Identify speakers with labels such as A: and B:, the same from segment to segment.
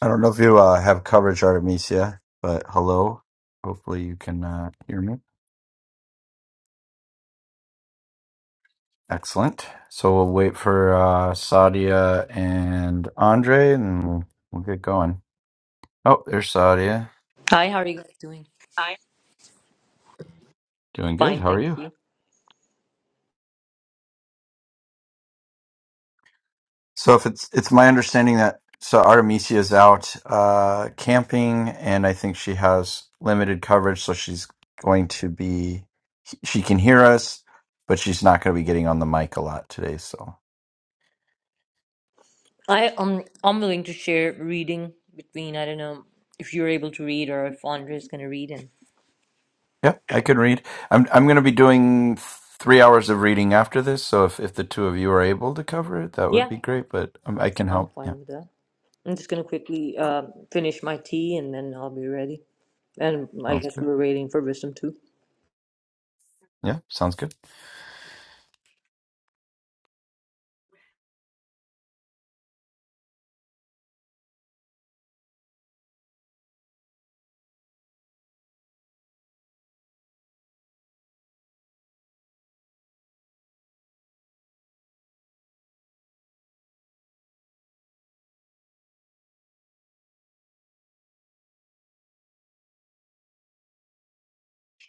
A: I don't know if you uh, have coverage, Artemisia, but hello. Hopefully you can uh, hear me. Excellent. So we'll wait for uh, Sadia and Andre, and we'll get going. Oh, there's Sadia.
B: Hi, how are you guys doing?
A: Doing good.
B: Fine,
A: How are
B: thank
A: you?
B: you.
A: So if it's it's my understanding that so Artemisia is out uh, camping, and I think she has limited coverage, so she's going to be she can hear us, but she's not going to be getting on the mic a lot today. So.
B: I um I'm willing to share reading between I don't know if you're able to read or if Andre is gonna read and
A: Yeah, I can read. I'm I'm going to be doing three hours of reading after this, so if if the two of you are able to cover it, that would
B: yeah,
A: be great. But um, I can
B: I'm
A: help. Yeah,
B: fine with that. I'm just gonna quickly um finish my tea and then I'll be ready. And I
A: sounds
B: guess
A: good.
B: we're waiting for wisdom too.
A: Yeah, sounds good.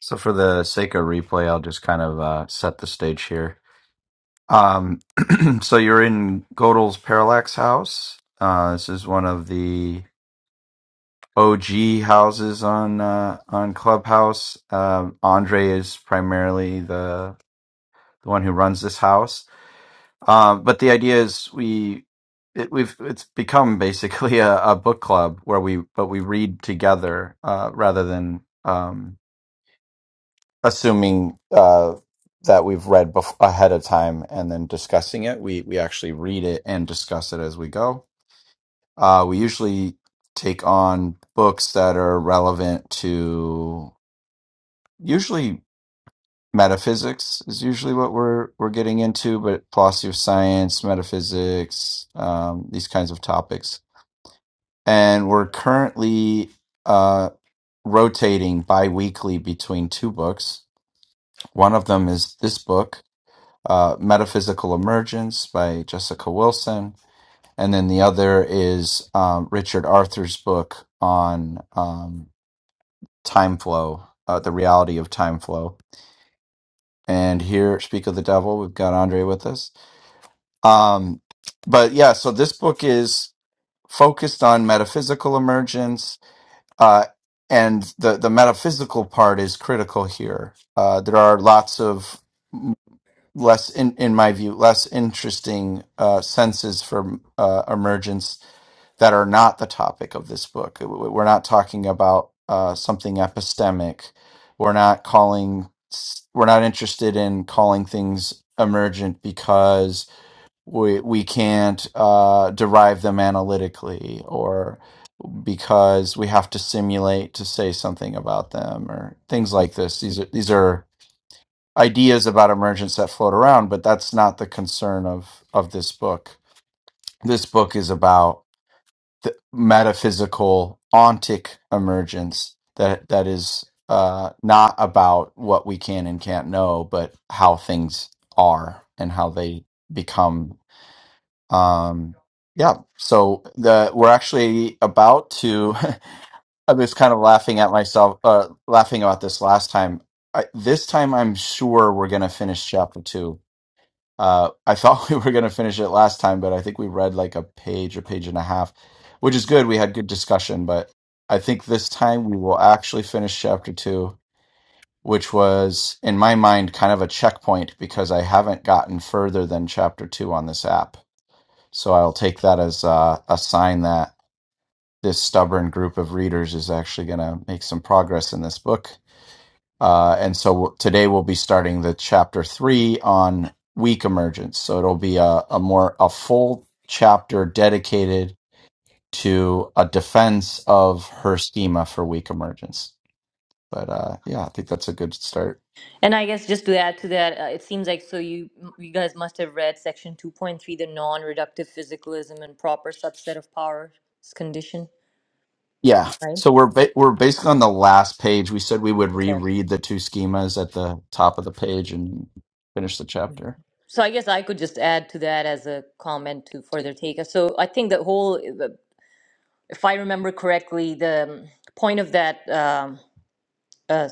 A: So for the sake of replay, I'll just kind of uh, set the stage here. Um, so you're in Godel's Parallax House. Uh, this is one of the OG houses on uh, on Clubhouse. Um Andre is primarily the the one who runs this house Um, but the idea is we it, we've it's become basically a, a book club where we but we read together uh, rather than um, assuming uh, that we've read bef- ahead of time and then discussing it. We we actually read it and discuss it as we go. Uh, we usually take on books that are relevant to usually. metaphysics is usually what we're we're getting into, but philosophy of science, metaphysics, um, these kinds of topics. And we're currently uh, rotating bi-weekly between two books. One of them is this book, uh, Metaphysical Emergence by Jessica Wilson, and then the other is um, Richard Arthur's book on um, time flow, uh, the reality of time flow. And here, speak of the devil. We've got Andre with us. Um, but yeah, so this book is focused on metaphysical emergence, uh, and the the metaphysical part is critical here. Uh, there are lots of m- less, in in my view, less interesting uh, senses for uh, emergence that are not the topic of this book. W- We're not talking about uh, something epistemic. We're not calling. We're not interested in calling things emergent because we we can't uh, derive them analytically or because we have to simulate to say something about them or things like this these are these are ideas about emergence that float around but that's not the concern of of this book this book is about the metaphysical ontic emergence that that is uh, not about what we can and can't know but how things are and how they become um, yeah, so the we're actually about to. I was kind of laughing at myself, uh, laughing about this last time. I, this time, I'm sure we're going to finish chapter two. Uh, I thought we were going to finish it last time, but I think we read like a page or page and a half, which is good. We had good discussion, but I think this time we will actually finish chapter two, which was, in my mind, kind of a checkpoint because I haven't gotten further than chapter two on this app so I'll take that as uh, a sign that this stubborn group of readers is actually going to make some progress in this book. Uh, and so w- today we'll be starting the chapter three on weak emergence. So it'll be a, a more a full chapter dedicated to a defense of her schema for weak emergence. But uh, yeah, I think that's a good start.
B: And I guess just to add to that, uh, it seems like so you you guys must have read section 2.3, the non-reductive physicalism and proper subset of powers condition,
A: Yeah.
B: right?
A: So we're ba- we're basically on the last page. We said we would
B: Okay.
A: reread the two schemas at the top of the page and finish the chapter.
B: So I guess I could just add to that as a comment to further take. uh, So I think the whole, if I remember correctly, the um, point of that um, uh,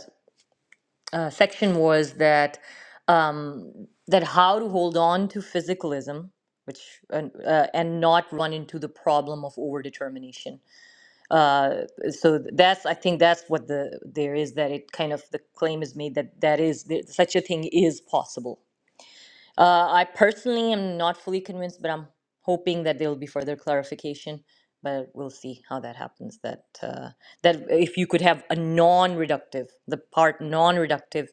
B: uh, section was that um, that how to hold on to physicalism, which and, uh, and not run into the problem of overdetermination. Uh, so that's I think that's what the there is that it kind of the claim is made that that is that such a thing is possible Uh, I personally am not fully convinced, but I'm hoping that there will be further clarification. But we'll see how that happens. That uh, that if you could have a non-reductive, the part non-reductive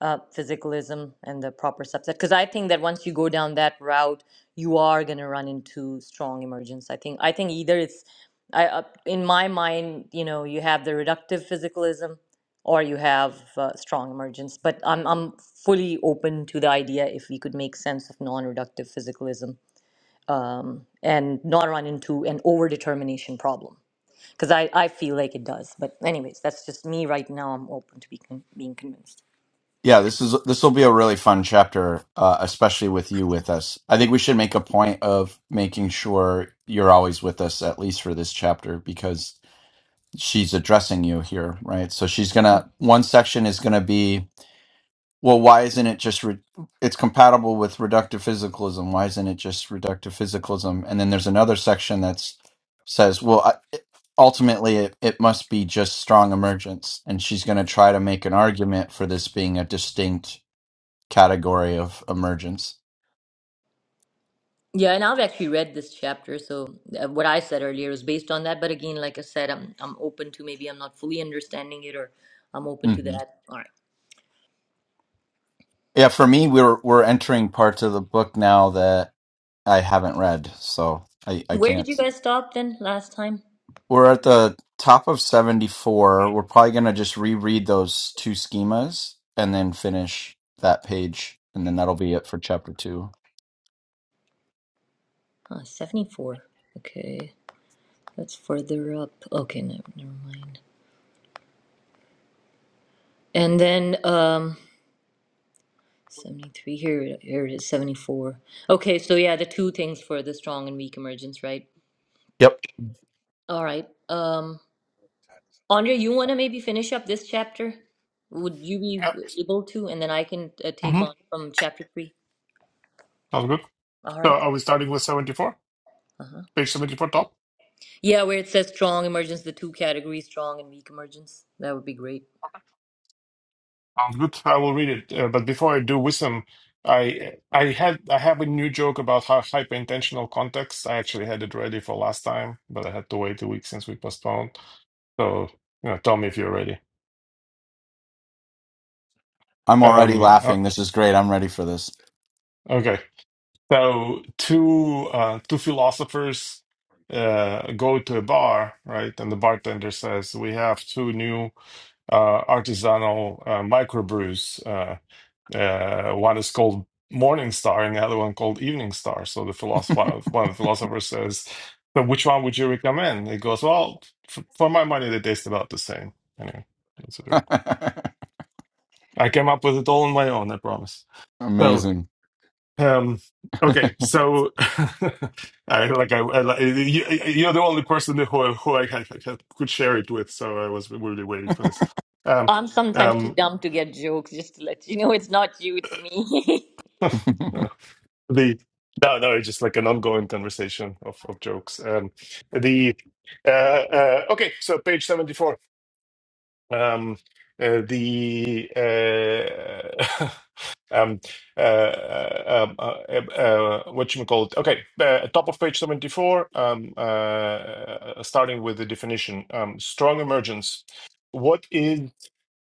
B: uh, physicalism and the proper subset, because I think that once you go down that route, you are going to run into strong emergence. I think I think either it's I, uh, in my mind, you know, you have the reductive physicalism or you have uh, strong emergence. But I'm, I'm fully open to the idea if we could make sense of non reductive physicalism and not run into an overdetermination problem. Because I, I feel like it does. But, anyways, that's just me right now. I'm open to be con- being convinced.
A: Yeah, this is this will be a really fun chapter, uh, especially with you with us. I think we should make a point of making sure you're always with us, at least for this chapter, because she's addressing you here, right? So she's gonna one section is gonna be, well, why isn't it just re- it's compatible with reductive physicalism? Why isn't it just reductive physicalism? And then there's another section that's says, well, I, it- ultimately it, it must be just strong emergence, and she's gonna try to make an argument for this being a distinct category of emergence.
B: Yeah, and I've actually read this chapter. So, uh, what I said earlier is based on that. But again, like I said, I'm, I'm open to maybe I'm not fully understanding it or I'm open to
A: hmm
B: that. All right.
A: Yeah, for me, we're we're entering parts of the book now that I haven't read, so I I
B: Where did
A: can't.
B: you guys stop then last time?
A: We're at the top of seventy four. We're probably gonna just reread those two schemas and then finish that page, and then that'll be it for chapter two.
B: Uh, 74. Okay. That's further up. Okay, no, never mind. And then um, 73, here, it- here it is, 74. Okay, so yeah, the two things for the strong and weak emergence, right?
A: Yep,
B: All right. Um, Andre, you want to maybe finish up this chapter? Would you be
C: Yeah.
B: able to? And then I can uh, take
C: Mm-hmm.
B: on from chapter three.
C: Sounds good.
B: All
C: So
B: right.
C: are we starting with 74?
B: Uh-huh.
C: Page 74 top?
B: Yeah, where it says strong emergence, the two categories, strong and weak emergence. That would be great.
C: Sounds good. I will read it. Uh, but before I do wisdom, I I had I have a new joke about how hyper-intentional context. I actually had it ready for last time, but I had to wait a week since we postponed. So you know, tell me if you're ready.
A: I'm already
C: Um, uh,
A: laughing. This is great. I'm ready for this.
C: okay. So two uh, two philosophers uh, go to a bar, right? And the bartender says, "We have two new uh, artisanal uh, microbrews. uh, Uh, one is called Morning Star and the other one called Evening Star. So the philosopher, one of the philosophers says, "But which one would you recommend?" He goes, "Well, f for my money, they taste about the same." Anyway, that's a joke. I came up with it all on my own. I promise. So.
A: Amazing.
C: Um, okay, so I like I, I like- you, you're the only person who who I, I, could share it with, so I was really waiting for this. Um,
B: I'm sometimes too
C: um,
B: dumb to get jokes, just to let you know it's not you, it's me.
C: The no, no, it's just like an ongoing conversation of, of jokes. Um, the uh, uh, okay, so page seventy four. Um, uh, the uh, um, uh, uh, um, uh, uh, uh, what you call it? Okay, uh, top of page seventy four. Um, uh, starting with the definition. Um, strong emergence. What is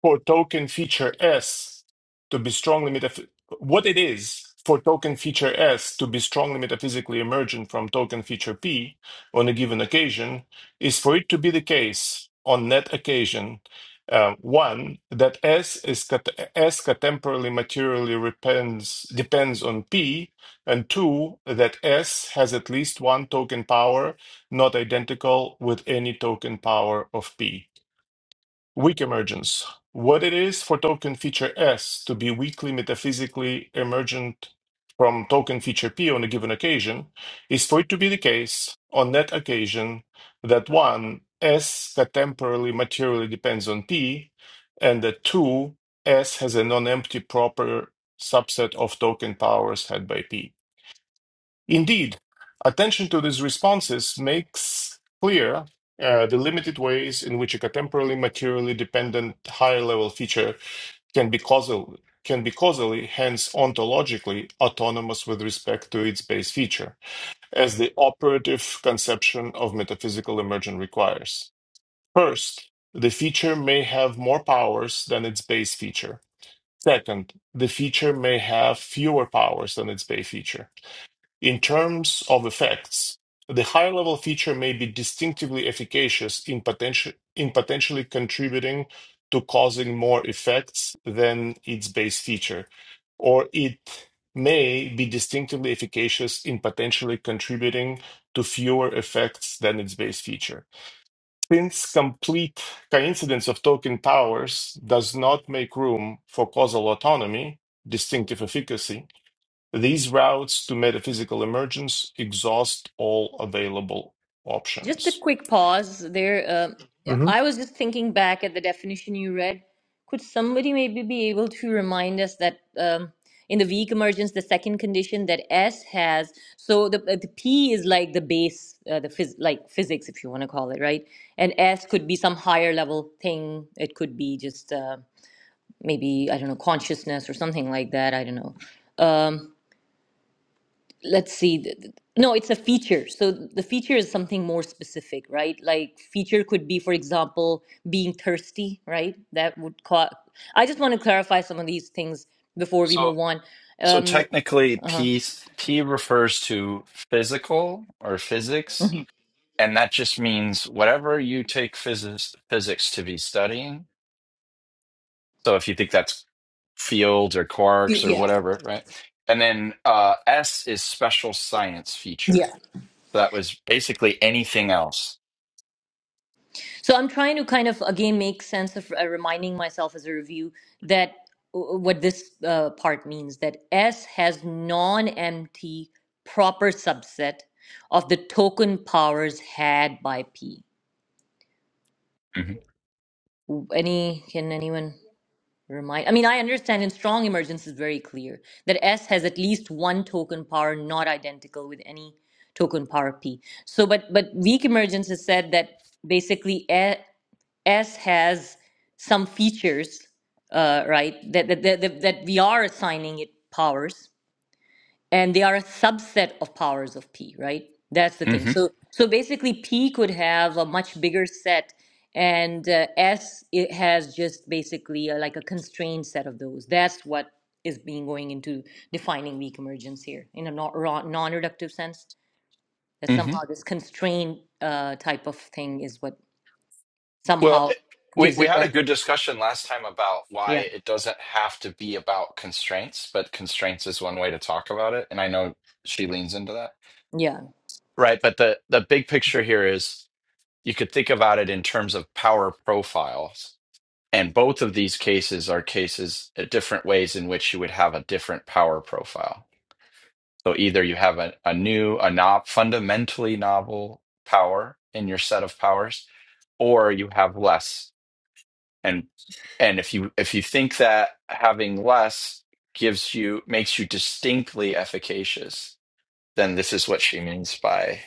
C: for token feature S to be strongly metaph- what it is for token feature S to be strongly metaphysically emergent from token feature P on a given occasion is for it to be the case on that occasion. uh, one that S is cat- S catemporally materially depends depends on P, and two that S has at least one token power not identical with any token power of P. Weak emergence. What it is for token feature S to be weakly metaphysically emergent from token feature P on a given occasion is for it to be the case on that occasion that one, S that temporally materially depends on P, and that two, S has a non empty proper subset of token powers had by P. Indeed, attention to these responses makes clear uh, the limited ways in which a contemporarily materially dependent higher level feature can be causal can be causally, hence ontologically, autonomous with respect to its base feature, as the operative conception of metaphysical immersion requires. First, the feature may have more powers than its base feature. Second, the feature may have fewer powers than its base feature. In terms of effects, the higher level feature may be distinctively efficacious in, potenti- in potentially contributing to causing more effects than its base feature, or it may be distinctively efficacious in potentially contributing to fewer effects than its base feature. Since complete coincidence of token powers does not make room for causal autonomy, distinctive efficacy, these routes to metaphysical emergence exhaust all available
B: Just a
C: options.
B: quick pause there. Um
C: Mhm.
B: I was just thinking back at the definition you read. Could somebody maybe be able to remind us that um, in the weak emergence, the second condition that S has, so the, uh, the P is like the base, uh, the phys- like physics, if you want to call it, right? And S could be some higher level thing. It could be just uh, maybe, I don't know, consciousness or something like that. I don't know. Um, let's see th- th- no it's a feature so the feature is something more specific right like feature could be for example being thirsty right that would cause i just want to clarify some of these things before we
A: So
B: move on
A: so
B: um
A: technically P P refers to physical or physics, and that just means whatever you take physics physics to be studying. So if you think that's fields or
B: y-
A: quarks or
B: yeah
A: whatever, right? And then uh, S is special science
B: yeah
A: feature. So that was basically anything else.
B: so i'm trying to kind of again make sense of uh, reminding myself as a review that w- what this uh, part means that s has non-empty proper subset of the token powers had by p
A: hmm
B: any can anyone remind i mean i understand in strong emergence is very clear that s has at least one token power not identical with any token power p so but but weak emergence has said that basically A- s has some features uh, right that, that that that that we are assigning it powers and they are a subset of powers of p right that's the thing
A: hmm
B: so so basically p could have a much bigger set and uh, s it has just basically a, like a constrained set of those that's what is being going into defining weak emergence here in a non- ro- non-reductive sense that
A: hmm
B: somehow this constrained uh, type of thing is what
A: Well,
B: somehow
A: it- we,
B: gives
A: we
B: it
A: had a
B: that
A: good discussion last time about
B: yeah
A: why it doesn't have to be about constraints, but constraints is one way to talk about it. And I know she leans into that.
B: yeah
A: Right. But the, the big picture here is you could think about it in terms of power profiles And both of these cases are cases uh, different ways in which you would have a different power profile. So either you have a, a new, a no, fundamentally novel power in your set of powers, or you have less. And and if you if you think that having less gives you makes you distinctly efficacious, then this is what she means by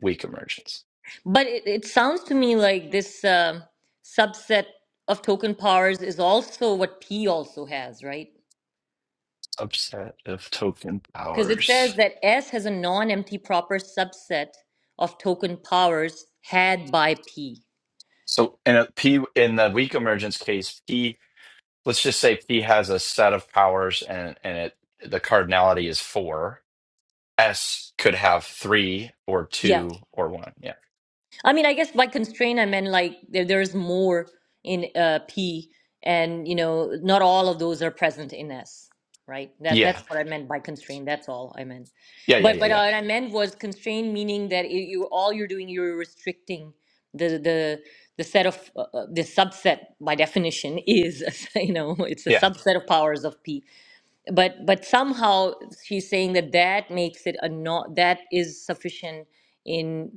A: weak emergence.
B: But it, it sounds to me like this um subset of token powers is also what P also has, right?
A: Subset of token
B: Because it
A: powers.
B: says that S has a non empty proper subset of token powers had by P.
A: So in a P in the weak emergence case, P let's just say P has a set of powers and and it the cardinality is four. S could have three or
B: Yeah,
A: two or one. Yeah.
B: I mean, I guess by constraint, I meant like there, there's more in uh, P, and you know, not all of those are present in S, right? That
A: Yeah.
B: that's what I meant by constraint. That's all I meant.
A: Yeah. Yeah.
B: But
A: Yeah.
B: but uh,
A: Yeah.
B: what I meant was constraint, meaning that it, you all you're doing, you're restricting the the the set of uh, uh, the subset by definition is you know it's a
A: Yeah.
B: subset of powers of p but but somehow she's saying that that makes it a not that is sufficient in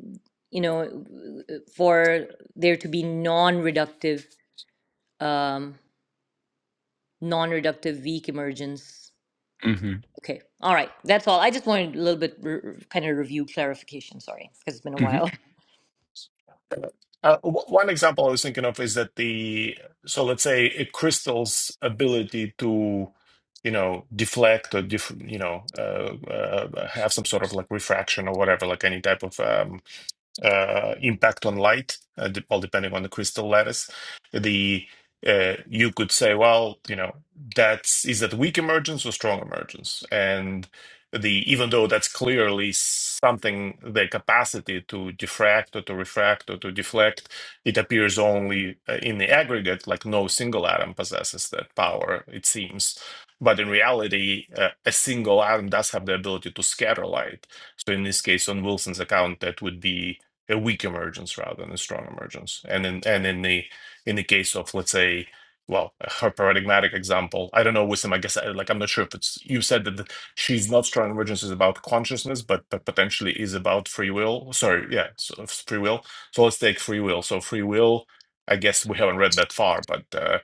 B: you know for there to be non-reductive um non-reductive weak emergence
A: hmm
B: okay all right that's all i just wanted a little bit re- kind of review clarification sorry because it's been a
A: hmm
B: while
C: Uh, w- one example I was thinking of is that the so let's say a crystal's ability to you know deflect or diff, you know uh, uh, have some sort of like refraction or whatever like any type of um, uh, impact on light, uh, de- all depending on the crystal lattice. The uh, you could say, well, you know, that's is that weak emergence or strong emergence, and the even though that's clearly something the capacity to diffract or to refract or to deflect, it appears only uh, in the aggregate, like no single atom possesses that power. It seems. But in reality, uh, a single atom does have the ability to scatter light. So in this case, on Wilson's account, that would be a weak emergence rather than a strong emergence. And in and in the in the case of let's say, well, her paradigmatic example, I don't know Wisdom. I guess uh, like I'm not sure if it's you said that the, she's not strong emergence is about consciousness, but but potentially is about free will. Sorry, yeah, so it's free will. So let's take free will. So free will, I guess we haven't read that far, but uh,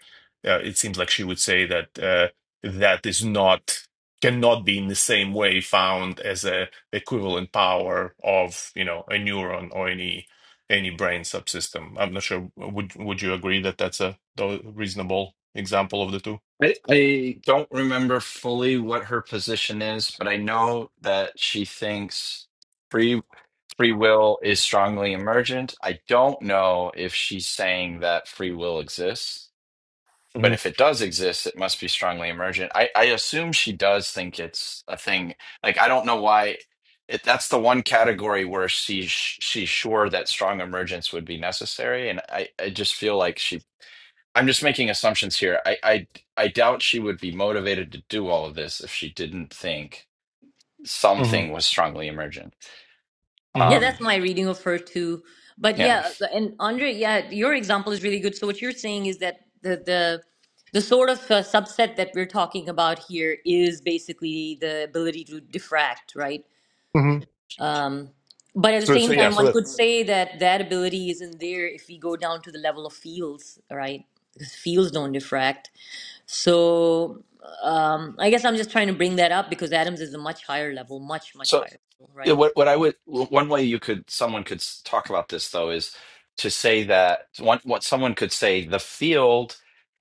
C: uh, it seems like she would say that uh, that is not cannot be in the same way found as a equivalent power of you know a neuron or any any brain subsystem. I'm not sure. Would would you agree that that's a tho- reasonable example of the 2
A: I, I don't remember fully what her position is, but I know that she thinks free free will is strongly emergent. I don't know if she's saying that free will exists. But if it does exist, it must be strongly emergent. I, I assume she does think it's a thing. Like I don't know why it, that's the one category where she sh- she's sure that strong emergence would be necessary, and I, I just feel like she. I'm just making assumptions here. I, I I doubt she would be motivated to do all of this if she didn't think
C: Mm-hmm.
A: something was strongly emergent.
C: hmm
B: Yeah,
A: Um,
B: that's my reading of her too. But
A: yeah.
B: yeah, and Andre, yeah, your example is really good. So what you're saying is that the the the sort of uh, subset that we're talking about here is basically the ability to diffract, right?
C: hmm
B: Um, but at the
C: So so
B: same
C: yeah.
B: time,
C: So
B: one
C: that
B: could say that that ability isn't there if we go down to the level of fields, right? Because fields don't diffract. So um, I guess I'm just trying to bring that up because atoms is a much higher level, much much
A: So.
B: higher, level,
A: Yeah,
B: right?
A: what what I would one way you could someone could s- talk about this though is to say that one what someone could say the field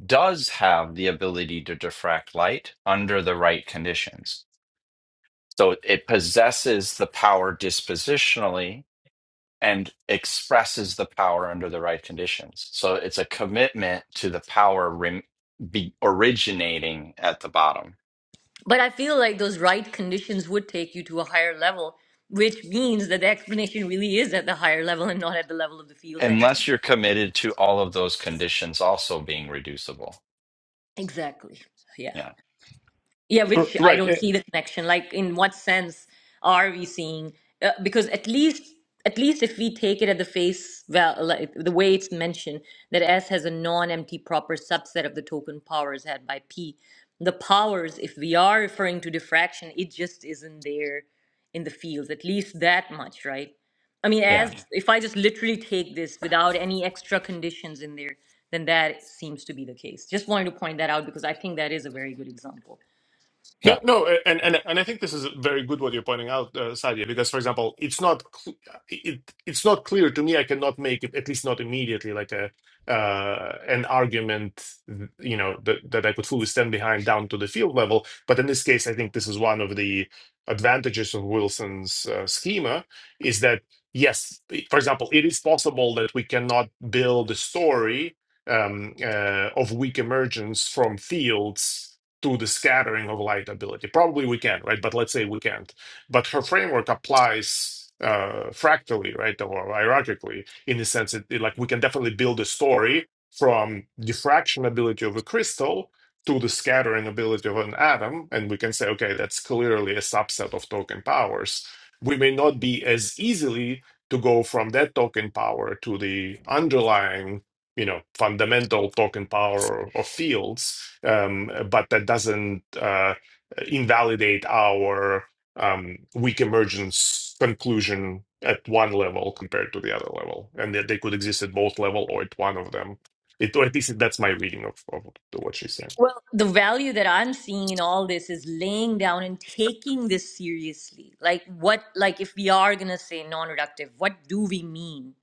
A: does have the ability to diffract light under the right conditions. So it possesses the power dispositionally and expresses the power under the right conditions. So it's a commitment to the power rem- be originating at the bottom,
B: But I feel like those right conditions would take you to a higher level, which means that the explanation really is at the higher level and not at the level of the fields anyway.
A: unless you're committed to all of those conditions also being reducible.
B: Exactly. Yeah.
A: Yeah.
B: Yeah,
C: r-
B: which I don't
C: right.
B: see the connection. Like, in what sense are we seeing? Uh, because at least, at least if we take it at the face, well, like, the way it's mentioned, that S has a non-empty proper subset of the token powers had by P. The powers, if we are referring to diffraction, it just isn't there in the fields. At least that much, right? I mean,
A: Yeah.
B: as if I just literally take this without any extra conditions in there, then that seems to be the case. Just wanted to point that out because I think that is a very good example.
C: No,
A: Yeah.
C: no, and and and I think this is very good what you're pointing out, uh, Sadia, because for example, it's not cl- it it's not clear to me. I cannot make it at least not immediately like a uh, an argument, you know, that that I could fully stand behind down to the field level. But in this case, I think this is one of the advantages of Wilson's uh, schema is that yes, for example, it is possible that we cannot build a story um, uh, of weak emergence from fields to the scattering of light ability. Probably we can, right? But let's say we can't. But her framework applies uh, fractally, right, or hierarchically, in the sense that eh, like we can definitely build a story from diffraction ability of a crystal to the scattering ability of an atom, and we can say, okay, that's clearly a subset of token powers. We may not be as easily to go from that token power to the underlying you know fundamental token power of fields um, but that doesn't uh, invalidate our um, weak emergence conclusion at one level compared to the other level and that they could exist at both level or at one of them it, or at least that's my reading of, of what she's saying
B: Well, the value that I'm seeing in all this is laying down and taking this seriously. Like what like if we are going to say non-reductive, what do we mean?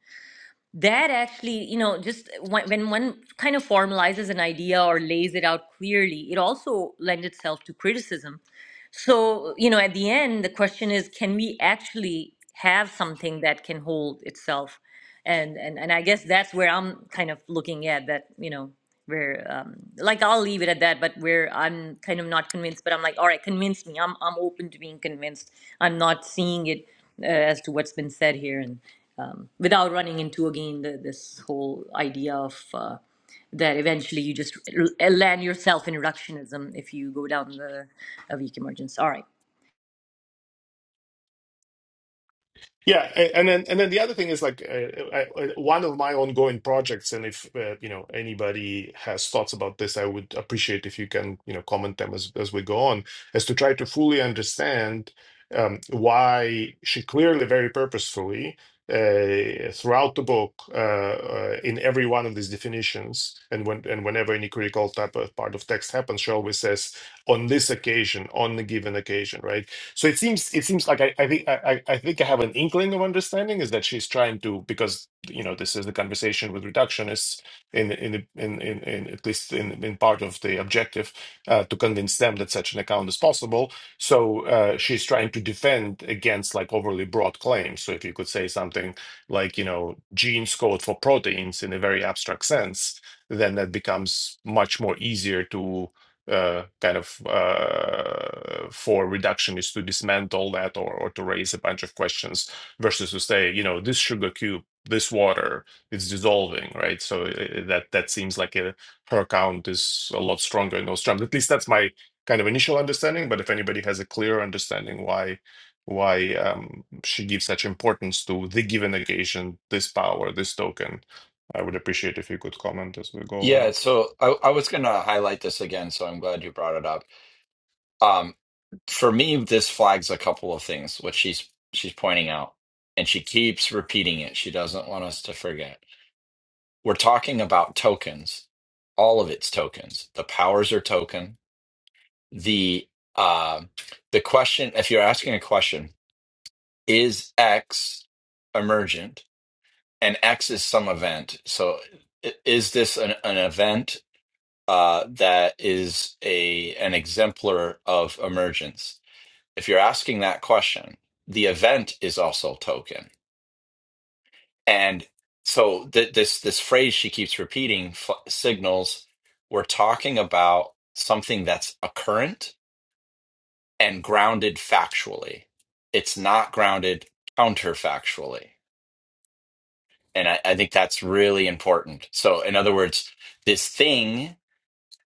B: That actually, you know, just when when one kind of formalizes an idea or lays it out clearly, it also lends itself to criticism so, you know, at the end, the question is, can we actually have something that can hold itself? And and and I guess that's where I'm kind of looking at that, you know, where um, like I'll leave it at that, but where I'm kind of not convinced, but I'm like, all right, convince me. I'm I'm open to being convinced. I'm not seeing it uh, as to what's been said here, and um, without running into again the, this whole idea of. Uh, that eventually you just l- land yourself in reductionism if you go down the a weak emergence. All right.
C: Yeah, a- and then and then the other thing is like uh, I, I- one of my ongoing projects, and if uh, you know anybody has thoughts about this, I would appreciate if you can you know comment them as as we go on, is to try to fully understand um, why she clearly, very purposefully, uh, throughout the book, uh, uh, in every one of these definitions, and when and whenever any critical type of part of text happens, she always says on this occasion, on the given occasion, right? So it seems it seems like I, I think I, I I think I have an inkling of understanding is that she's trying to because you know this is the conversation with reductionists in in the- in in, in at least in, in part of the objective uh, to convince them that such an account is possible. So uh, she's trying to defend against like overly broad claims. So if you could say something like you know genes code for proteins in a very abstract sense, then that becomes much more easier to uh, kind of uh, for reduction is to dismantle that or, or to raise a bunch of questions versus to say, you know, this sugar cube, this water, it's dissolving, right? So uh, uh, that that seems like a, her count is a lot stronger in those terms. At least that's my kind of initial understanding. But if anybody has a clearer understanding why why um, she gives such importance to the given occasion, this power, this token, I would appreciate if you could comment as we go
A: Yeah.
C: along.
A: So I, I was going to highlight this again. So I'm glad you brought it up. Um, for me, this flags a couple of things, which she's she's pointing out, and she keeps repeating it. She doesn't want us to forget. We're talking about tokens, all of its tokens. The powers are token. The uh, the question, if you're asking a question, is X emergent? And X is some event. So i- is this an, an event? uh, that is a an exemplar of emergence. If you're asking that question, the event is also token, and so th- this this phrase she keeps repeating f- signals we're talking about something that's occurrent and grounded factually. It's not grounded counterfactually, and I, I think that's really important. So, in other words, this thing.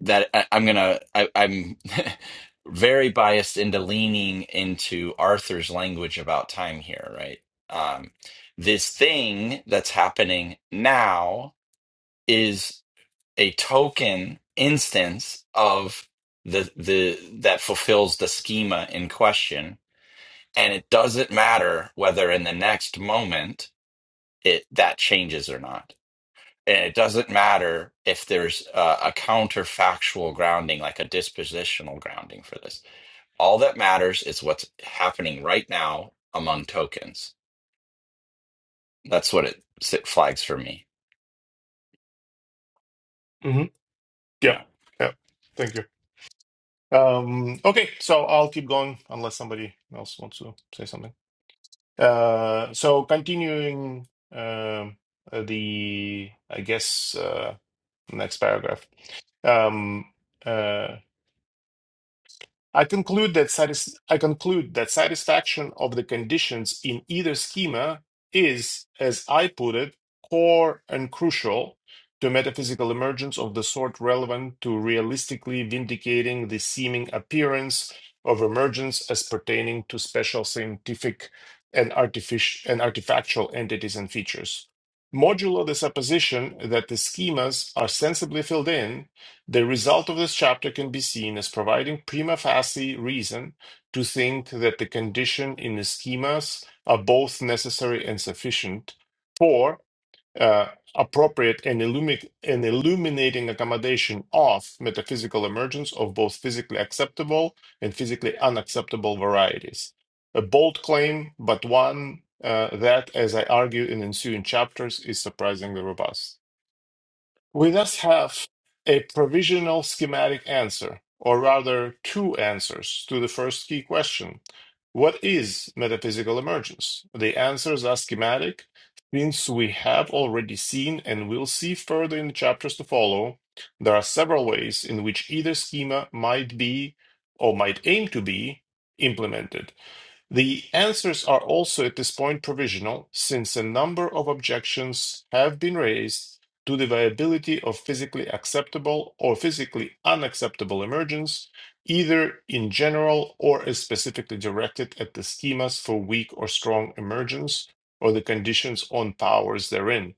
A: that I, I'm gonna I, I'm very biased into leaning into Arthur's language about time here, right? Um, this thing that's happening now is a token instance of the the that fulfills the schema in question, and it doesn't matter whether in the next moment it that changes or not and it doesn't matter if there's a, a counterfactual grounding, like a dispositional grounding for this. All that matters is what's happening right now among tokens. That's what it s- flags for me.
C: Mm-hmm. Yep.
A: Yeah.
C: Yep. Thank you. Um, okay, so I'll keep going unless somebody else wants to say something. Uh, so continuing um, uh, the, I guess, uh, next paragraph. Um, uh, I conclude that satis- I conclude that satisfaction of the conditions in either schema is, as I put it, core and crucial to metaphysical emergence of the sort relevant to realistically vindicating the seeming appearance of emergence as pertaining to special scientific and artificial and artifactual entities and features. Modulo the supposition that the schemas are sensibly filled in the result of this chapter can be seen as providing prima facie reason to think that the condition in the schemas are both necessary and sufficient for uh, appropriate and, illumi- and illuminating accommodation of metaphysical emergence of both physically acceptable and physically unacceptable varieties. A bold claim, but one uh, that, as I argue in ensuing chapters, is surprisingly robust. We thus have a provisional schematic answer, or rather, two answers to the first key question What is metaphysical emergence? The answers are schematic, since we have already seen and will see further in the chapters to follow. There are several ways in which either schema might be or might aim to be implemented. The answers are also at this point provisional, since a number of objections have been raised to the viability of physically acceptable or physically unacceptable emergence, either in general or as specifically directed at the schemas for weak or strong emergence or the conditions on powers therein.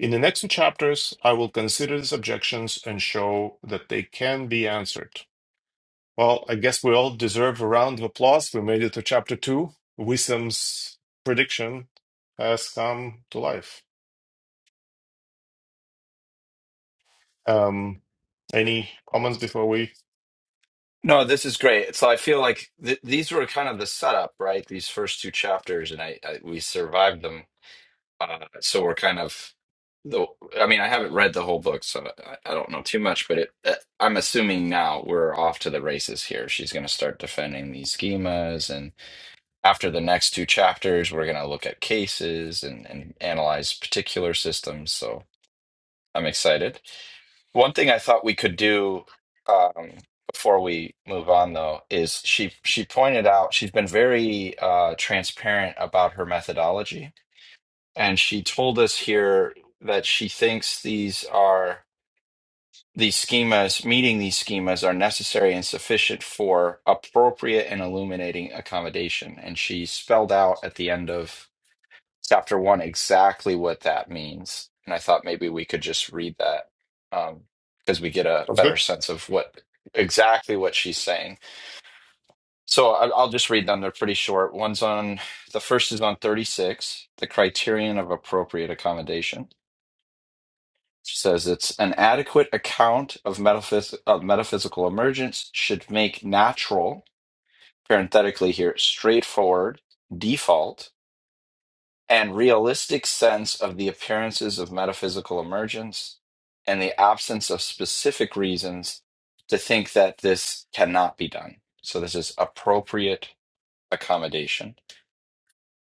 C: In the next two chapters, I will consider these objections and show that they can be answered. Well, I guess we all deserve a round of applause. We made it to chapter two. Wisdom's prediction has come to life. Um, any comments before we?
A: No, this is great. So I feel like th these were kind of the setup, right? These first two chapters, and I, I we survived them Uh, so we're kind of the. I mean, I haven't read the whole book, so I, I don't know too much. But it, uh, I'm assuming now we're off to the races here. She's going to start defending these schemas, and after the next two chapters, we're going to look at cases and and analyze particular systems. So I'm excited. One thing I thought we could do. Um, before we move on though is she she pointed out she's been very uh transparent about her methodology and she told us here that she thinks these are these schemas meeting these schemas are necessary and sufficient for appropriate and illuminating accommodation and she spelled out at the end of chapter one exactly what that means and i thought maybe we could just read that because we get a
C: Sounds good.
A: better sense of what exactly what she's saying so I- i'll just read them they're pretty short one's on the first is on 36 the criterion of appropriate accommodation says it's an adequate account of, metaphys- of metaphysical emergence should make natural, parenthetically here, straightforward, default, and realistic sense of the appearances of metaphysical emergence and the absence of specific reasons to think that this cannot be done. So this is appropriate accommodation.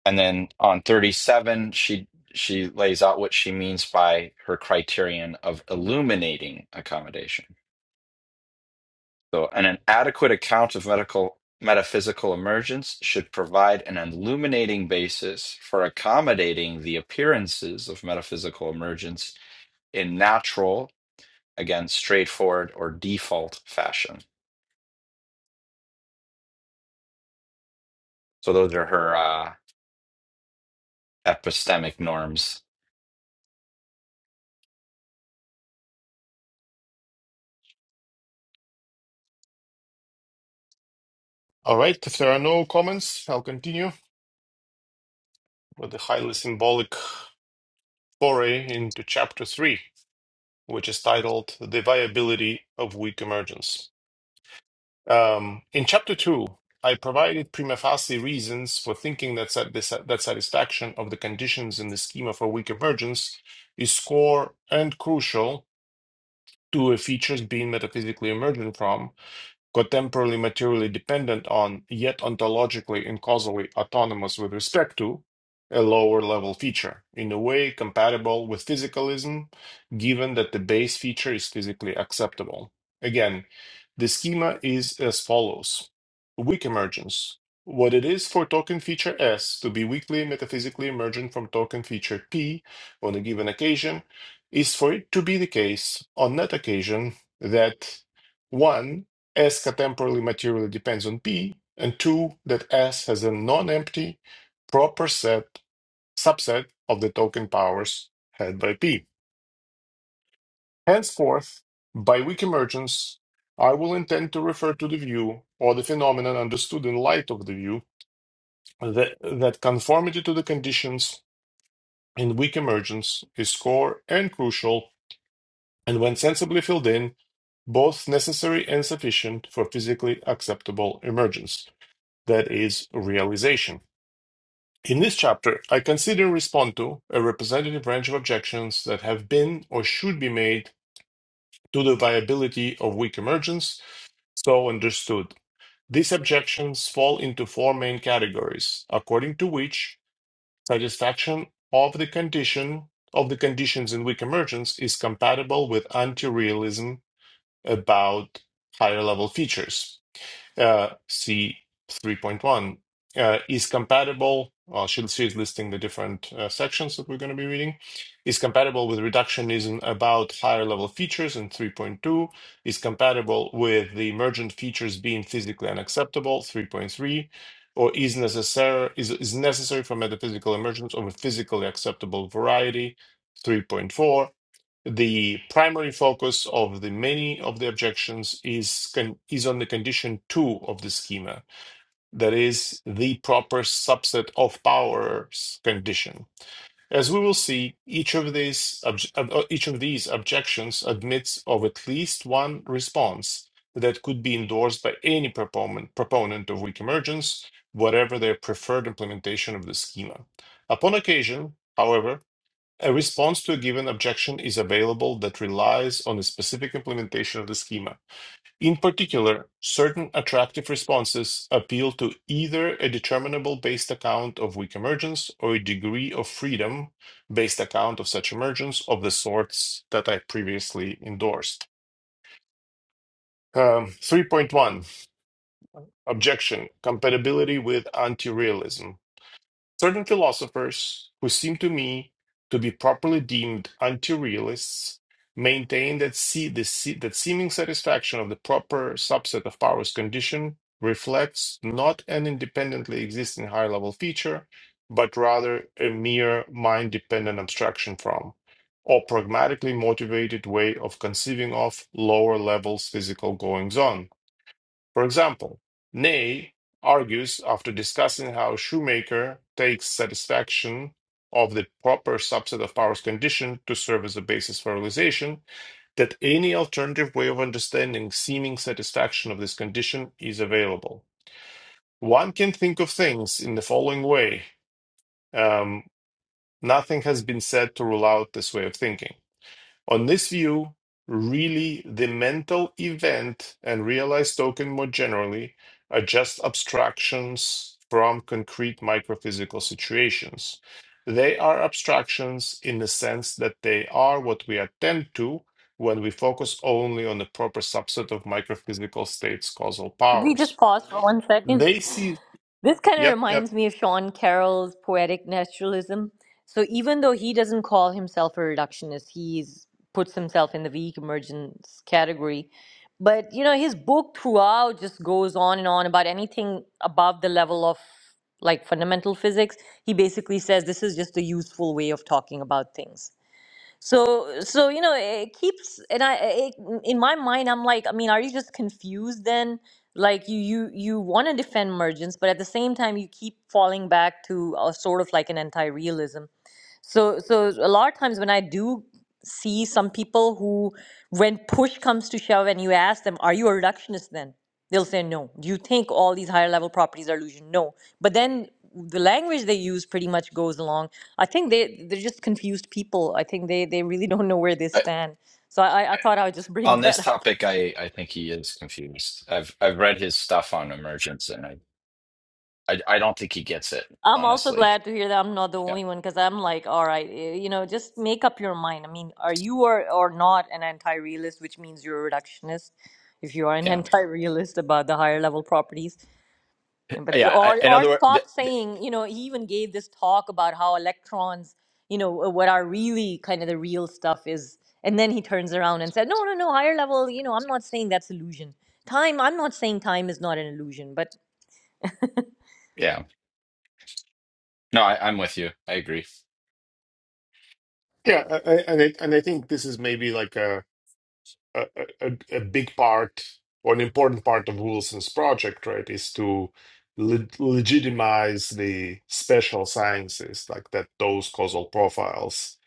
A: And then on 37, she she lays out what she means by her criterion of illuminating accommodation So, and an adequate account of medical metaphysical emergence should provide an illuminating basis for accommodating the appearances of metaphysical emergence in natural, again, straightforward or default fashion. So, those are her uh, epistemic norms.
C: All right. If there are no comments, I'll continue with the highly symbolic foray into chapter three, which is titled The Viability of Weak Emergence. Um, in chapter two, I provided prima facie reasons for thinking that sat- that satisfaction of the conditions in the schema for weak emergence is core and crucial to a feature's being metaphysically emergent from contemporarily materially dependent on, yet ontologically and causally autonomous with respect to, a lower level feature, in a way compatible with physicalism, given that the base feature is physically acceptable. Again, the schema is as follows Weak emergence. What it is for token feature S to be weakly metaphysically emergent from token feature P on a given occasion is for it to be the case on that occasion that 1. S catemporally materially depends on P, and two, that S has a non-empty proper set subset of the token powers had by P. Henceforth, by weak emergence, I will intend to refer to the view or the phenomenon understood in light of the view that, that conformity to the conditions in weak emergence is core and crucial, and when sensibly filled in, both necessary and sufficient for physically acceptable emergence. that is realization. In this chapter, I consider and respond to a representative range of objections that have been or should be made to the viability of weak emergence, so understood. These objections fall into four main categories, according to which satisfaction of the condition of the conditions in weak emergence is compatible with anti-realism about higher level features. uh, C 3.1 uh, is compatible. Well, I should see is listing the different uh, sections that we're going to be reading. Is compatible with reductionism about higher level features in 3.2. Is compatible with the emergent features being physically unacceptable 3.3. Or is necessary is, is necessary for metaphysical emergence of a physically acceptable variety 3.4 the primary focus of the many of the objections is con- is on the condition two of the schema that is the proper subset of powers condition as we will see each of these uh, uh, each of these objections admits of at least one response that could be endorsed by any proponent proponent of weak emergence whatever their preferred implementation of the schema upon occasion however a response to a given objection is available that relies on a specific implementation of the schema. In particular, certain attractive responses appeal to either a determinable based account of weak emergence or a degree of freedom based account of such emergence of the sorts that I previously endorsed. Um, 3.1 Objection Compatibility with anti realism. Certain philosophers, who seem to me to be properly deemed anti-realists, maintain that see the se- that seeming satisfaction of the proper subset of powers condition reflects not an independently existing higher-level feature, but rather a mere mind-dependent abstraction from, or pragmatically motivated way of conceiving of lower levels physical goings on for example, Ney argues after discussing how Shoemaker takes satisfaction of the proper subset of powers condition to serve as a basis for realization that any alternative way of understanding seeming satisfaction of this condition is available. One can think of things in the following way. Um, nothing has been said to rule out this way of thinking. On this view, really the mental event and realized token more generally are just abstractions from concrete microphysical situations. They are abstractions in the sense that they are what we attend to when we focus only on the proper subset of microphysical states' causal
B: Could we just
C: powers.
B: pause for one second?
C: They see,
B: This kind of
C: yep, yep,
B: reminds me of Sean Carroll's poetic naturalism. So even though he doesn't call himself a reductionist, he's puts himself in the weak emergence category. But you know, his book throughout just goes on and on about anything above the level of like fundamental physics. He basically says this is just a useful way of talking about things. so so you know it keeps and i it, in my mind i'm like i mean are you just confused then like you you you want to defend mergence, but at the same time you keep falling back to a sort of like an anti-realism so, so a lot of times when I do see some people who, when push comes to shove and you ask them, are you a reductionist then? They'll say no. Do you think all these higher level properties are illusion? No. But then the language they use pretty much goes along. I think they, they're just confused people. I think they, they really don't know where they
A: I,
B: stand. So I, I I thought I would just bring
A: on this
B: that up.
A: topic, I, I think he is confused. I've I've read his stuff on emergence, and I I, I don't think he gets it
B: I'm also
A: honestly.
B: glad to hear that I'm not the
A: Yeah,
B: only one because I'm like, all right, eh, you know, just make up your mind. I mean, are you or, or not an anti-realist, which means you're a reductionist if you are an
A: yeah,
B: anti-realist about the higher level properties. Yeah, But
A: yeah. I,
B: or
A: in
B: or
A: other words, th-
B: stop
A: th-
B: saying, you know, he even gave this talk about how electrons, you know, uh, what are really kind of the real stuff is. And then he turns around and said, no, no, no, higher level, you know, I'm not saying that's illusion. Time, I'm not saying time is not an illusion, but
A: yeah. No, I, I'm with you. I agree.
C: yeah, I- I- and I, and I think this is maybe like a a, a, a big part or an important part of Wilson's project, right, is to le- legitimize the special sciences, like that those causal profiles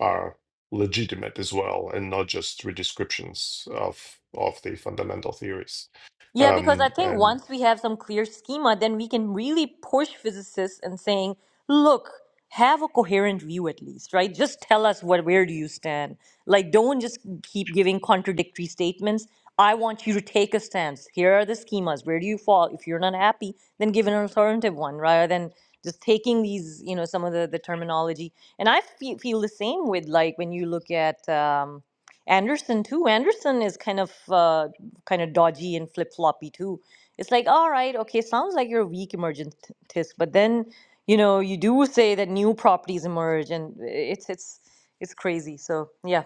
C: are legitimate as well, and not just redescriptions of of the fundamental theories.
B: Yeah, because I
C: Um,
B: think
C: and
B: once we have some clear schema, then we can really push physicists and saying, look, have a coherent view at least, right? Just tell us what where do you stand. Like don't just keep giving contradictory statements. I want you to take a stance. Here are the schemas. Where do you fall? If you're not happy, then give an alternative one rather than just taking these, you know, some of the, the terminology. And I feel, feel the same with like when you look at um, Anderson too. Anderson is kind of uh, kind of dodgy and flip floppy too. It's like, all right, okay, sounds like you're a weak emergentist, but then you know you do say that new properties emerge, and eh, it's it's it's crazy. So yeah,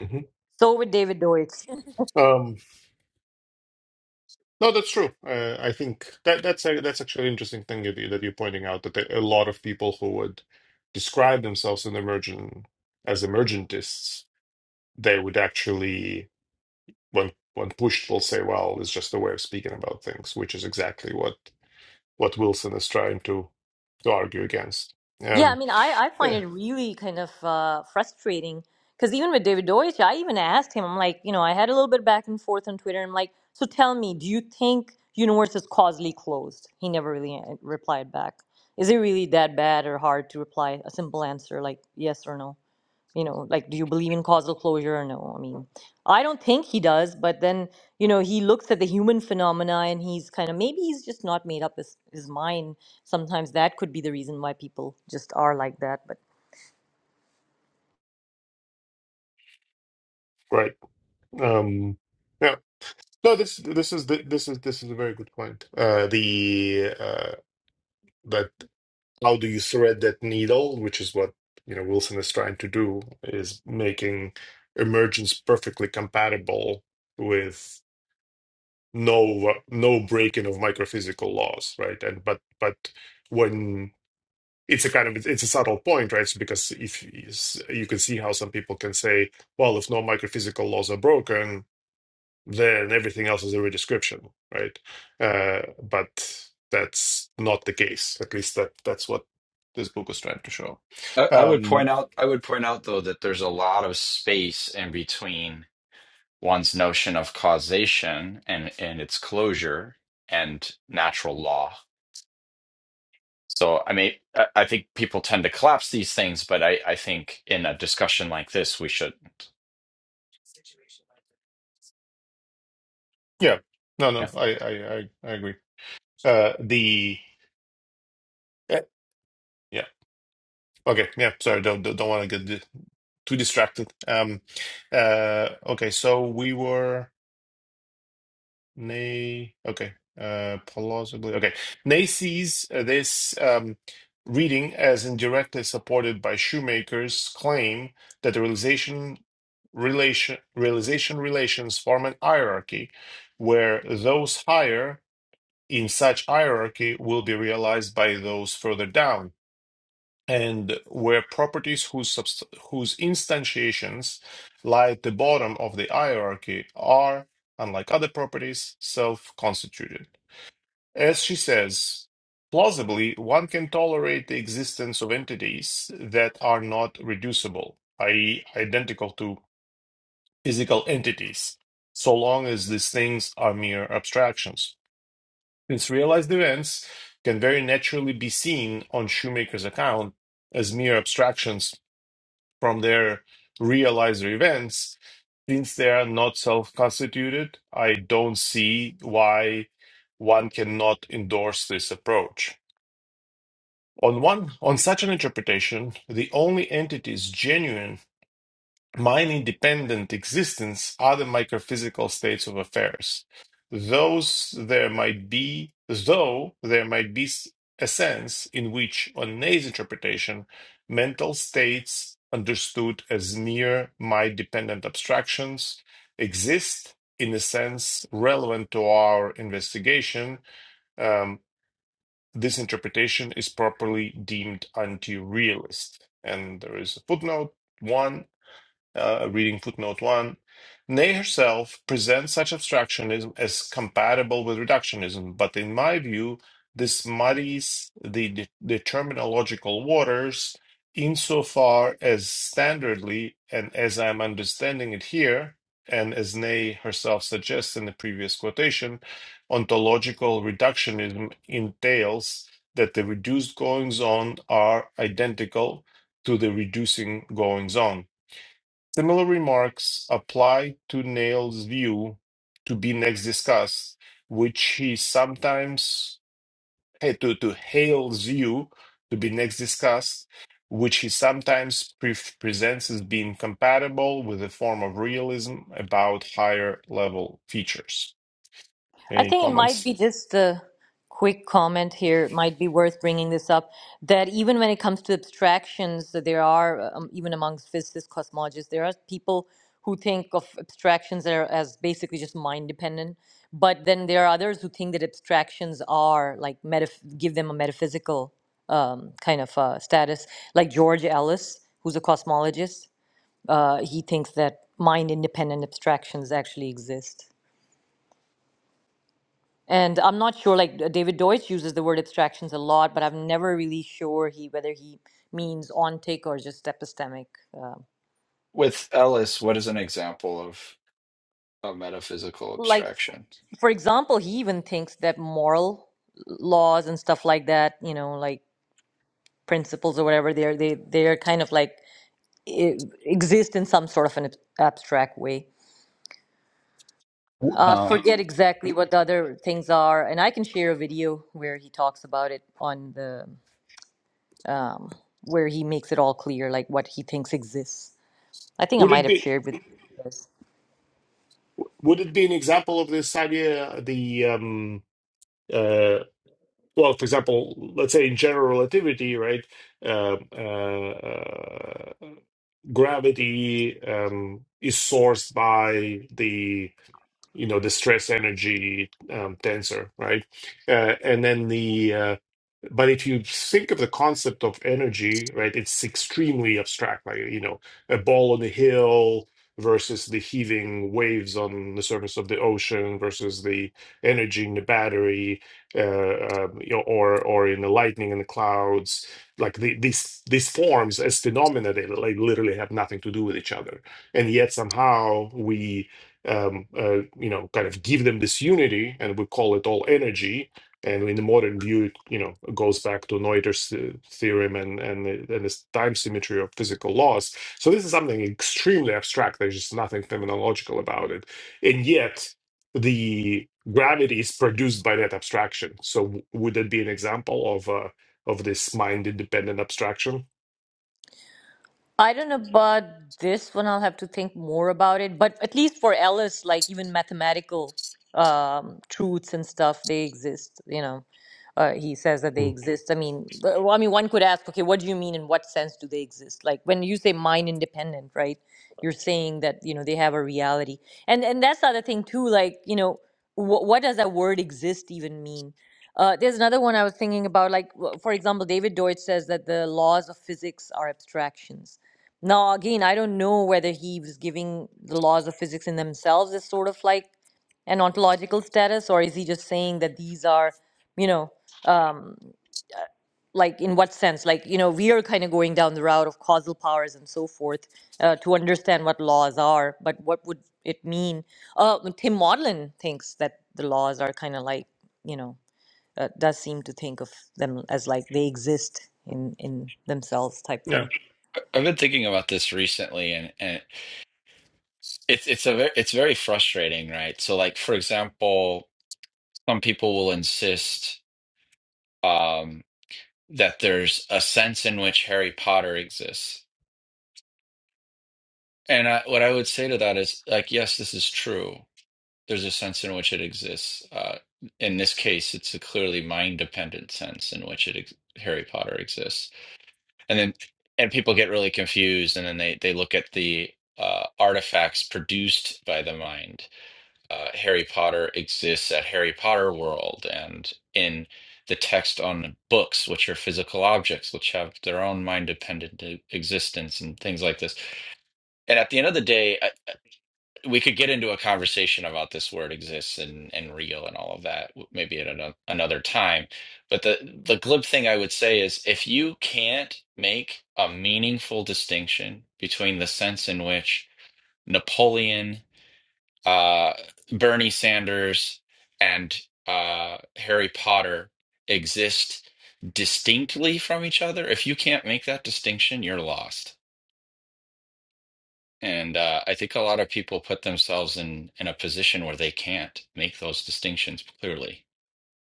C: Mhm.
B: so with David Deutsch.
C: um, No, that's true. Uh, I think that that's a, that's actually an interesting thing that, you- that you're pointing out that there- a lot of people who would describe themselves in emergent as emergentists, they would actually, when when pushed, will say, "Well, it's just a way of speaking about things," which is exactly what what Wilson is trying to to argue against.
B: Yeah, I
C: Um,
B: mean, I, I find
C: yeah,
B: it really kind of uh, frustrating because even with David Deutsch, I even asked him, I'm like, you know, I had a little bit back and forth on Twitter. I'm like, so tell me, do you think universe is causally closed? He never really a- replied back. Is it really that bad or hard to reply a simple answer like yes or no? you know like do you believe in causal closure or no i mean i don't think he does but then you know he looks at the human phenomena and he's kind of maybe he's just not made up his, his mind sometimes that could be the reason why people just are like that but
C: right. Um, yeah. No, this this is the, this is this is a very good point. Uh, the uh, that. how do you thread that needle, which is what you know Wilson is trying to do, is making emergence perfectly compatible with no no breaking of microphysical laws, right? And but but when it's a kind of it's a subtle point, right? So because if you can see how some people can say, well, if no microphysical laws are broken, then everything else is a redescription, right? Uh, but that's not the case. At least that that's what this book was trying to show.
A: I, I would
C: Um,
A: point out, I would point out though that there's a lot of space in between one's notion of causation and and its closure and natural law. So, I mean, I, I think people tend to collapse these things, but I, I think in a discussion like this, we shouldn't.
C: yeah, no, no,
A: Yeah.
C: I I I, I agree. Uh, the eh, yeah, okay, yeah. Sorry, don't don't, want to get di- too distracted. Um, uh, okay, so we were. Nay, okay, uh, plausibly, okay. Nay sees uh, this um, reading as indirectly supported by Shoemaker's claim that the realization relation realization relations form an hierarchy, where those higher in such hierarchy will be realized by those further down and were properties whose, subst- whose instantiations lie at the bottom of the hierarchy are, unlike other properties, self constituted. As she says, plausibly, one can tolerate the existence of entities that are not reducible, i.e., identical to physical entities, so long as these things are mere abstractions. Since realized events can very naturally be seen on Shoemaker's account as mere abstractions from their realizer events, since they are not self-constituted, I don't see why one cannot endorse this approach. On one, on such an interpretation, the only entities genuine mind independent existence are the microphysical states of affairs. Those there might be, though there might be a sense in which, on Ney's interpretation, mental states understood as mere mind dependent abstractions exist in a sense relevant to our investigation. Um, this interpretation is properly deemed anti-realist. And there is a footnote. One uh, reading footnote one, Ney herself presents such abstractionism as compatible with reductionism, but in my view, this muddies the de- the terminological waters insofar as standardly, and as I'm understanding it here, and as Ney herself suggests in the previous quotation, ontological reductionism entails that the reduced goings on are identical to the reducing goings on Similar remarks apply to Nail's view to be next discussed, which he sometimes eh, to, to Hale's view to be next discussed, which he sometimes pre- presents as being compatible with a form of realism about higher level features.
B: I
C: Any
B: think it might
C: comments?
B: be just a quick comment here. It might be worth bringing this up that even when it comes to abstractions, that there are, um, even amongst physicists, cosmologists, there are people who think of abstractions are as basically just mind dependent. But then there are others who think that abstractions are like metaph- give them a metaphysical um, kind of uh, status, like George Ellis, who's a cosmologist. Uh, he thinks that mind independent abstractions actually exist. And I'm not sure, like uh, David Deutsch uses the word abstractions a lot, but I'm never really sure he whether he means ontic or just epistemic. Uh,
A: With Ellis, what is an example of a metaphysical
B: like,
A: abstraction?
B: for example, he even thinks that moral laws and stuff like that, you know, like principles or whatever, they're they they're kind of like e- exist in some sort of an ab- abstract way.
C: W-
B: Uh,
A: Oh,
B: forget exactly what the other things are, and I can share a video where he talks about it on the um, where he makes it all clear, like what he thinks exists I think I
C: Would
B: might
C: it
B: have
C: be
B: shared with you guys.
C: would it be an example of this idea? The um, uh. well, for example, let's say in general relativity, right? Um, uh, uh, gravity um, is sourced by the you know the stress energy um, tensor, right? Uh, and then the uh, but if you think of the concept of energy, right, it's extremely abstract, like, you know, a ball on a hill versus the heaving waves on the surface of the ocean versus the energy in the battery, uh, um, you know, or or in the lightning in the clouds. Like the, these these forms as phenomena, they like literally have nothing to do with each other, and yet somehow we. Um, uh, you know, kind of give them this unity, and we call it all energy, and in the modern view, it you know goes back to Noether's uh, theorem and and the- and this time symmetry of physical laws. So this is something extremely abstract. There's just nothing phenomenological about it, and yet the gravity is produced by that abstraction. So w- would that be an example of uh, of this mind independent abstraction?
B: I don't know about this one. I'll have to think more about it. But at least for Ellis, like even mathematical um, truths and stuff, they exist. You know, uh, he says that they
C: Hmm.
B: exist. I mean, but- well, I mean, one could ask, okay, what do you mean? In what sense do they exist? Like when you say mind independent, right? You're saying that you know they have a reality, and and that's the other thing too. Like you know, wh- what does that word exist even mean? Uh, there's another one I was thinking about, like w- for example, David Deutsch says that the laws of physics are abstractions now, again, I don't know whether he was giving the laws of physics in themselves as sort of like an ontological status, or is he just saying that these are, you know, um, uh, like in what sense? Like, you know, we are kind of going down the route of causal powers and so forth uh, to understand what laws are, but what would it mean? Uh, Tim Maudlin thinks that the laws are kind of like, you know, uh, does seem to think of them as like they exist in in themselves type
C: Yeah.
B: thing.
A: I- I've been thinking about this recently, and and. It's it's a very, it's very frustrating, right? So like for example, some people will insist um that there's a sense in which Harry Potter exists. And I, what I would say to that is like yes, this is true. There's a sense in which it exists. Uh in this case, it's a clearly mind-dependent sense in which it ex Harry Potter exists. And then and people get really confused and then they they look at the uh artifacts produced by the mind uh, Harry Potter exists at Harry Potter World and in the text on books, which are physical objects, which have their own mind dependent existence and things like this. And at the end of the day, I, we could get into a conversation about this word exists and, and real and all of that, w- maybe at ano- another time. But the, the glib thing I would say is if you can't make a meaningful distinction between the sense in which Napoleon uh, Bernie Sanders and uh, Harry Potter exist distinctly from each other. If you can't make that distinction, you're lost. And uh, I think a lot of people put themselves in in a position where they can't make those distinctions clearly.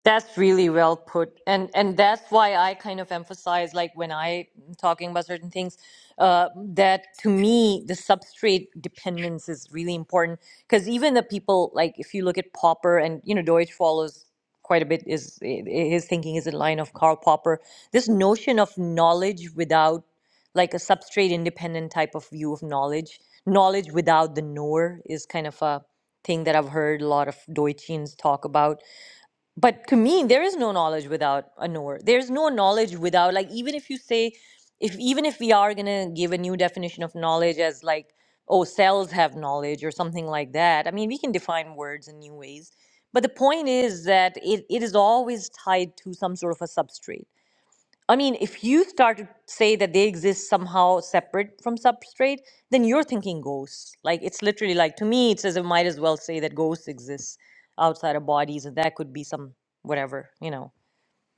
B: That's really well put, and and that's why I kind of emphasize, like when I am talking about certain things, uh, that to me the substrate dependence is really important because even the people like if you look at Popper and you know Deutsch follows quite a bit is i- i- his thinking is in line of Karl Popper. This notion of knowledge without like a substrate independent type of view of knowledge, knowledge without the knower is kind of a thing that I've heard a lot of Deutschians talk about but to me there is no knowledge without a knower there's no knowledge without like even if you say if even if we are going to give a new definition of knowledge as like oh cells have knowledge or something like that i mean we can define words in new ways but the point is that it, it is always tied to some sort of a substrate I mean, if you start to say that they exist somehow separate from substrate, then you're thinking ghosts. Like it's literally like to me, it's as if might as well say that ghosts exist outside of bodies, and that could be some whatever, you know.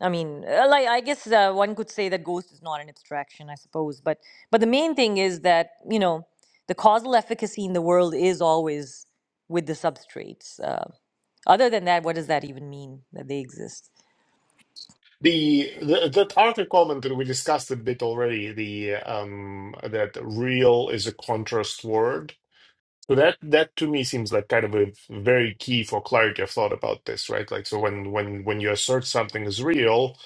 B: I mean, uh, like I guess uh, one could say that ghost is not an abstraction, I suppose. But but the main thing is that you know the causal efficacy in the world is always with the substrates. Uh, other than that, what does that even mean that they exist?
C: The, the that article comment that we discussed a bit already. The um that real is a contrast word So that that to me seems like kind of a very key for clarity of thought about this, right? Like so when when when you assert something is real,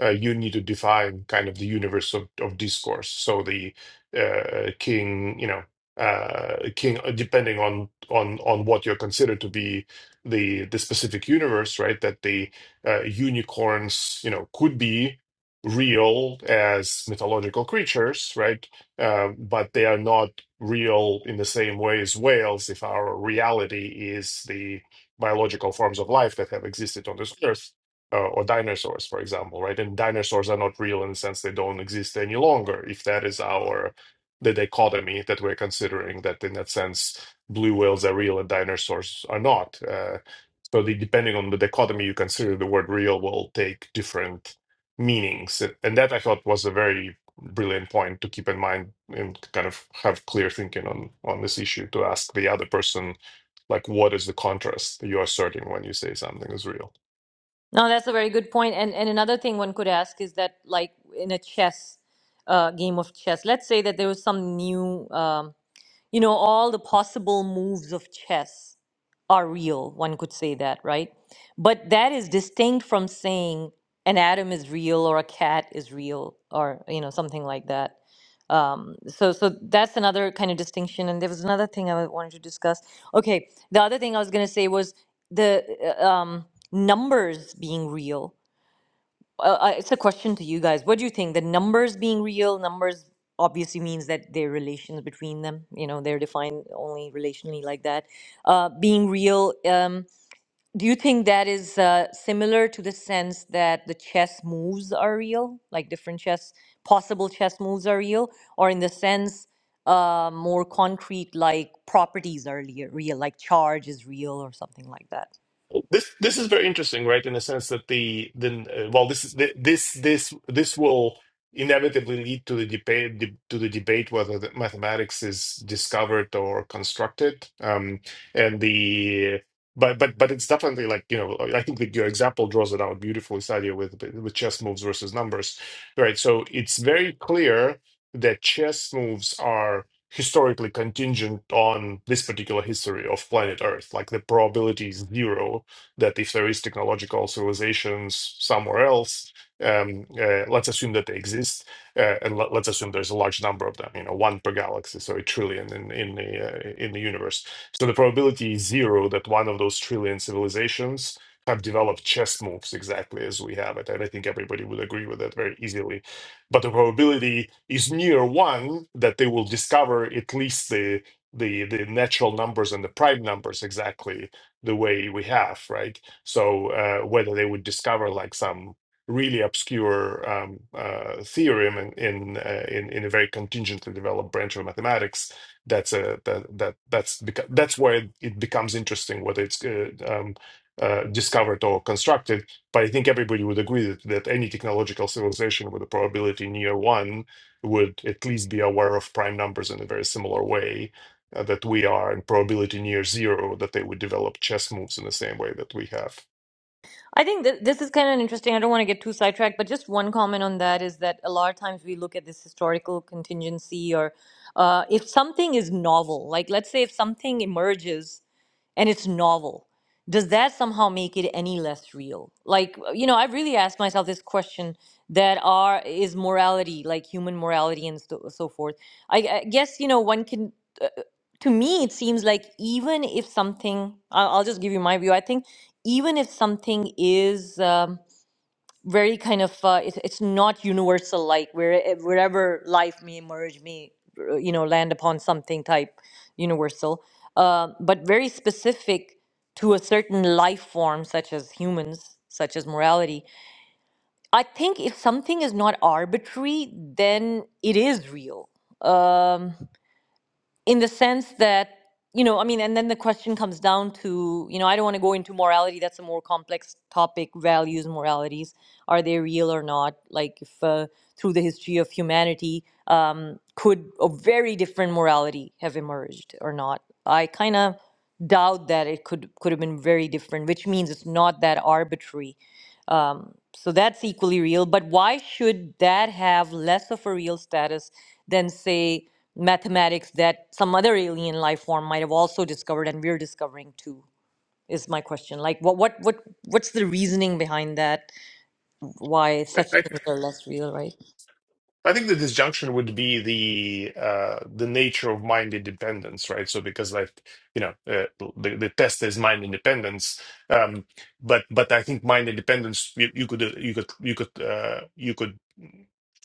C: uh, you need to define kind of the universe of, of discourse. So the uh, king, you know, uh, king, uh, depending on on on what you're considered to be the the specific universe, right? That the uh, unicorns, you know, could be real as mythological creatures, right? um, but they are not real in the same way as whales if our reality is the biological forms of life that have existed on this earth uh, or dinosaurs for example right and dinosaurs are not real in the sense they don't exist any longer if that is our the dichotomy that we're considering that in that sense blue whales are real and dinosaurs are not uh, so the, depending on the dichotomy you consider the word real will take different meanings and that i thought was a very brilliant point to keep in mind and kind of have clear thinking on on this issue to ask the other person like what is the contrast you're asserting when you say something is real
B: No, that's a very good point. And and another thing one could ask is that, like in a chess uh, game of chess, let's say that there was some new um, you know, all the possible moves of chess are real, one could say that, right? But that is distinct from saying an atom is real or a cat is real or, you know, something like that. Um, so, so that's another kind of distinction. And there was another thing I wanted to discuss. Okay, the other thing I was going to say was the uh, um, numbers being real well, uh, it's a question to you guys. What do you think? The numbers being real, numbers obviously means that there are relations between them. You know, they're defined only relationally like that. Uh, being real, um, do you think that is uh, similar to the sense that the chess moves are real, like different chess, possible chess moves are real, or in the sense uh, more concrete, like properties are lea- real, like charge is real or something like that?
C: This this is very interesting, right? In the sense that the the uh, well, this is thi- this this this will inevitably lead to the debate de- to the debate whether the mathematics is discovered or constructed, um, and the but but but it's definitely like you know I think that your example draws it out beautifully, Sadia, with with chess moves versus numbers, right? So it's very clear that chess moves are historically contingent on this particular history of planet Earth. Like the probability is zero that if there is technological civilizations somewhere else, um, uh, let's assume that they exist, uh, and let, us assume there's a large number of them. You know, one per galaxy, so a trillion in in the uh, in the universe. So the probability is zero that one of those trillion civilizations have developed chess moves exactly as we have it, and I think everybody would agree with that very easily but the probability is near one that they will discover at least the the the natural numbers and the prime numbers exactly the way we have right so uh, whether they would discover like some really obscure um, uh, theorem in in, uh, in in a very contingently developed branch of mathematics that's a that, that that's beca- that's where it becomes interesting whether it's uh, um, uh, discovered or constructed but I think everybody would agree that, that any technological civilization with a probability near one would at least be aware of prime numbers in a very similar way uh, that we are, and probability near zero that they would develop chess moves in the same way that we have.
B: I think that this is kind of interesting. I don't want to get too sidetracked, but just one comment on that is that a lot of times we look at this historical contingency or uh, if something is novel, like let's say if something emerges and it's novel, does that somehow make it any less real? Like, you know, I have really asked myself this question that are is morality, like human morality and so, so forth. I, I guess, you know, one can. Uh, to me, it seems like even if something, I'll, I'll just give you my view. I think even if something is um, very kind of uh, it's, it's not universal like where eh, wherever life may merge may uh, you know land upon something type universal uh, but very specific to a certain life form such as humans such as morality i think if something is not arbitrary then it is real um, in the sense that you know i mean and then the question comes down to you know i don't want to go into morality that's a more complex topic values moralities are they real or not like if uh, through the history of humanity um, could a very different morality have emerged or not i kind of doubt that it could could have been very different which means it's not that arbitrary um, so that's equally real but why should that have less of a real status than say mathematics that some other alien life form might have also discovered and we're discovering too is my question like what what what what's the reasoning behind that why such things are less real right
C: I think the disjunction would be the uh, the nature of mind independence, right? So because like you know uh, the the test is mind independence, um, but but I think mind independence you, you could uh, you could you could uh, you could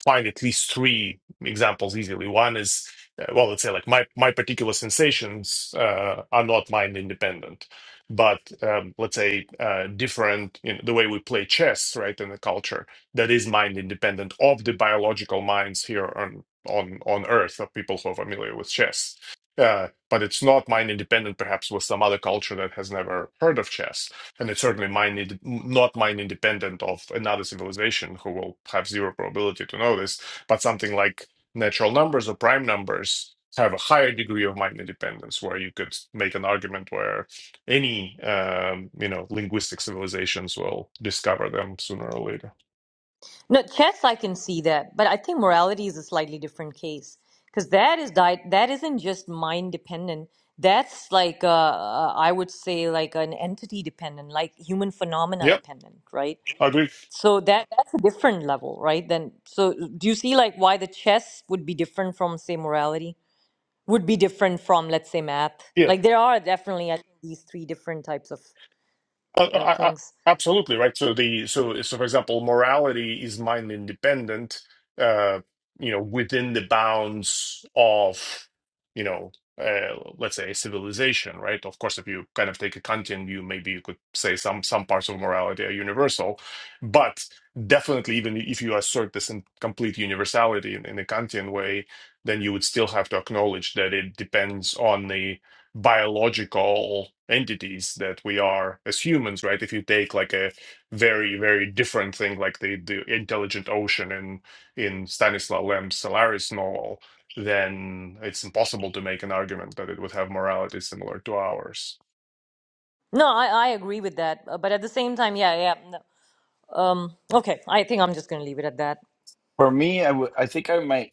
C: find at least three examples easily. One is uh, well, let's say like my my particular sensations uh, are not mind independent, but um, let's say uh, different you know, the way we play chess, right, in the culture that is mind independent of the biological minds here on on on earth of people who are familiar with chess uh, but it's not mind independent perhaps with some other culture that has never heard of chess and it's certainly mind inde- not mind independent of another civilization who will have zero probability to know this but something like natural numbers or prime numbers have a higher degree of mind independence where you could make an argument where any um, you know linguistic civilizations will discover them sooner or later
B: no chess i can see that but i think morality is a slightly different case because that is di- that isn't just mind dependent that's like uh, uh, i would say like an entity dependent like human phenomena
C: Yep.
B: dependent right
C: agree.
B: So that that's a different level, right? Then so do you see like why the chess would be different from say morality? Would be different from let's say math.
C: Yeah,
B: Like there are definitely I think these three different types of
C: I,
B: uh,
C: I, I,
B: things.
C: absolutely right. So the so so for example, morality is mind independent. Uh, you know, within the bounds of you know, uh, let's say civilization, right? Of course, if you kind of take a Kantian view, maybe you could say some some parts of morality are universal, but definitely, even if you assert this in complete universality in, in a Kantian way, then you would still have to acknowledge that it depends on the biological entities that we are as humans right if you take like a very very different thing like the, the intelligent ocean in in stanislaw lem's solaris novel then it's impossible to make an argument that it would have morality similar to ours
B: No, I I agree with that, uh, but at the same time, yeah, yeah. No, um okay, I think I'm just going to leave it at that.
A: For me, I would I think I might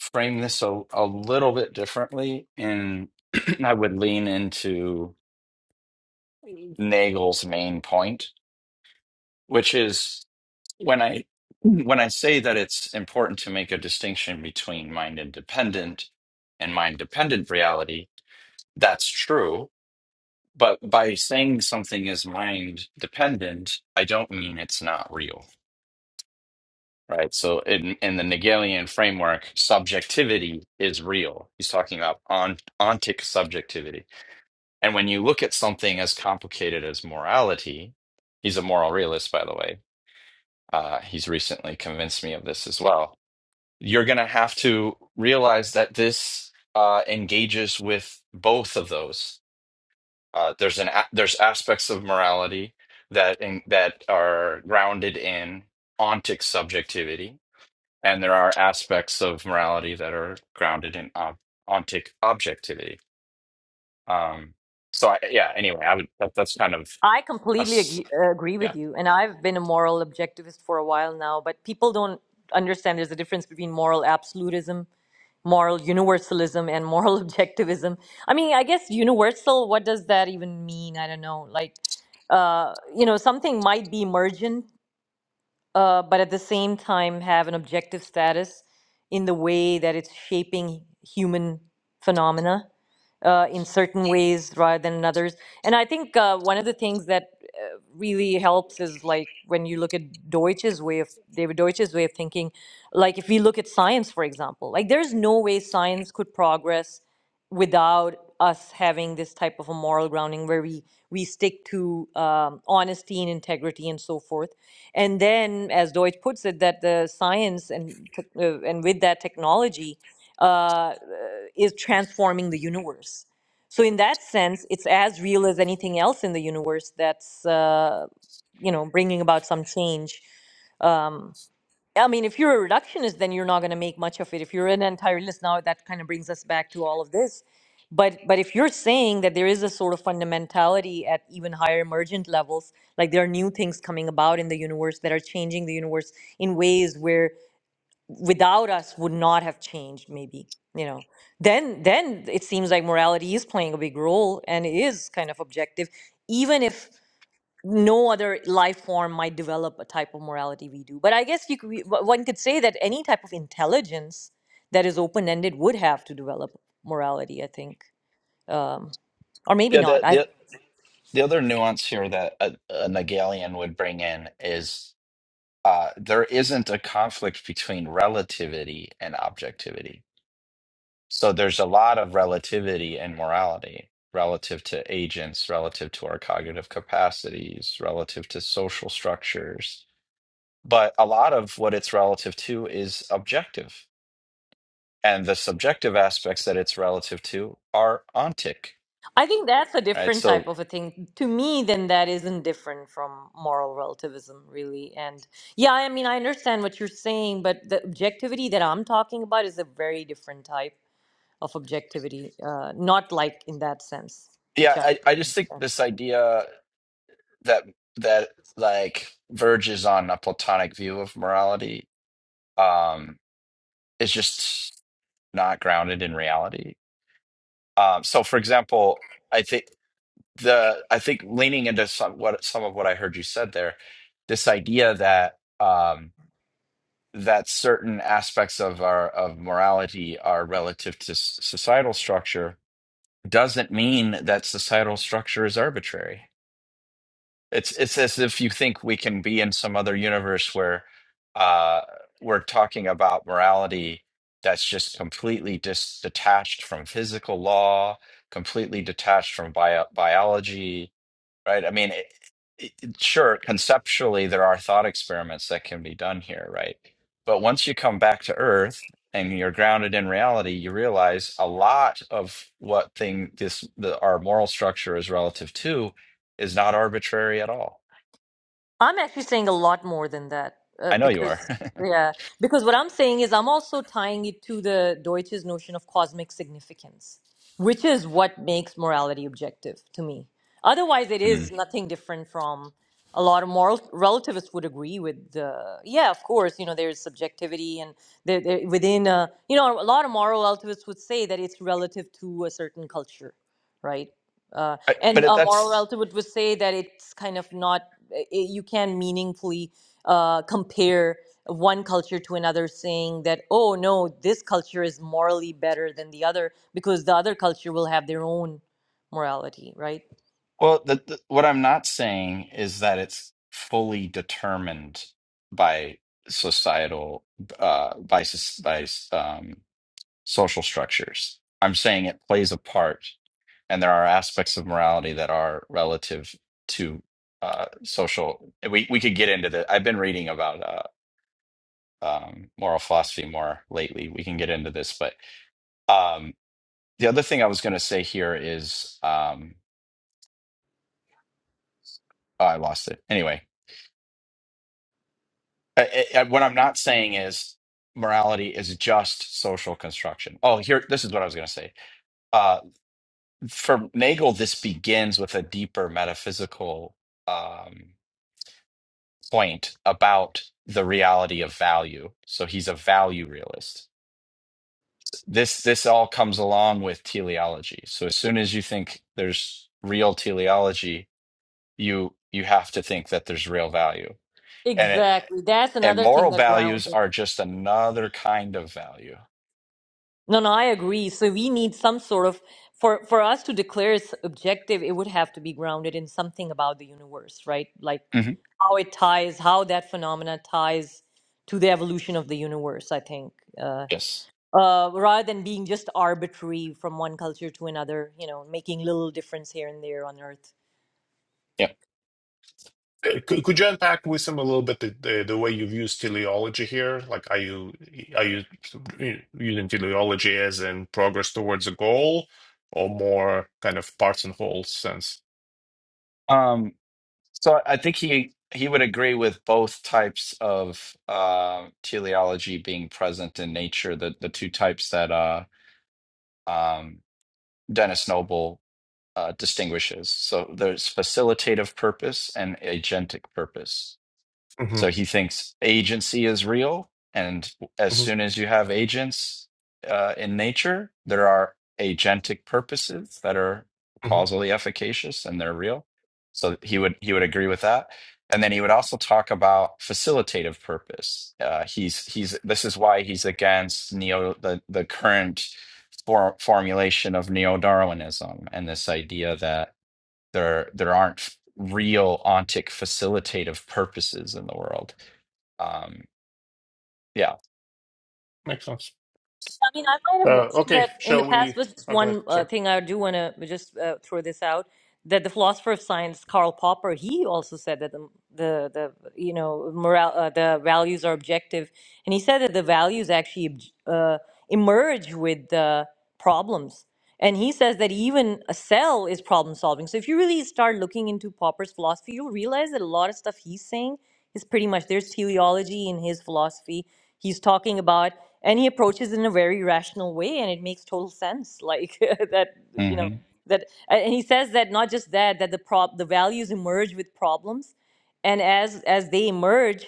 A: frame this a, a little bit differently, and I would lean into Nagel's main point, which is. when I when I say that it's important to make a distinction between mind independent and mind dependent reality, that's true. But by saying something is mind dependent, I don't mean it's not real, right? So in in the Hegelian framework, subjectivity is real. He's talking about on, ontic subjectivity. And when you look at something as complicated as morality, he's a moral realist, by the way. Uh, he's recently convinced me of this as well you're going to have to realize that this uh, engages with both of those. Uh, there's an a- there's aspects of morality that in, that are grounded in ontic subjectivity, and there are aspects of morality that are grounded in ob- ontic objectivity. Um, so I, yeah, anyway, I would that, that's kind of
B: I
A: a
B: completely
A: s-
B: ag- uh, agree
A: yeah
B: with you, and I've been a moral objectivist for a while now, but people don't understand there's a difference between moral absolutism moral universalism and moral objectivism. I mean, I guess universal, what does that even mean? I don't know. Like, uh, you know, something might be emergent uh, but at the same time have an objective status in the way that it's shaping human phenomena uh, in certain ways rather than in others. And I think uh, one of the things that uh, really helps is like when you look at Deutsch's way of David Deutsch's way of thinking, like if we look at science, for example, like there's no way science could progress without us having this type of a moral grounding where we we stick to um, honesty and integrity and so forth and then, as Deutsch puts it, that the science and tech- uh, and with that technology uh, uh, is transforming the universe. So in that sense, it's as real as anything else in the universe that's uh, you know bringing about some change. Um, I mean, if you're a reductionist, then you're not going to make much of it. If you're an entire list, now that kind of brings us back to all of this. But but if you're saying that there is a sort of fundamentality at even higher emergent levels, like there are new things coming about in the universe that are changing the universe in ways where without us would not have changed, maybe you know, then then it seems like morality is playing a big role and is kind of objective, even if no other life form might develop a type of morality we do. But I guess you could, we- o- one could say that any type of intelligence that is open ended would have to develop morality. I think, um, or maybe
A: yeah
B: not.
A: the
B: I
A: the the other nuance here that a, a Hegelian would bring in is. uh, there isn't a conflict between relativity and objectivity. So there's a lot of relativity and morality relative to agents, relative to our cognitive capacities, relative to social structures. But a lot of what it's relative to is objective. And the subjective aspects that it's relative to are ontic,
B: I think that's a
A: right?
B: different type
A: So,
B: of a thing to me. Then that isn't different from moral relativism, really. And yeah, I mean, I understand what you're saying, but the objectivity that I'm talking about is a very different type of objectivity, uh, not like in that sense,
A: yeah,
B: which I.
A: I, I just think
B: yeah.
A: this idea that, that like verges on a Platonic view of morality. Um, is just not grounded in reality. Um, so, for example, I think the I think leaning into some what some of what I heard you said there, this idea that um, that certain aspects of our of morality are relative to s- societal structure doesn't mean that societal structure is arbitrary It's it's as if you think we can be in some other universe where uh, we're talking about morality that's just completely dis detached from physical law, completely detached from bio biology right? I mean, it, it, it- sure, conceptually, there are thought experiments that can be done here, right? But once you come back to Earth and you're grounded in reality, you realize a lot of what thing this the, our moral structure is relative to is not arbitrary at all.
B: I'm actually saying a lot more than that uh,
A: I know you are,
B: because yeah, because what I'm saying is I'm also tying it to the Deutsches notion of cosmic significance, which is what makes morality objective to me. Otherwise, it
A: Mm.
B: is nothing different from a lot of moral relativists would agree with the yeah, of course, you know, there's subjectivity and there, there within a, you know, a lot of moral relativists would say that it's relative to a certain culture, right? Uh,
A: I, but
B: and
A: it,
B: a moral
A: that's
B: relativist would would say that it's kind of not i- you can meaningfully uh, compare one culture to another saying that oh no this culture is morally better than the other because the other culture will have their own morality right
A: well. The, the, what I'm not saying is that it's fully determined by societal uh, by soc- by um, social structures. I'm saying it plays a part, and there are aspects of morality that are relative to uh, social. We we could get into the. I've been reading about uh, um, moral philosophy more lately. We can get into this, but um, the other thing I was going to say here is um, oh, I lost it. Anyway, I, I, what I'm not saying is morality is just social construction. Oh, here this is what I was going to say Uh, for Nagel, this begins with a deeper metaphysical um, point about the reality of value. So he's a value realist. This this all comes along with teleology. So as soon as you think there's real teleology, you you have to think that there's real value, and it
B: exactly that's
A: and
B: another thing
A: moral
B: that grounds
A: values
B: it
A: are just another kind of value.
B: no no i agree so we need some sort of for for us to declare it's objective it would have to be grounded in something about the universe right like
A: Mhm.
B: how it ties how that phenomena ties to the evolution of the universe i think Uh,
A: Yes.
B: uh, rather than being just arbitrary from one culture to another, you know, making little difference here and there on Earth.
A: Yep.
C: Uh, could, could you unpack with him a little bit the, the, the way you've used teleology here like are you are you using teleology as in progress towards a goal or more kind of parts and whole sense
A: Um, So I think he he would agree with both types of uh, teleology being present in nature, the the two types that uh, um, Dennis Noble uh, distinguishes. So there's facilitative purpose and agentic purpose. So
C: hmm
A: he thinks agency is real. And as soon as you have agents uh, in nature, there are agentic purposes that are
C: hmm
A: causally efficacious and they're real. So he would he would agree with that. And then he would also talk about facilitative purpose. Uh, he's he's this is why he's against neo the the current for, formulation of neo Darwinism and this idea that there there aren't real ontic facilitative purposes in the world. Um, yeah.
C: Makes sense.
B: I mean, I might have
C: Uh,
B: mentioned
C: okay,
B: that in the
C: shall
B: past,
C: we?
B: but just
C: Oh, go ahead.
B: one uh,
C: Sorry.
B: thing I do want to just uh, throw this out. that the philosopher of science Karl Popper he also said that the the, the you know moral uh, the values are objective, and he said that the values actually obj- uh, emerge with the problems. And he says that even a cell is problem solving. So if you really start looking into Popper's philosophy, you'll realize that a lot of stuff he's saying is pretty much there's teleology in his philosophy. He's talking about and he approaches it in a very rational way and it makes total sense like that you know
A: hmm
B: that and he says that not just that that the prop the values emerge with problems and as as they emerge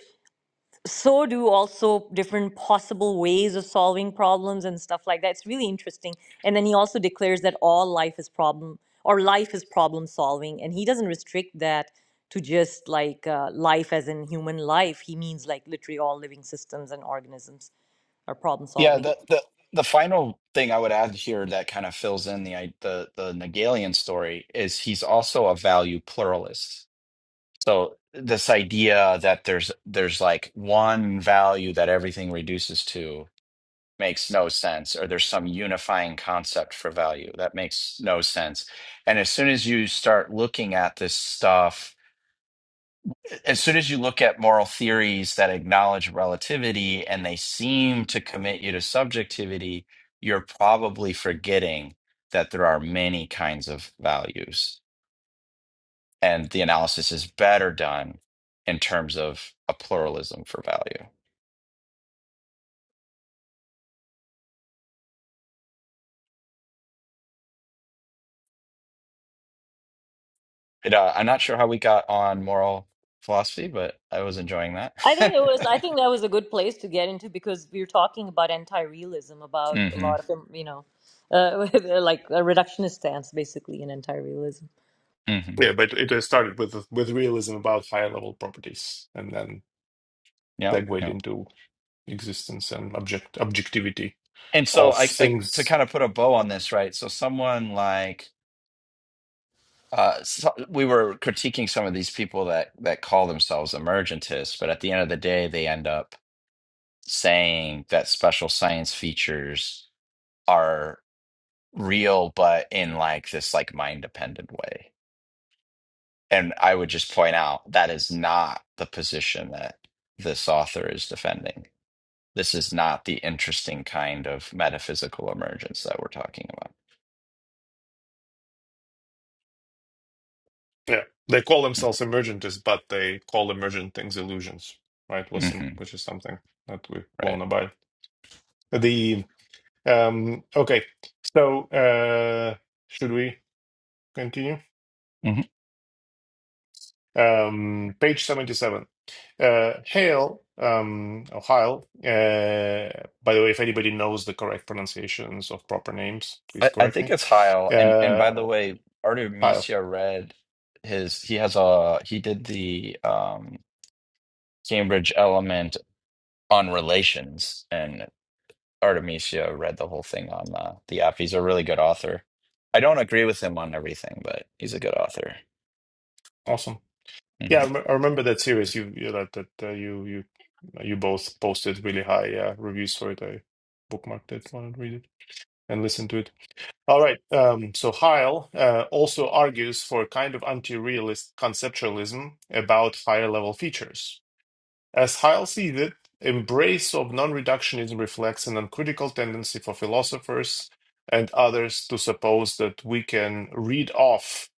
B: so do also different possible ways of solving problems and stuff like that it's really interesting and then he also declares that all life is problem or life is problem solving and he doesn't restrict that to just like uh, life as in human life he means like literally all living systems and organisms are problem
A: Yeah.
B: solving
A: The, the the final thing I would add here that kind of fills in the i- the the Hegelian story is he's also a value pluralist. So this idea that there's there's like one value that everything reduces to makes no sense or there's some unifying concept for value that makes no sense and as soon as you start looking at this stuff as soon as you look at moral theories that acknowledge relativity and they seem to commit you to subjectivity, you're probably forgetting that there are many kinds of values. And the analysis is better done in terms of a pluralism for value. It, uh, I'm not sure how we got on moral philosophy, but I was enjoying
B: I
A: that.
B: think it was. I think that was a good place to get into because we were talking about anti-realism, about a
A: hmm
B: lot of them, you know, uh, like a reductionist stance, basically, in anti-realism.
A: hmm
C: Yeah, but it uh, started with with realism about higher level properties, and then
A: Yeah.
C: segued
A: Yeah.
C: into existence and object objectivity
A: And so
C: of
A: I, I to
C: things.
A: kind of put a bow on this, right? So someone like uh, so we were critiquing some of these people that that call themselves emergentists, but at the end of the day, they end up saying that special science features are real, but in like this like mind dependent way. And I would just point out that is not the position that this author is defending. This is not the interesting kind of metaphysical emergence that we're talking about.
C: Yeah, they call themselves emergentists, but they call emergent things illusions, right? Listen,
A: hmm
C: which is something that we
A: Right.
C: won't abide. The um, okay, so uh, should we continue?
A: Mm-hmm.
C: Um, page 77. Uh, Hale, um, or Heil, uh, by the way, if anybody knows the correct pronunciations of proper names, please
A: I, I
C: correct
A: think
C: me.
A: it's Heil. And and
C: Uh,
A: by the way,
C: Heil,
A: Artemisia read his he has a he did the um Cambridge element on relations and Artemisia read the whole thing on uh, the app. He's a really good author. I don't agree with him on everything, but he's a good author.
C: awesome. Yeah, I,
A: Mhm.
C: rem- I remember that series you, you that that uh, you you you both posted really high uh, reviews for it. I bookmarked it, wanted to read it and listen to it. All right. Um, so Heil uh, also argues for a kind of anti-realist conceptualism about higher level features As Heil sees it, embrace of non-reductionism reflects an uncritical tendency for philosophers and others to suppose that we can read off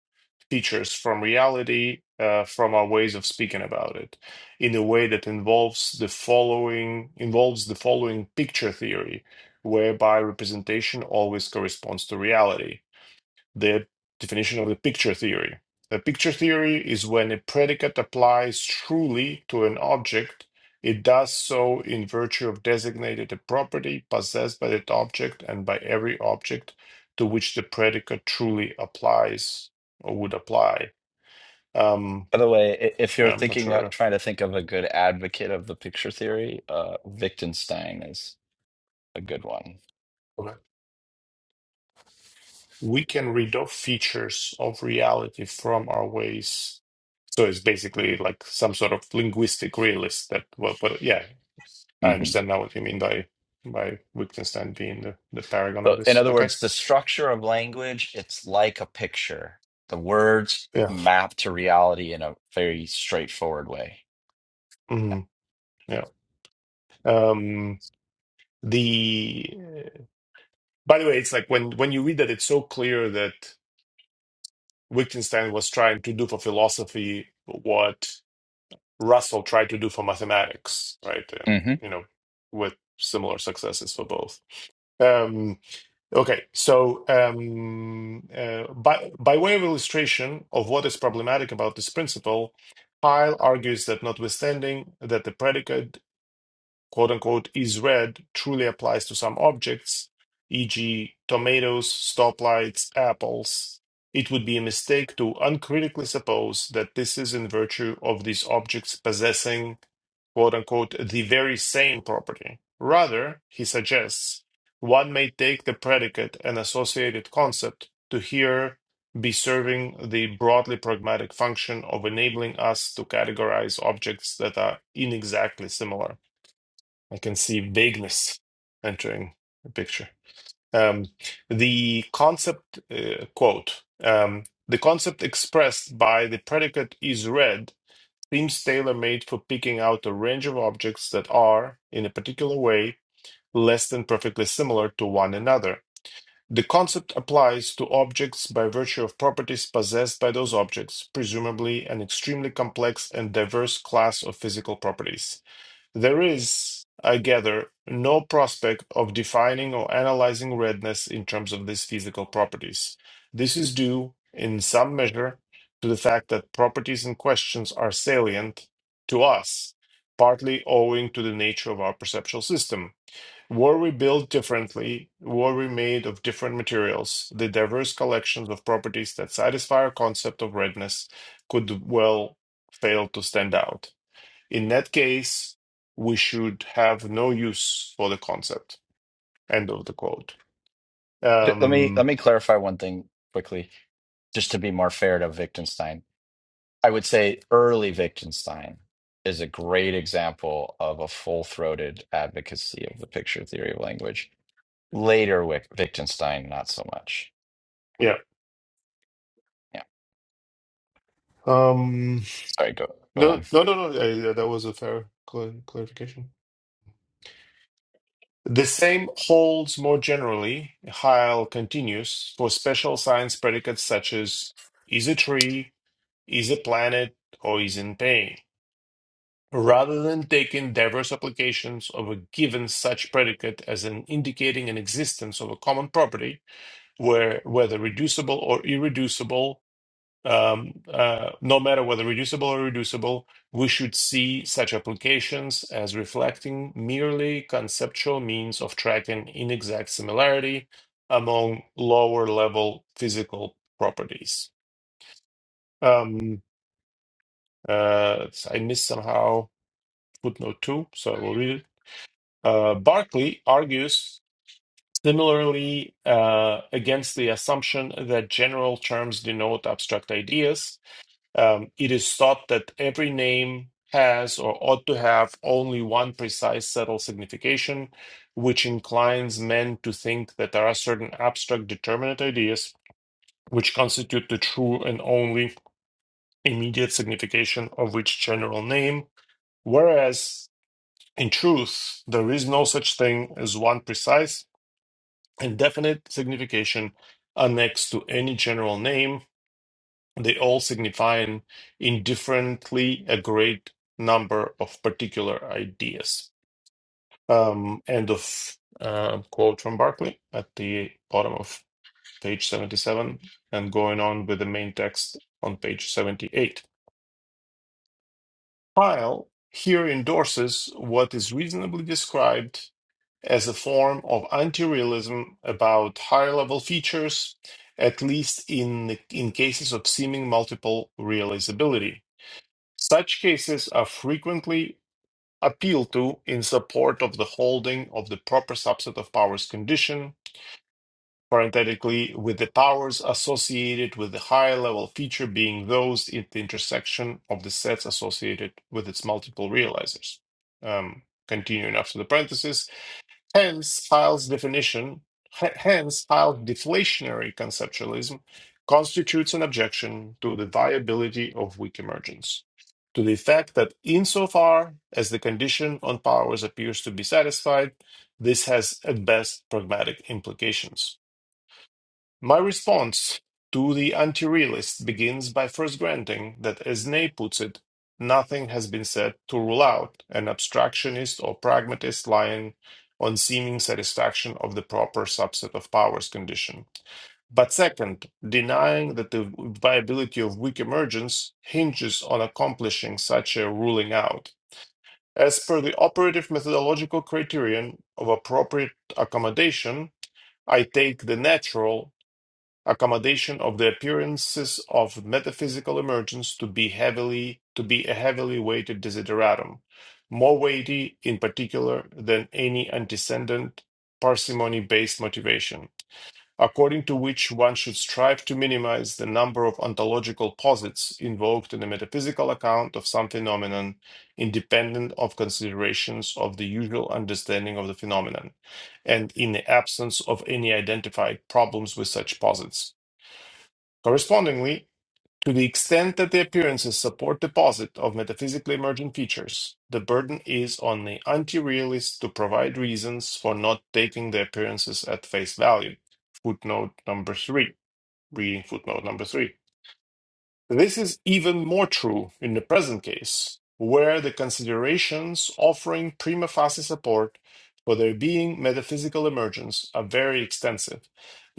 C: features from reality uh, from our ways of speaking about it in a way that involves the following involves the following picture theory, whereby representation always corresponds to reality the definition of the picture theory. The picture theory is when a predicate applies truly to an object, it does so in virtue of designated a property possessed by that object and by every object to which the predicate truly applies or would apply. Um,
A: By the way, i- if you're
C: yeah, I'm not
A: thinking uh,
C: sure.
A: trying to think of a good advocate of the picture theory, uh, Wittgenstein is a good one.
C: Okay. We can read off features of reality from our ways So it's basically like some sort of linguistic realist that, well, but yeah, I
A: Mm-hmm.
C: understand now what you mean by by Wittgenstein being the, the paragon
A: So,
C: of
A: in
C: this.
A: other
C: Okay.
A: words, the structure of language, it's like a picture. The words
C: Yeah.
A: map to reality in a very straightforward way.
C: Mhm. Yeah. Um, the by the way, it's like when when you read that, it's so clear that Wittgenstein was trying to do for philosophy what Russell tried to do for mathematics, right? And
A: hmm
C: you know, with similar successes for both. Um, Okay, so um, uh, by, by way of illustration of what is problematic about this principle, Pyle argues that notwithstanding that the predicate quote unquote is red truly applies to some objects, e.g., tomatoes, stoplights, apples, it would be a mistake to uncritically suppose that this is in virtue of these objects possessing quote unquote the very same property. Rather, he suggests, one may take the predicate and associated concept to here be serving the broadly pragmatic function of enabling us to categorize objects that are inexactly similar. I can see vagueness entering the picture. Um, the concept uh, quote um, the concept expressed by the predicate is read seems tailor made for picking out a range of objects that are, in a particular way, less than perfectly similar to one another. The concept applies to objects by virtue of properties possessed by those objects, presumably an extremely complex and diverse class of physical properties. There is, I gather, no prospect of defining or analyzing redness in terms of these physical properties. This is due, in some measure, to the fact that properties and questions are salient to us, partly owing to the nature of our perceptual system. Were we built differently, were we made of different materials, the diverse collections of properties that satisfy our concept of redness could well fail to stand out. In that case, we should have no use for the concept. End of the quote.
A: Let me let
C: Um,
A: me clarify one thing quickly, just to be more fair to Wittgenstein. I would say early Wittgenstein is a great example of a full-throated advocacy of the picture theory of language. Later Wick- Wittgenstein, not so much.
C: yeah.
A: Yeah,
C: Um,
A: sorry. Go go
C: no,
A: on.
C: no, no, no. uh, that was a fair cl- clarification. The same holds more generally, Heil continues, for special science predicates such as is a tree, is a planet, or is in pain. Rather than taking diverse applications of a given such predicate as an indicating an existence of a common property, where whether reducible or irreducible, um, uh, no matter whether reducible or reducible, we should see such applications as reflecting merely conceptual means of tracking inexact similarity among lower level physical properties. Um, uh, I missed somehow footnote two, so I will read it. Uh, Barclay argues similarly uh, against the assumption that general terms denote abstract ideas Um, it is thought that every name has or ought to have only one precise settled signification, which inclines men to think that there are certain abstract determinate ideas which constitute the true and only immediate signification of each general name, whereas in truth, there is no such thing as one precise and definite signification annexed to any general name They all signify an indifferently a great number of particular ideas. Um, end of uh, quote from Barclay at the bottom of page 77 and going on with the main text on page 78. Pyle here endorses what is reasonably described as a form of anti-realism about higher level features, at least in, in cases of seeming multiple realizability Such cases are frequently appealed to in support of the holding of the proper subset of powers condition, parenthetically, with the powers associated with the higher level feature being those in the intersection of the sets associated with its multiple realizers. Um, continuing after the parenthesis, Hence, Hyle's definition, h- hence, Hyle's deflationary conceptualism constitutes an objection to the viability of weak emergence, to the effect that insofar as the condition on powers appears to be satisfied, this has at best pragmatic implications. My response to the anti-realist begins by first granting that, as Ney puts it, nothing has been said to rule out an abstractionist or pragmatist line on seeming satisfaction of the proper subset of powers condition. But second, denying that the viability of weak emergence hinges on accomplishing such a ruling out. As per the operative methodological criterion of appropriate accommodation, I take the natural accommodation of the appearances of metaphysical emergence to be heavily to be a heavily weighted desideratum, more weighty in particular than any antecedent parsimony-based motivation, according to which one should strive to minimize the number of ontological posits invoked in a metaphysical account of some phenomenon, independent of considerations of the usual understanding of the phenomenon, and in the absence of any identified problems with such posits. Correspondingly, to the extent that the appearances support deposit of metaphysically emergent features, the burden is on the anti-realist to provide reasons for not taking the appearances at face value. Footnote number three. Reading footnote number three. This is even more true in the present case, where the considerations offering prima facie support for there being metaphysical emergence are very extensive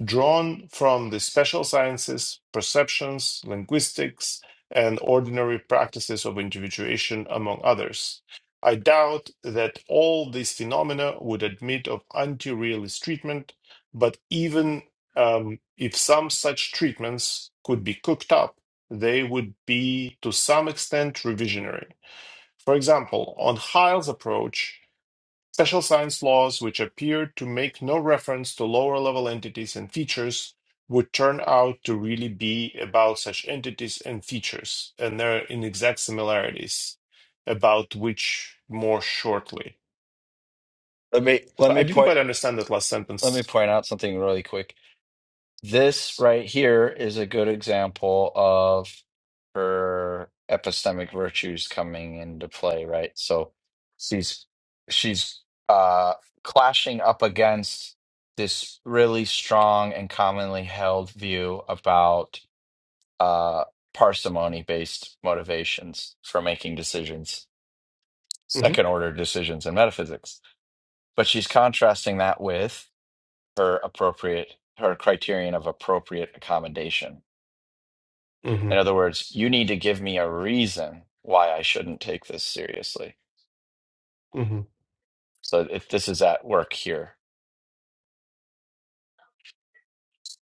C: drawn from the special sciences, perceptions, linguistics, and ordinary practices of individuation, among others. I doubt that all these phenomena would admit of anti realist treatment, but even um, if some such treatments could be cooked up, they would be to some extent revisionary. For example, on Heil's approach, Special science laws, which appeared to make no reference to lower level entities and features, would turn out to really be about such entities and features and their inexact similarities, about which more shortly.
A: Let me
C: So
A: let
C: I
A: me
C: didn't
A: point
C: quite understand that last
A: let me
C: sentence.
A: point out something really quick This right here is a good example of her epistemic virtues coming into play, right? So she's she's uh clashing up against this really strong and commonly held view about uh parsimony-based motivations for making decisions,
C: hmm
A: second order decisions in metaphysics. But she's contrasting that with her appropriate her criterion of appropriate accommodation
C: hmm
A: In other words, you need to give me a reason why I shouldn't take this seriously.
C: hmm
A: So if this is at work here.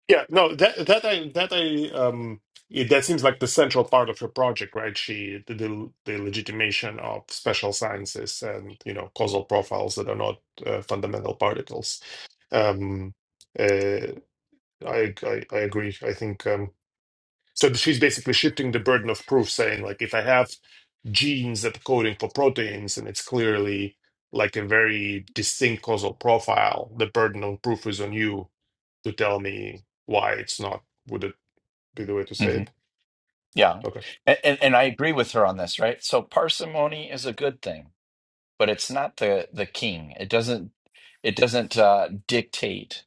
C: Yeah, no, that that I that I um yeah, that seems like the central part of your project, right? She the, the the legitimation of special sciences and you know causal profiles that are not uh, fundamental particles. Um, uh, I, I I agree. I think um, so. She's basically shifting the burden of proof, saying like if I have genes that are coding for proteins and it's clearly like a very distinct causal profile, the burden of proof is on you to tell me why it's not. Would it be the way to say
A: hmm
C: it?
A: Yeah.
C: Okay.
A: And, and and I agree with her on this, right? So parsimony is a good thing, but it's not the the king. It doesn't it doesn't uh, dictate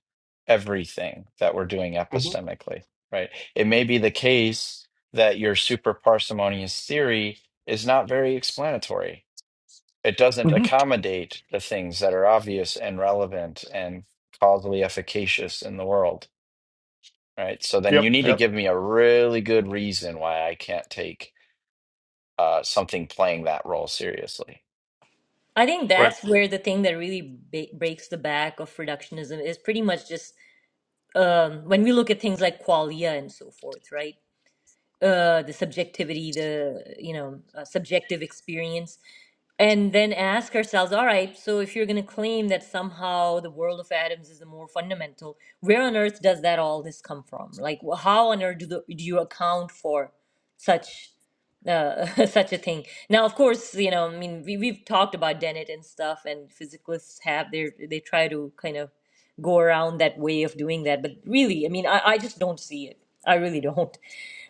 A: everything that we're doing
C: hmm
A: epistemically, right? It may be the case that your super parsimonious theory is not very explanatory it doesn't
C: hmm
A: accommodate the things that are obvious and relevant and causally efficacious in the world right so then
C: Yep.
A: you need to
C: Yep.
A: give me a really good reason why i can't take uh, something playing that role seriously
B: I think
C: Right.
B: that's where the thing that really ba- breaks the back of reductionism is pretty much just um, when we look at things like qualia and so forth, right? uh, the subjectivity, the you know uh, subjective experience, and then ask ourselves, all right, so if you're going to claim that somehow the world of atoms is the more fundamental, where on earth does that all this come from? Like, wh- how on earth do, the, do you account for such uh, such a thing? Now, of course, you know, I mean, we, we've talked about Dennett and stuff, and physicalists have their they try to kind of go around that way of doing that, but really, I mean, I, I just don't see it. I really don't.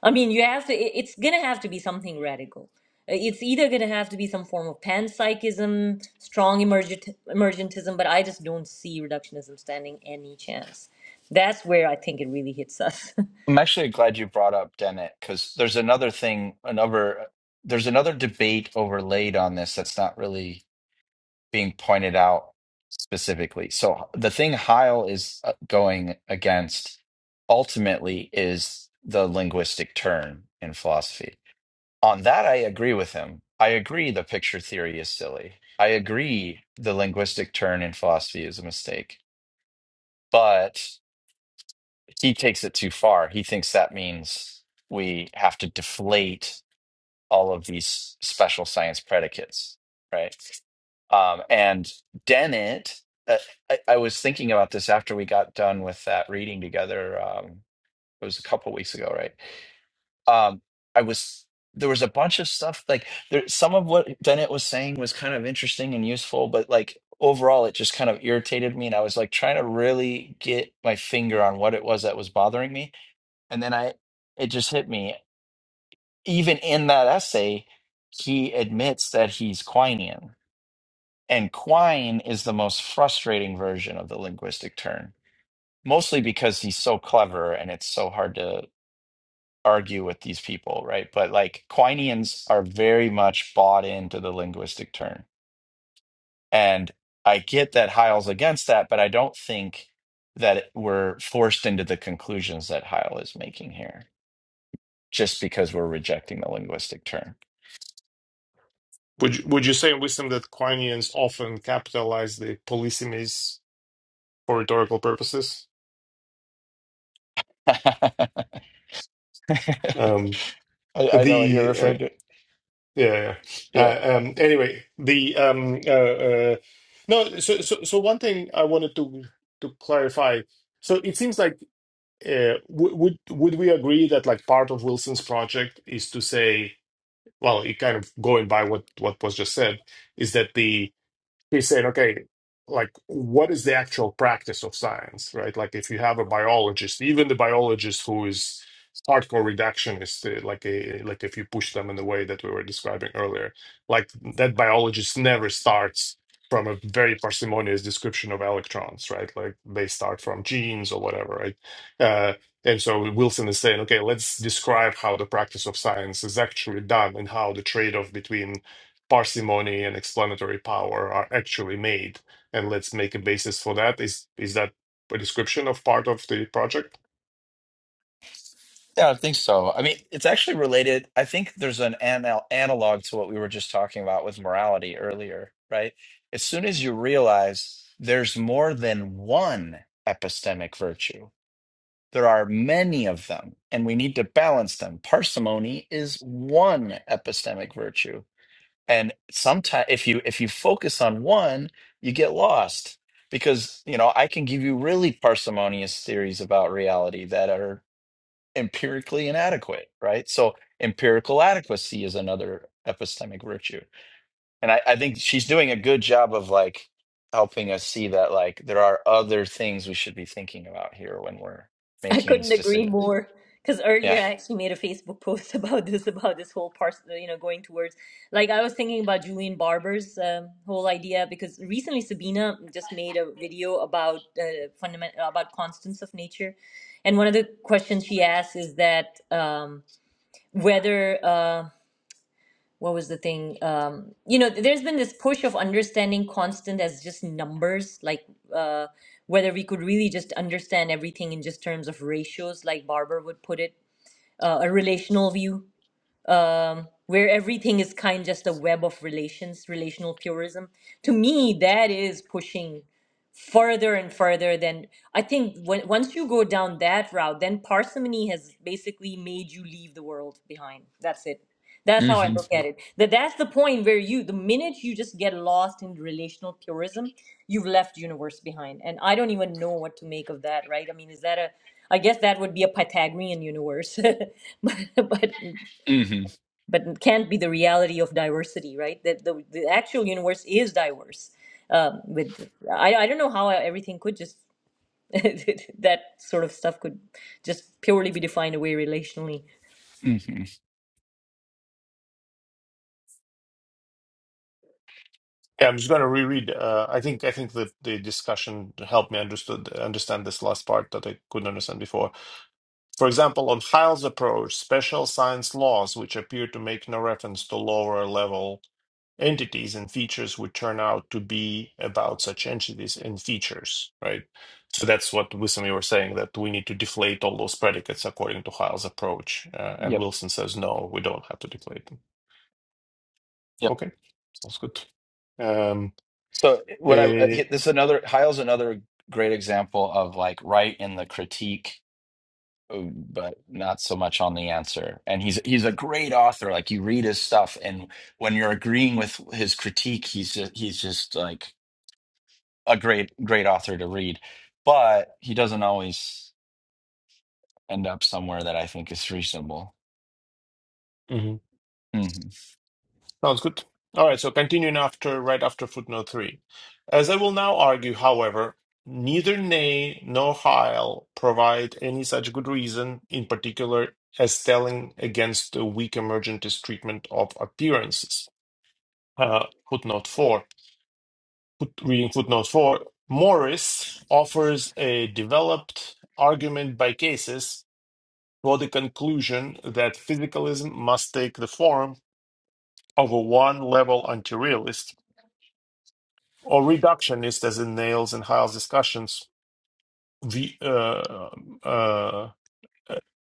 B: I mean, you have to, it- it's going to have to be something radical. Uh, It's either going to have to be some form of panpsychism, strong emergent, emergentism, but I just don't see reductionism standing any chance. That's where I think it really hits us.
A: i'm actually glad you brought up dennett because there's another thing another there's another debate overlaid on this that's not really being pointed out specifically. So the thing Heil is uh, going against ultimately is the linguistic turn in philosophy. On that, I agree with him. I agree the picture theory is silly. I agree the linguistic turn in philosophy is a mistake. But he takes it too far. He thinks that means we have to deflate all of these special science predicates, right? Um, and Dennett, uh, I, I was thinking about this after we got done with that reading together. Um, it was a couple weeks ago, right? Um, I was there was a bunch of stuff like there, some of what Dennett was saying was kind of interesting and useful, but like overall, it just kind of irritated me, and I was like trying to really get my finger on what it was that was bothering me, and then I it just hit me. Even in that essay, he admits that he's Quinian and Quine is the most frustrating version of the linguistic turn, mostly because he's so clever and it's so hard to argue with these people, right? But like Quineans are very much bought into the linguistic turn. And I get that Heil's against that, but I don't think that we're forced into the conclusions that Heil is making here just because we're rejecting the linguistic turn.
C: Would you, would you say in wisdom that Quinians often capitalize the polysemies for rhetorical purposes?
A: I,
C: Um,
A: I know what you're
C: the uh,
A: referring to.
C: yeah. yeah. yeah.
A: Yeah.
C: Uh, um, anyway, the um, uh, uh, no. So so so one thing I wanted to to clarify. So it seems like uh, w- would would we agree that like part of Wilson's project is to say well, it kind of going by what what was just said, is that the he said, okay, like what is the actual practice of science, right? Like if you have a biologist, even the biologist who is hardcore reductionist, uh, like a like if you push them in the way that we were describing earlier, like that biologist never starts from a very parsimonious description of electrons, right? Like they start from genes or whatever, right? Uh, and so Wilson is saying, okay, let's describe how the practice of science is actually done and how the trade-off between parsimony and explanatory power are actually made and let's make a basis for that is is that a description of part of the project
A: Yeah, I think so. I mean, it's actually related. I think there's an anal analog to what we were just talking about with morality earlier, right? As soon as you realize there's more than one epistemic virtue, there are many of them, and we need to balance them. Parsimony is one epistemic virtue. And sometimes if you if you focus on one, you get lost because, you know, I can give you really parsimonious theories about reality that are empirically inadequate, right? So empirical adequacy is another epistemic virtue. And I, I think she's doing a good job of like helping us see that like there are other things we should be thinking about here when we're
B: I
A: making
B: couldn't
A: these
B: agree
A: decisions.
B: more. Because earlier
A: Yeah.
B: I actually made a Facebook post about this, about this whole part, you know, going towards. Like I was thinking about Julian Barber's um, whole idea because recently Sabina just made a video about uh, fundament about constants of nature, and one of the questions she asks is that um, whether uh, what was the thing um you know there's been this push of understanding constant as just numbers like uh whether we could really just understand everything in just terms of ratios like barber would put it uh, a relational view um, where everything is kind just a web of relations, relational purism. To me, that is pushing further and further than I think when, once you go down that route, then parsimony has basically made you leave the world behind. That's it. That's
A: hmm
B: how I look at it. That that's the point where you the minute you just get lost in relational purism, you've left universe behind. And I don't even know what to make of that, right? I mean, is that a I guess that would be a Pythagorean universe. but, but
A: hmm
B: but it can't be the reality of diversity, right? That the, the actual universe is diverse. Um, with I, I don't know how everything could just that sort of stuff could just purely be defined away relationally.
A: hmm
C: Yeah, I'm just going to reread. Uh, I think I think that the discussion helped me understood understand this last part that I couldn't understand before. For example, on Hyle's approach, special science laws, which appear to make no reference to lower level entities and features would turn out to be about such entities and features, right? So that's what Wissam you were saying that we need to deflate all those predicates according to Heil's approach, uh, and
A: Yep.
C: Wilson says no, we don't have to deflate them.
A: Yep.
C: Okay, sounds good. Um,
A: So what I uh,
C: eh,
A: hit- this is another Heil's another great example of like right in the critique uh, but not so much on the answer. And he's he's a great author. Like you read his stuff, and when you're agreeing with his critique, he's just, he's just like a great great author to read. But he doesn't always end up somewhere that I think is reasonable.
C: mhm.
A: hmm
C: Sounds good. All right, so continuing after right after footnote three. As I will now argue, however, neither Ney nor Heil provide any such good reason in particular as telling against the weak emergentist treatment of appearances. Uh, footnote four. Foot, reading footnote four. Morris offers a developed argument by cases for the conclusion that physicalism must take the form of a one-level anti realist or reductionist, as in Nails and Hyle's discussions. The uh, uh, uh,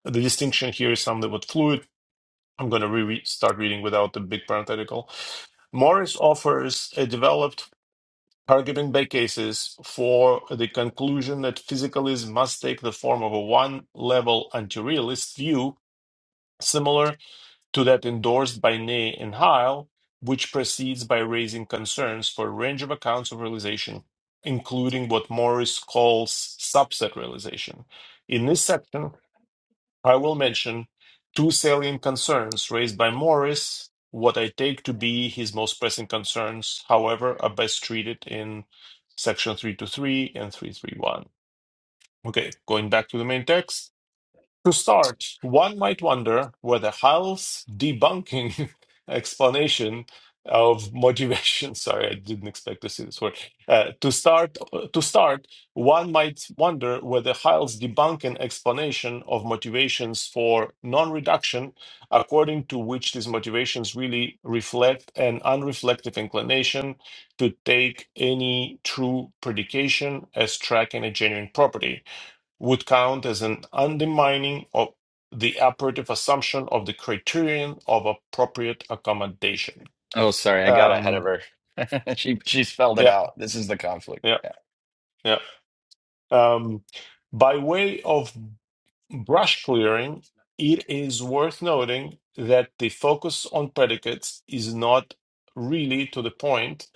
C: the distinction here is something. somewhat fluid. I'm going to re- start reading without the big parenthetical. Morris offers a developed targeting by cases for the conclusion that physicalism must take the form of a one-level anti-realist view, similar to that endorsed by Ney and Heil, which proceeds by raising concerns for a range of accounts of realization, including what Morris calls subset realization. In this section, I will mention two salient concerns raised by Morris, what I take to be his most pressing concerns, however, are best treated in section 323 and 331. Okay, going back to the main text. To start, one might wonder whether Hal's debunking explanation of motivation, sorry, I didn't expect to see this word. Uh, to start, to start, one might wonder whether Hal's debunking explanation of motivations for non-reduction, according to which these motivations really reflect an unreflective inclination to take any true predication as tracking a genuine property would count as an undermining of the operative assumption of the criterion of appropriate accommodation.
A: Oh, sorry, I got ahead of
C: Um,
A: her. she she spelled it
C: yeah,
A: out. This is the conflict.
C: yeah,
A: Yeah,
C: yeah. Um, by way of brush clearing, it is worth noting that the focus on predicates is not really to the point,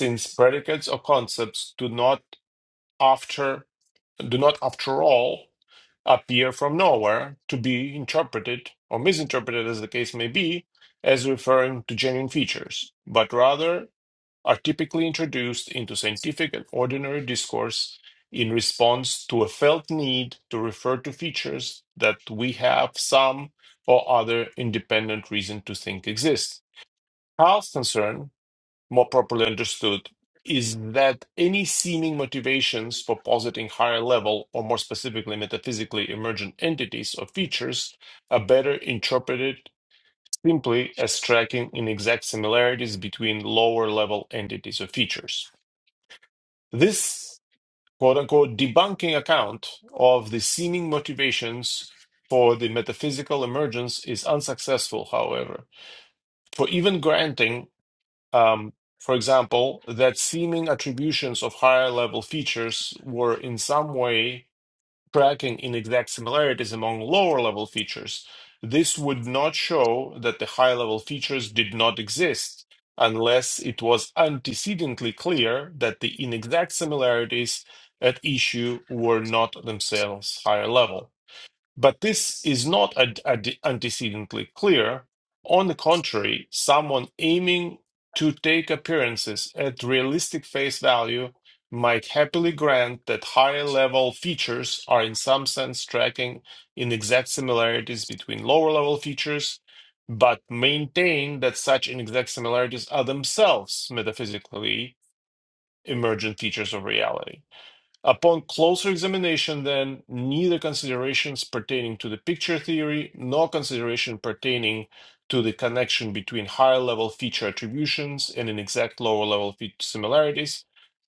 C: since predicates or concepts do not, after. do not, after all, appear from nowhere to be interpreted or misinterpreted, as the case may be, as referring to genuine features, but rather are typically introduced into scientific and ordinary discourse in response to a felt need to refer to features that we have some or other independent reason to think exist. Health concern more properly understood is that any seeming motivations for positing higher level or more specifically metaphysically emergent entities or features are better interpreted simply as tracking in exact similarities between lower level entities or features. This quote unquote debunking account of the seeming motivations for the metaphysical emergence is unsuccessful, however, for even granting um, for example, that seeming attributions of higher level features were in some way tracking inexact similarities among lower level features. This would not show that the high level features did not exist unless it was antecedently clear that the inexact similarities at issue were not themselves higher level. But this is not ad- ad- antecedently clear. On the contrary, someone aiming to take appearances at realistic face value might happily grant that higher level features are in some sense tracking in exact similarities between lower level features, but maintain that such inexact similarities are themselves metaphysically emergent features of reality. Upon closer examination, then, neither considerations pertaining to the picture theory nor consideration pertaining to the connection between higher level feature attributions and inexact lower level similarities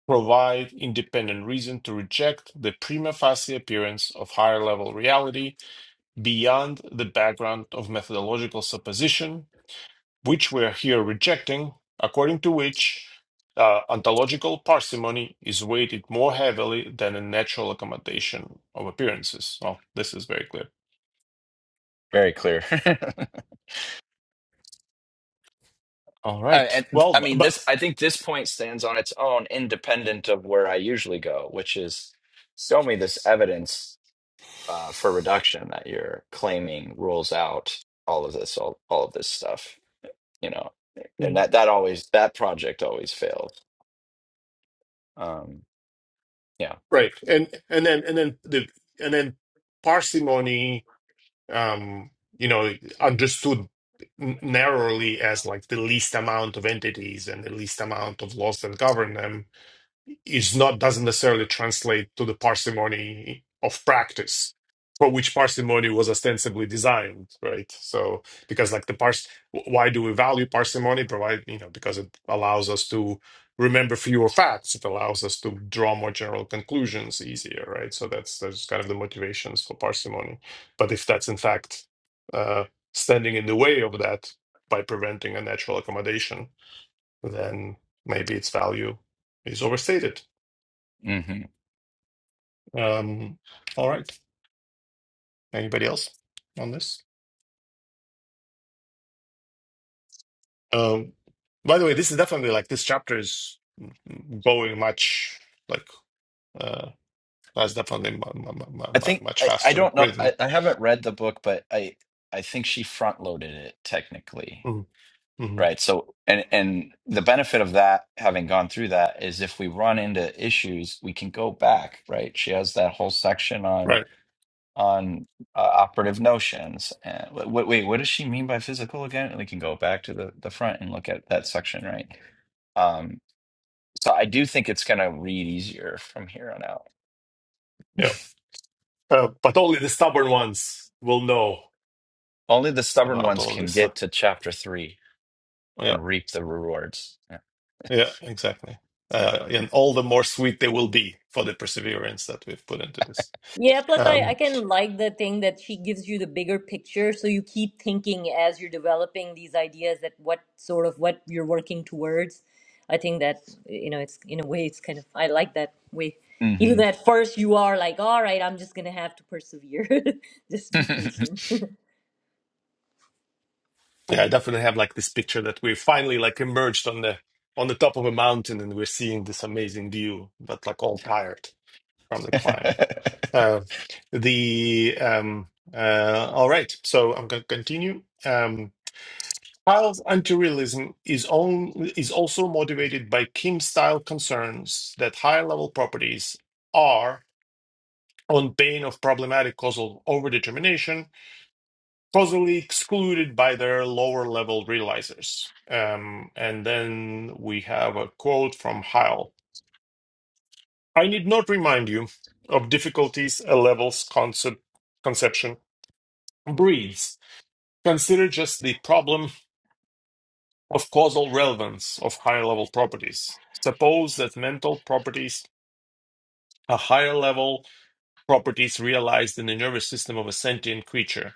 C: provide independent reason to reject the prima facie appearance of higher level reality beyond the background of methodological supposition which we're here rejecting, according to which uh, ontological parsimony is weighted more heavily than a natural accommodation of appearances. Well, this is very clear.
A: very clear.
C: All
A: I,
C: right.
A: and- I
C: Well, b-
A: mean,
C: but
A: this. I think this point stands on its own, independent of where I usually go, which is show me this evidence uh, for reduction that you're claiming rules out all of this, all, all of this stuff, you know, and
C: Mm.
A: that, that always, that project always failed. Um, yeah.
C: right, and and then and then the and then parsimony, um, you know, understood n- narrowly as like the least amount of entities and the least amount of laws that govern them is not doesn't necessarily translate to the parsimony of practice for which parsimony was ostensibly designed right so because like the pars why do we value parsimony provide you know because it allows us to remember fewer facts it allows us to draw more general conclusions easier right so that's that's kind of the motivations for parsimony but if that's in fact uh standing in the way of that by preventing a natural accommodation then maybe its value is overstated
A: hmm
C: um, all right. Anybody else on this? Um, by the way, this is definitely like this chapter is going much like uh that's definitely mu- mu- mu- mu-
A: I
C: mu-
A: think,
C: much
A: I, I
C: faster
A: don't know. I,
C: rhythm.
A: I haven't read the book, but I, I think she front loaded it technically.
C: Mm-hmm.
A: Right. So, and, and the benefit of that, having gone through that is if we run into issues, we can go back, right? She has that whole section on
C: Right.
A: on uh, operative notions. And wait, wait, what does she mean by physical again? And we can go back to the, the front and look at that section, right? Um, so I do think it's going to read easier from here on out.
C: Yeah. Uh, but only the stubborn ones will know
A: Only the stubborn
C: about
A: ones
C: all
A: can
C: this. Huh?
A: get to chapter three
C: Yeah.
A: and reap the rewards. Yeah.
C: Yeah. Exactly. Uh, and all the more sweet they will be for the perseverance that we've put into this.
B: Yeah, plus I, I
C: Um.
B: can like the thing that she gives you the bigger picture, so you keep thinking as you're developing these ideas that what sort of what you're working towards. I think that you know it's in a way it's kind of I like that way. Even
A: hmm
B: though at first you are like, all right, I'm just gonna have to persevere, just be patient.
C: Yeah, I definitely have like this picture that we're finally like emerged on the on the top of a mountain and we're seeing this amazing view, but like all tired from the climb. Uh, the um uh all right, so I'm gonna continue. Um Kyle's anti-realism is on is also motivated by Kim style concerns that higher level properties are on pain of problematic causal overdetermination causally excluded by their lower level realizers. Um, and then we have a quote from Heil I need not remind you of difficulties a level's concept, conception breeds. Consider just the problem of causal relevance of higher level properties. Suppose that mental properties are higher level properties realized in the nervous system of a sentient creature.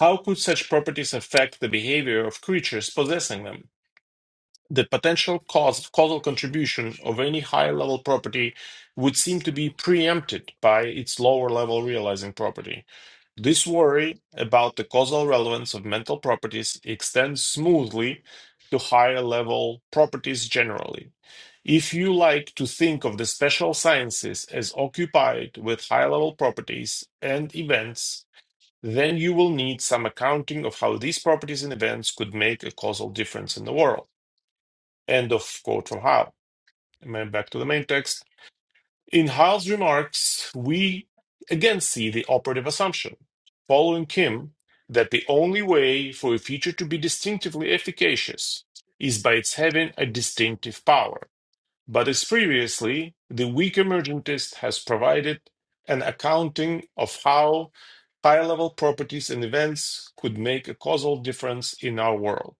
C: How could such properties affect the behavior of creatures possessing them? The potential cause, causal contribution of any higher level property would seem to be preempted by its lower level realizing property. This worry about the causal relevance of mental properties extends smoothly to higher level properties generally. If you like to think of the special sciences as occupied with high level properties and events, then you will need some accounting of how these properties and events could make a causal difference in the world. End of quote from Howe. And then back to the main text. In Howe's remarks, we again see the operative assumption, following Kim, that the only way for a feature to be distinctively efficacious is by its having a distinctive power. But as previously, the weak emergentist has provided an accounting of how high level properties and events could make a causal difference in our world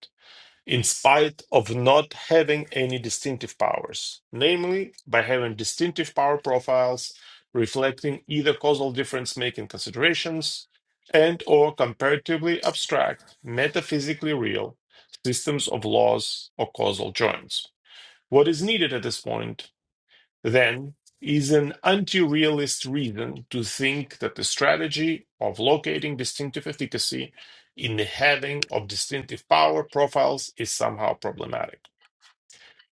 C: in spite of not having any distinctive powers, namely by having distinctive power profiles reflecting either causal difference making considerations and or comparatively abstract, metaphysically real systems of laws or causal joints. What is needed at this point then is an anti-realist reason to think that the strategy of locating distinctive efficacy in the heading of distinctive power profiles is somehow problematic.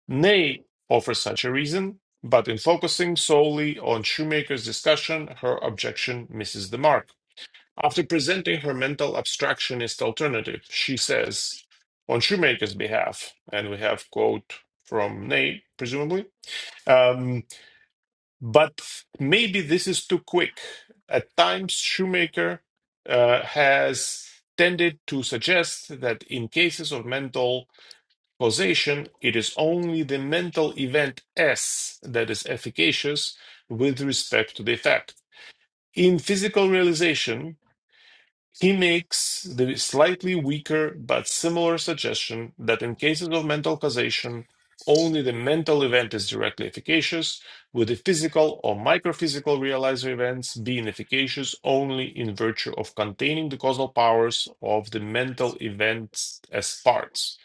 C: Ney offers such a reason, but in focusing solely on Shoemaker's discussion, her objection misses the mark. After presenting her mental abstractionist alternative, she says, on Shoemaker's behalf, and we have quote from Ney, presumably. um, but maybe this is too quick. At times, Shoemaker uh, has tended to suggest that in cases of mental causation, it is only the mental event S that is efficacious with respect to the effect. In physical realization, he makes the slightly weaker but similar suggestion that in cases of mental causation, only the mental event is directly efficacious, with the physical or microphysical realizer events being efficacious only in virtue of containing the causal powers of the mental events as parts.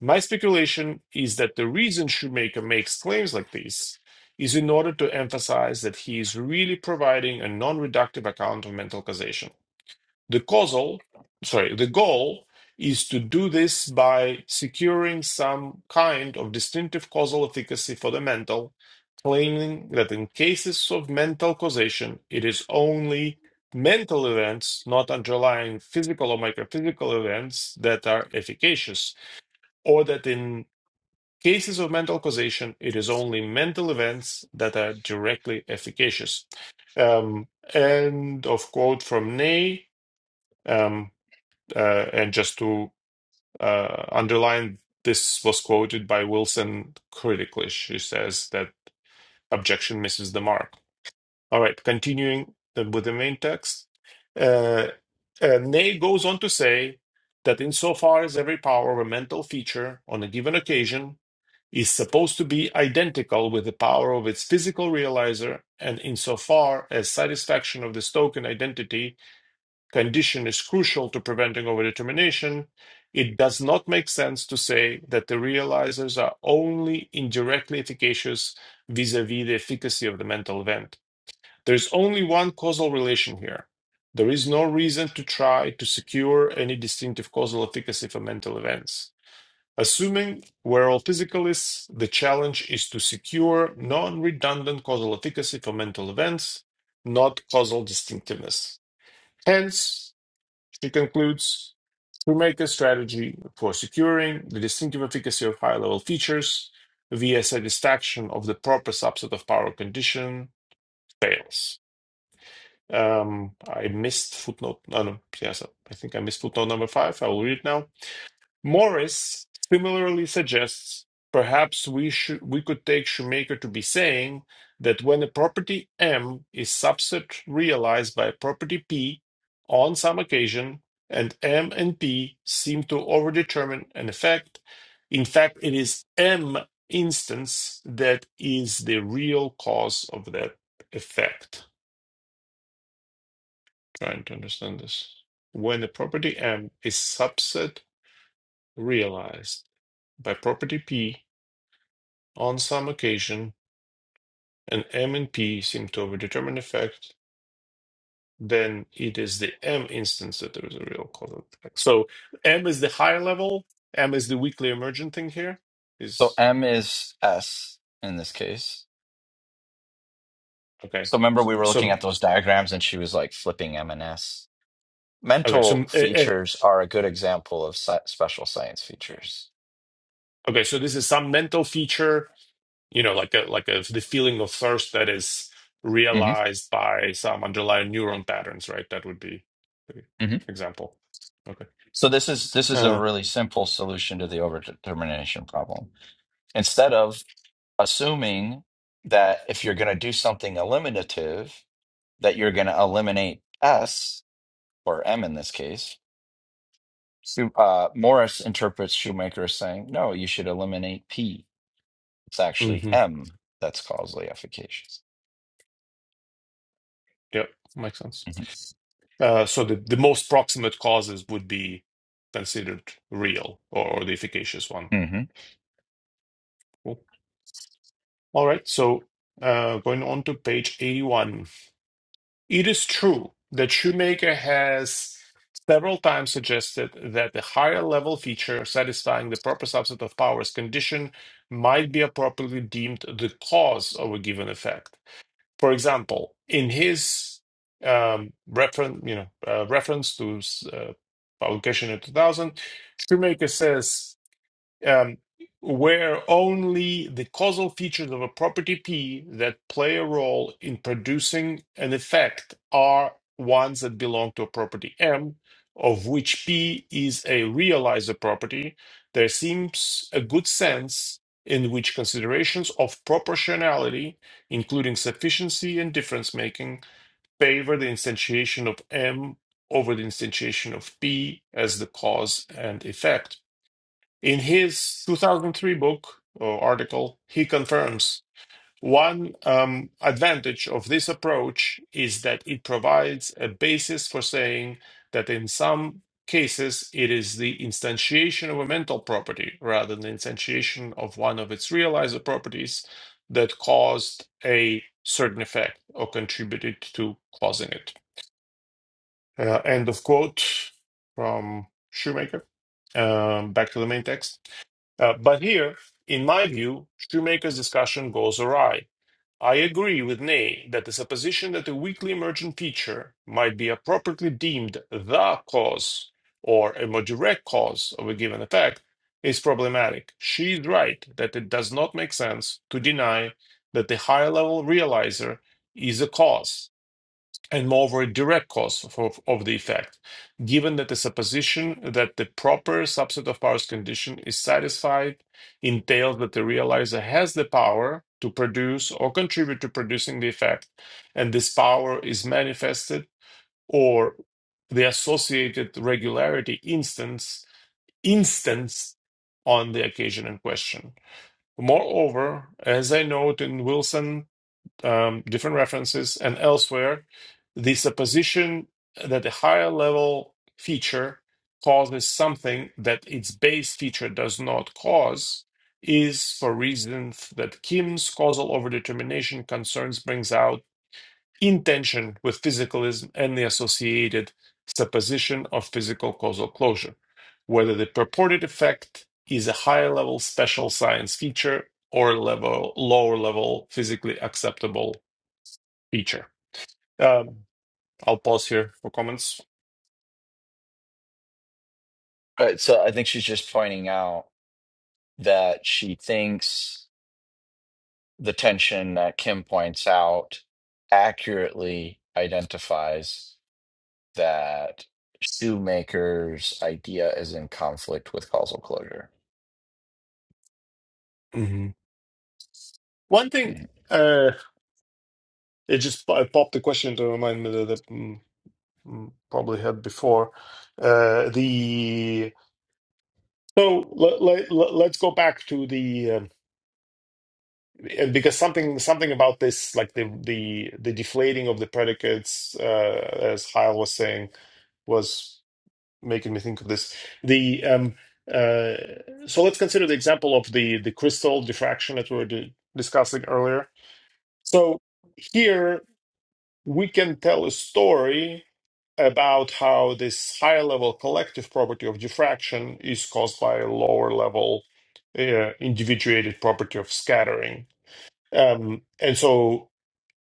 C: My speculation is that the reason Shoemaker makes claims like these is in order to emphasize that he is really providing a non reductive account of mental causation the causal, sorry, the goal is to do this by securing some kind of distinctive causal efficacy for the mental, claiming that in cases of mental causation, it is only mental events, not underlying physical or microphysical events, that are efficacious, or that in cases of mental causation, it is only mental events that are directly efficacious. Um, end of quote from Ney. Um, uh, and just to uh, underline, this was quoted by Wilson critically. She says that objection misses the mark. All right, continuing the, with the main text. Uh, uh, Ney goes on to say that insofar as every power of a mental feature on a given occasion is supposed to be identical with the power of its physical realizer, and insofar as satisfaction of this token identity condition is crucial to preventing overdetermination, it does not make sense to say that the realizers are only indirectly efficacious vis a vis the efficacy of the mental event. There is only one causal relation here. There is no reason to try to secure any distinctive causal efficacy for mental events. Assuming we're all physicalists, the challenge is to secure non redundant causal efficacy for mental events, not causal distinctiveness. Hence, she concludes to make a strategy for securing the distinctive efficacy of high level features via satisfaction of the proper subset of power condition fails. Um, I missed footnote. No, no, yes, I think I missed footnote number five. I will read it now. Morris similarly suggests perhaps we should we could take Shoemaker to be saying that when a property M is subset realized by a property P on some occasion and M and P seem to overdetermine an effect, in fact it is M instance that is the real cause of that effect. Trying to understand this. When a property M is subset realized by property P On some occasion, an M and P seem to overdetermine effect, then it is the M instance that there is a real causal effect. So M is the higher level, M is the weakly emergent thing here.
A: so
C: Is
A: M is S in this case.
C: okay.
A: So remember, we were looking
C: So
A: at those diagrams and she was like flipping M and S.
C: okay, so
A: Mental
C: uh, uh,
A: features are a good example of sci- special science features
C: okay, so this is some mental feature, you know, like a like a the feeling of thirst that is
A: hmm
C: realized by some underlying neuron patterns, right? That would be the
A: hmm
C: example. Okay.
A: So this is this is a
C: Uh,
A: really simple solution to the overdetermination problem. Instead of assuming that if you're going to do something eliminative, that you're going to eliminate S or M in this case, Schu- uh, Morris interprets Shoemaker as saying, no, you should eliminate P. It's
C: mhm.
A: actually M that's causally efficacious.
C: Yep, makes sense.
A: hmm
C: Uh, so the, the most proximate causes would be considered real or, or the efficacious one.
A: hmm
C: Cool. All right, so uh, going on to page 81. It is true that Shoemaker has several times suggested that the higher level feature satisfying the proper subset of powers condition might be appropriately deemed the cause of a given effect. For example, in his um, reference, you know, uh, reference to uh, publication in 2000, Shoemaker says um, where only the causal features of a property P that play a role in producing an effect are ones that belong to a property M, of which P is a realizer property, there seems a good sense in which considerations of proportionality, including sufficiency and difference making, favor the instantiation of M over the instantiation of P as the cause and effect in his 2003 book or article, he confirms one um, advantage of this approach is that it provides a basis for saying that in some cases it is the instantiation of a mental property rather than instantiation of one of its realizer properties that caused a certain effect or contributed to causing it. Uh, end of quote from Shoemaker. Um, back to the main text. Uh, but here, in my view, Shoemaker's discussion goes awry. I agree with Ney that the supposition that a weakly emergent feature might be appropriately deemed the cause or a more direct cause of a given effect is problematic. She is right that it does not make sense to deny that the higher level realizer is a cause and moreover a direct cause of, of the effect, given that the supposition that the proper subset of powers condition is satisfied entails that the realizer has the power to produce or contribute to producing the effect, and this power is manifested or the associated regularity instance instance on the occasion in question. Moreover, as I note in Wilson um, different references, and elsewhere, the supposition that a higher level feature causes something that its base feature does not cause is for reasons that Kim's causal overdetermination concerns brings out in tension with physicalism and the associated supposition of physical causal closure, whether the purported effect is a higher level special science feature or level lower level physically acceptable feature. Um, I'll pause here for comments.
A: Right, so I think she's just pointing out that she thinks. the tension that Kim points out accurately identifies that Shoemaker's idea is in conflict with causal closure.
C: hmm One thing,
A: Mhm.
C: uh, it just po- popped a question to remind me that I mm, mm, probably had before. Uh, the so let, let, let's go back to the um, And because something something about this, like the the the deflating of the predicates, uh, as Heil was saying, was making me think of this. The um, uh, so let's consider the example of the the crystal diffraction that we were di- discussing earlier. So here we can tell a story about how this higher level collective property of diffraction is caused by a lower level uh, individuated property of scattering um and so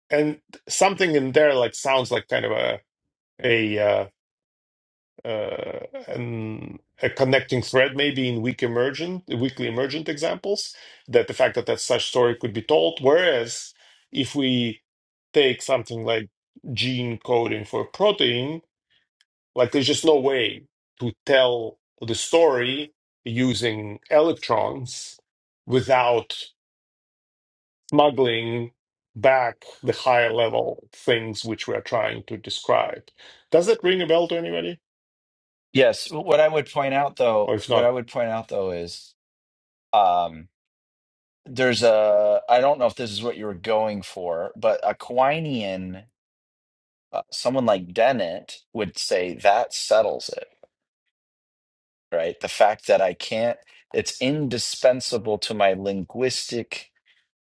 C: and something in there like sounds like kind of a a uh, uh an, a connecting thread maybe in weak emergent weekly emergent examples that the fact that that such story could be told whereas if we take something like gene coding for a protein like there's just no way to tell the story using electrons without. smuggling back the higher level things which we are trying to describe. Does that ring a bell to anybody?
A: Yes, what I would point out
C: Or
A: though,
C: if
A: what
C: not,
A: I would point out though is um, there's a, I don't know if this is what you were going for, but a Quinian, uh, someone like Dennett would say that settles it, right? The fact that I can't, it's indispensable to my linguistic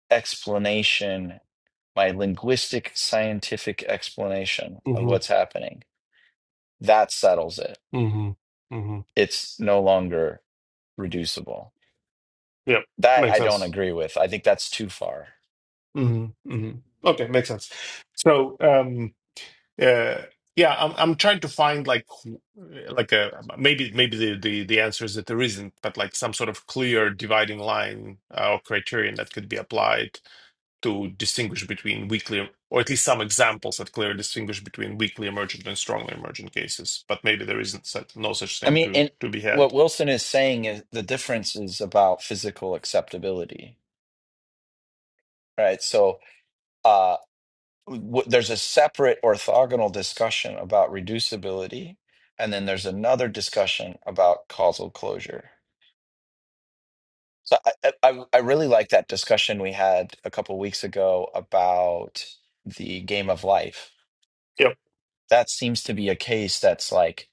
A: explanation, my linguistic scientific explanation of
C: hmm
A: what's happening, that settles it.
C: hmm hmm
A: It's no longer reducible.
C: yep,
A: That
C: makes
A: I don't
C: sense.
A: agree with. I think that's too far.
C: hmm hmm Okay, makes sense. So, um, uh, yeah, I'm I'm trying to find like like a maybe maybe the, the the answer is that there isn't, but like some sort of clear dividing line uh, or criterion that could be applied to distinguish between weakly, or at least some examples that clearly distinguish between weakly emergent and strongly emergent cases. But maybe there isn't such, no such
A: I
C: thing
A: mean,
C: to
A: and
C: to be
A: what
C: had.
A: Wilson is saying is the difference is about physical acceptability, right? So uh, w- there's a separate orthogonal discussion about reducibility, and then there's another discussion about causal closure So I, I, I I really like that discussion we had a couple weeks ago about the game of life.
C: Yep.
A: That seems to be a case that's like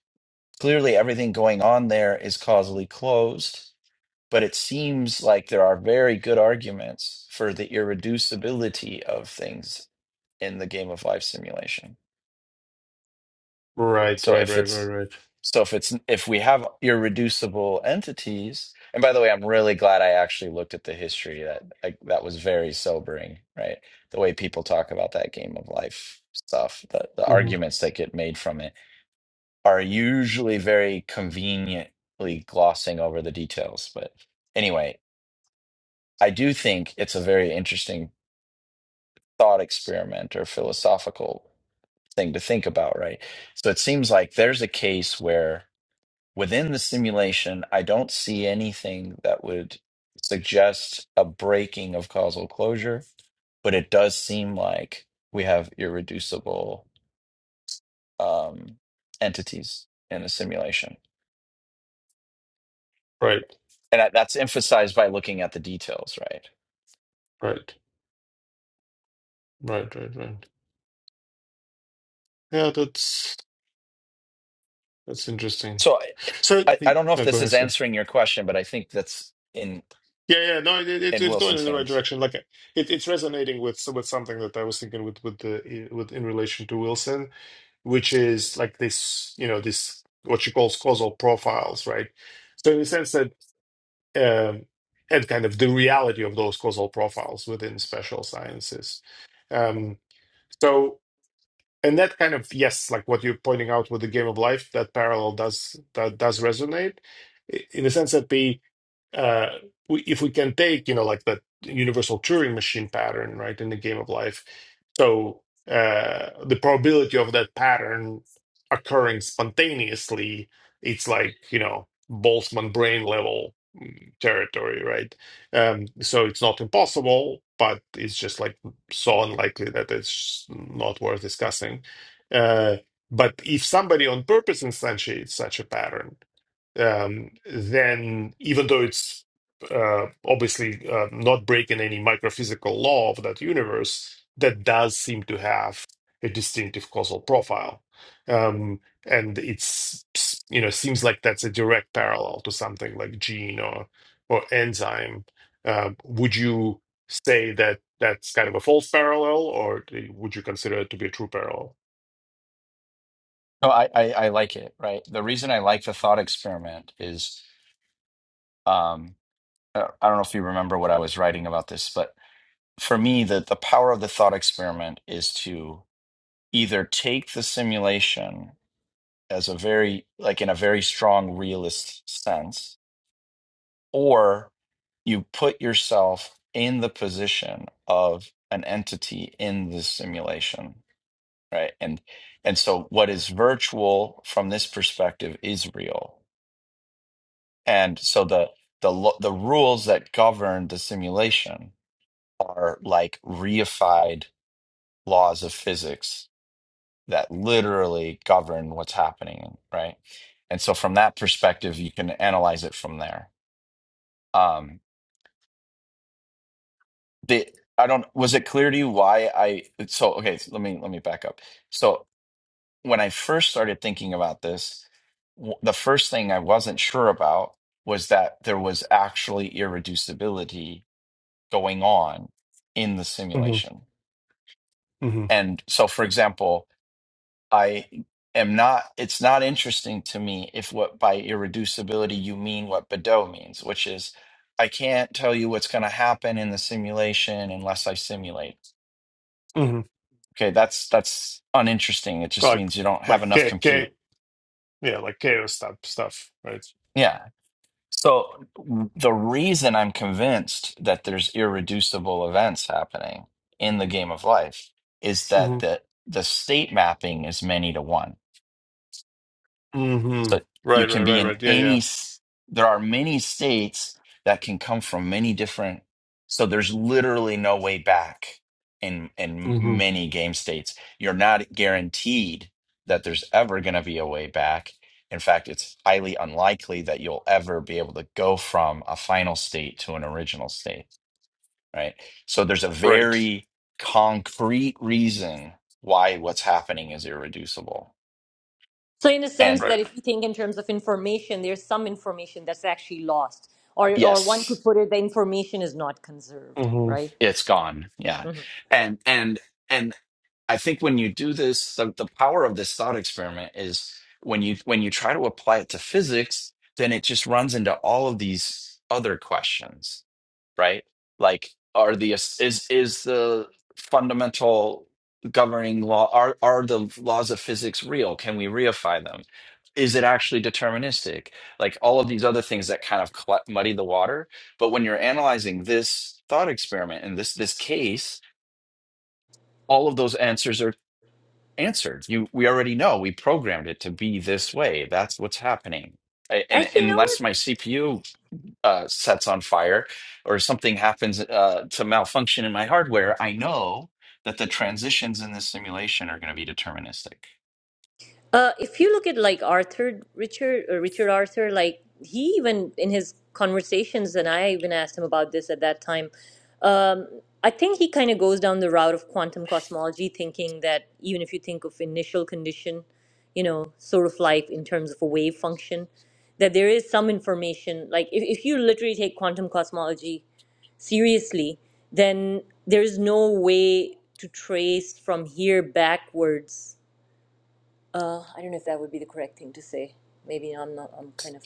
A: clearly everything going on there is causally closed, but it seems like there are very good arguments for the irreducibility of things in the game of life simulation.
C: Right,
A: So
C: right,
A: if
C: right, right,
A: it's
C: right.
A: so if it's if we have irreducible entities, and by the way, I'm really glad I actually looked at the history. That like that was very sobering, right? The way people talk about that game of life stuff, the the
C: hmm
A: arguments that get made from it are usually very conveniently glossing over the details. But anyway, I do think it's a very interesting thought experiment or philosophical thing to think about, right? So it seems like there's a case where within the simulation, I don't see anything that would suggest a breaking of causal closure, but it does seem like we have irreducible um, entities in a simulation.
C: Right,
A: And that- that's emphasized by looking at the details, right?
C: right, right, right, right. Yeah, that's that's interesting.
A: So I,
C: So,
A: I I
C: the-
A: don't know if
C: oh, go
A: this is
C: ahead, sir.
A: answering your question, but I think that's in,
C: Yeah, yeah, no, it, it,
A: in
C: it's going
A: Wilson's
C: in the right
A: hands.
C: direction. Like, it, it's resonating with with something that I was thinking with with the with in relation to Wilson. which is like this, you know, this what she calls causal profiles, right? So in the sense that um, and kind of the reality of those causal profiles within special sciences. Um, so and that kind of yes, like what you're pointing out with the game of life, that parallel does that does resonate i- in the sense that the uh, we, if we can take, you know, like that universal Turing machine pattern, right, in the game of life, so uh, the probability of that pattern occurring spontaneously, it's like, you know, Boltzmann brain level mm, territory, right? Um, so it's not impossible, but it's just like so unlikely that it's not worth discussing. Uh, but if somebody on purpose instantiates such a pattern, um, then even though it's uh, obviously uh, not breaking any microphysical law of that universe, that does seem to have a distinctive causal profile, um, and it's you know seems like that's a direct parallel to something like gene or or enzyme. Um, would you say that that's kind of a false parallel, or would you consider it to be a true parallel?
A: No, I, I, I like it, right? The reason I like the thought experiment is um, I I don't know if you remember what I was writing about this, but for me, the, the power of the thought experiment is to either take the simulation as a very, like in a very strong realist sense, or you put yourself in the position of an entity in the simulation, right? And and so what is virtual from this perspective is real. And so the the lo- the rules that govern the simulation are like reified laws of physics that literally govern what's happening, right? And so from that perspective, you can analyze it from there. Um, the I don't was it clear to you why I so okay, so let me let me back up. So when I first started thinking about this, w- the first thing I wasn't sure about was that there was actually irreducibility going on in the
C: hmm
A: simulation.
C: hmm
A: And so for example, I am not, it's not interesting to me if what by irreducibility you mean what Godot means, which is I can't tell you what's going to happen in the simulation unless I simulate.
C: hmm
A: Okay, that's that's uninteresting. It just
C: Like
A: means you don't have
C: like
A: enough
C: ca- ca-
A: compute.
C: Yeah, like chaos stuff, stuff, right?
A: Yeah. So w- the reason I'm convinced that there's irreducible events happening in the game of life is
C: hmm
A: that the the state mapping is many to one
C: hmm
A: So you
C: Right,
A: can
C: right,
A: be
C: right,
A: in
C: right. Yeah,
A: any,
C: yeah.
A: s- there are many states that can come from many different. So there's literally no way back in in
C: hmm
A: many game states. You're not guaranteed that there's ever going to be a way back. In fact, it's highly unlikely that you'll ever be able to go from a final state to an original state, right? So there's a
C: Right,
A: very concrete reason why what's happening is irreducible.
B: so in a sense
A: And
C: right.
B: that if you think in terms of information, there's some information that's actually lost, or or one
A: yes
B: could put it, the information is not conserved,
C: hmm
B: right?
A: It's gone. Yeah.
B: Mhm.
A: And and and I think when you do this, the, the power of this thought experiment is when you when you try to apply it to physics, then it just runs into all of these other questions right? Like, are the is is the fundamental governing law are are the laws of physics real? Can we reify them? Is it actually deterministic? Like all of these other things that kind of cl- muddy the water. But when you're analyzing this thought experiment and this this case, all of those answers are answered. You we already know we programmed it to be this way. That's what's happening. I- And
B: Actually, no.
A: unless my CPU uh, sets on fire or something happens uh, to malfunction in my hardware, I know that the transitions in this simulation are going to be deterministic.
B: Uh, if you look at like Arthur, Richard, uh, Richard Arthur, like he even in his conversations, and I even asked him about this at that time. Um, I think he kind of goes down the route of quantum cosmology, thinking that even if you think of initial condition, you know, sort of like in terms of a wave function, that there is some information. Like if, if you literally take quantum cosmology seriously, then there is no way to trace from here backwards uh, I don't know if that would be the correct thing to say. Maybe I'm not. I'm kind of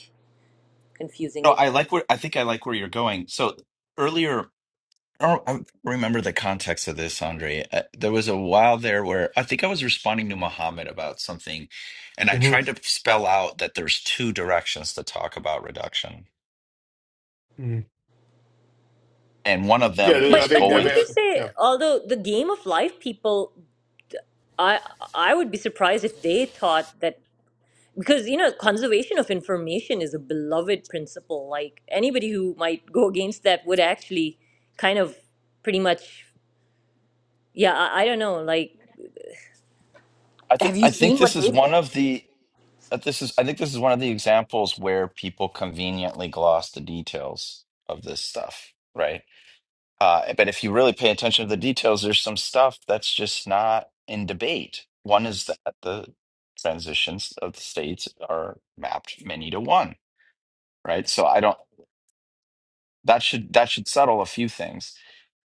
B: confusing
A: No,
B: it.
A: I like where I think I like where you're going. So earlier, I don't I don't remember the context of this, Andre. Uh, there was a while there where I think I was responding to Muhammad about something, and I
C: hmm
A: tried to spell out that there's two directions to talk about reduction,
C: hmm
A: and one of
C: Yeah,
A: them
C: the-
B: But
A: is
C: I
B: but
C: think, I
B: wouldn't
A: going.
B: you
C: think-
B: say,
C: yeah.
B: although the game of life people, I I would be surprised if they thought that because you know conservation of information is a beloved principle. Like anybody who might go against that would actually kind of pretty much, yeah, I, I don't know, like
A: I think
B: Have you
A: I think
B: seen what
A: this is
B: they say?
A: one of the that this is I think this is one of the examples where people conveniently gloss the details of this stuff, right? Uh, but if you really pay attention to the details, there's some stuff that's just not in debate. One is that the transitions of the states are mapped many to one, right? So I don't that should that should settle a few things.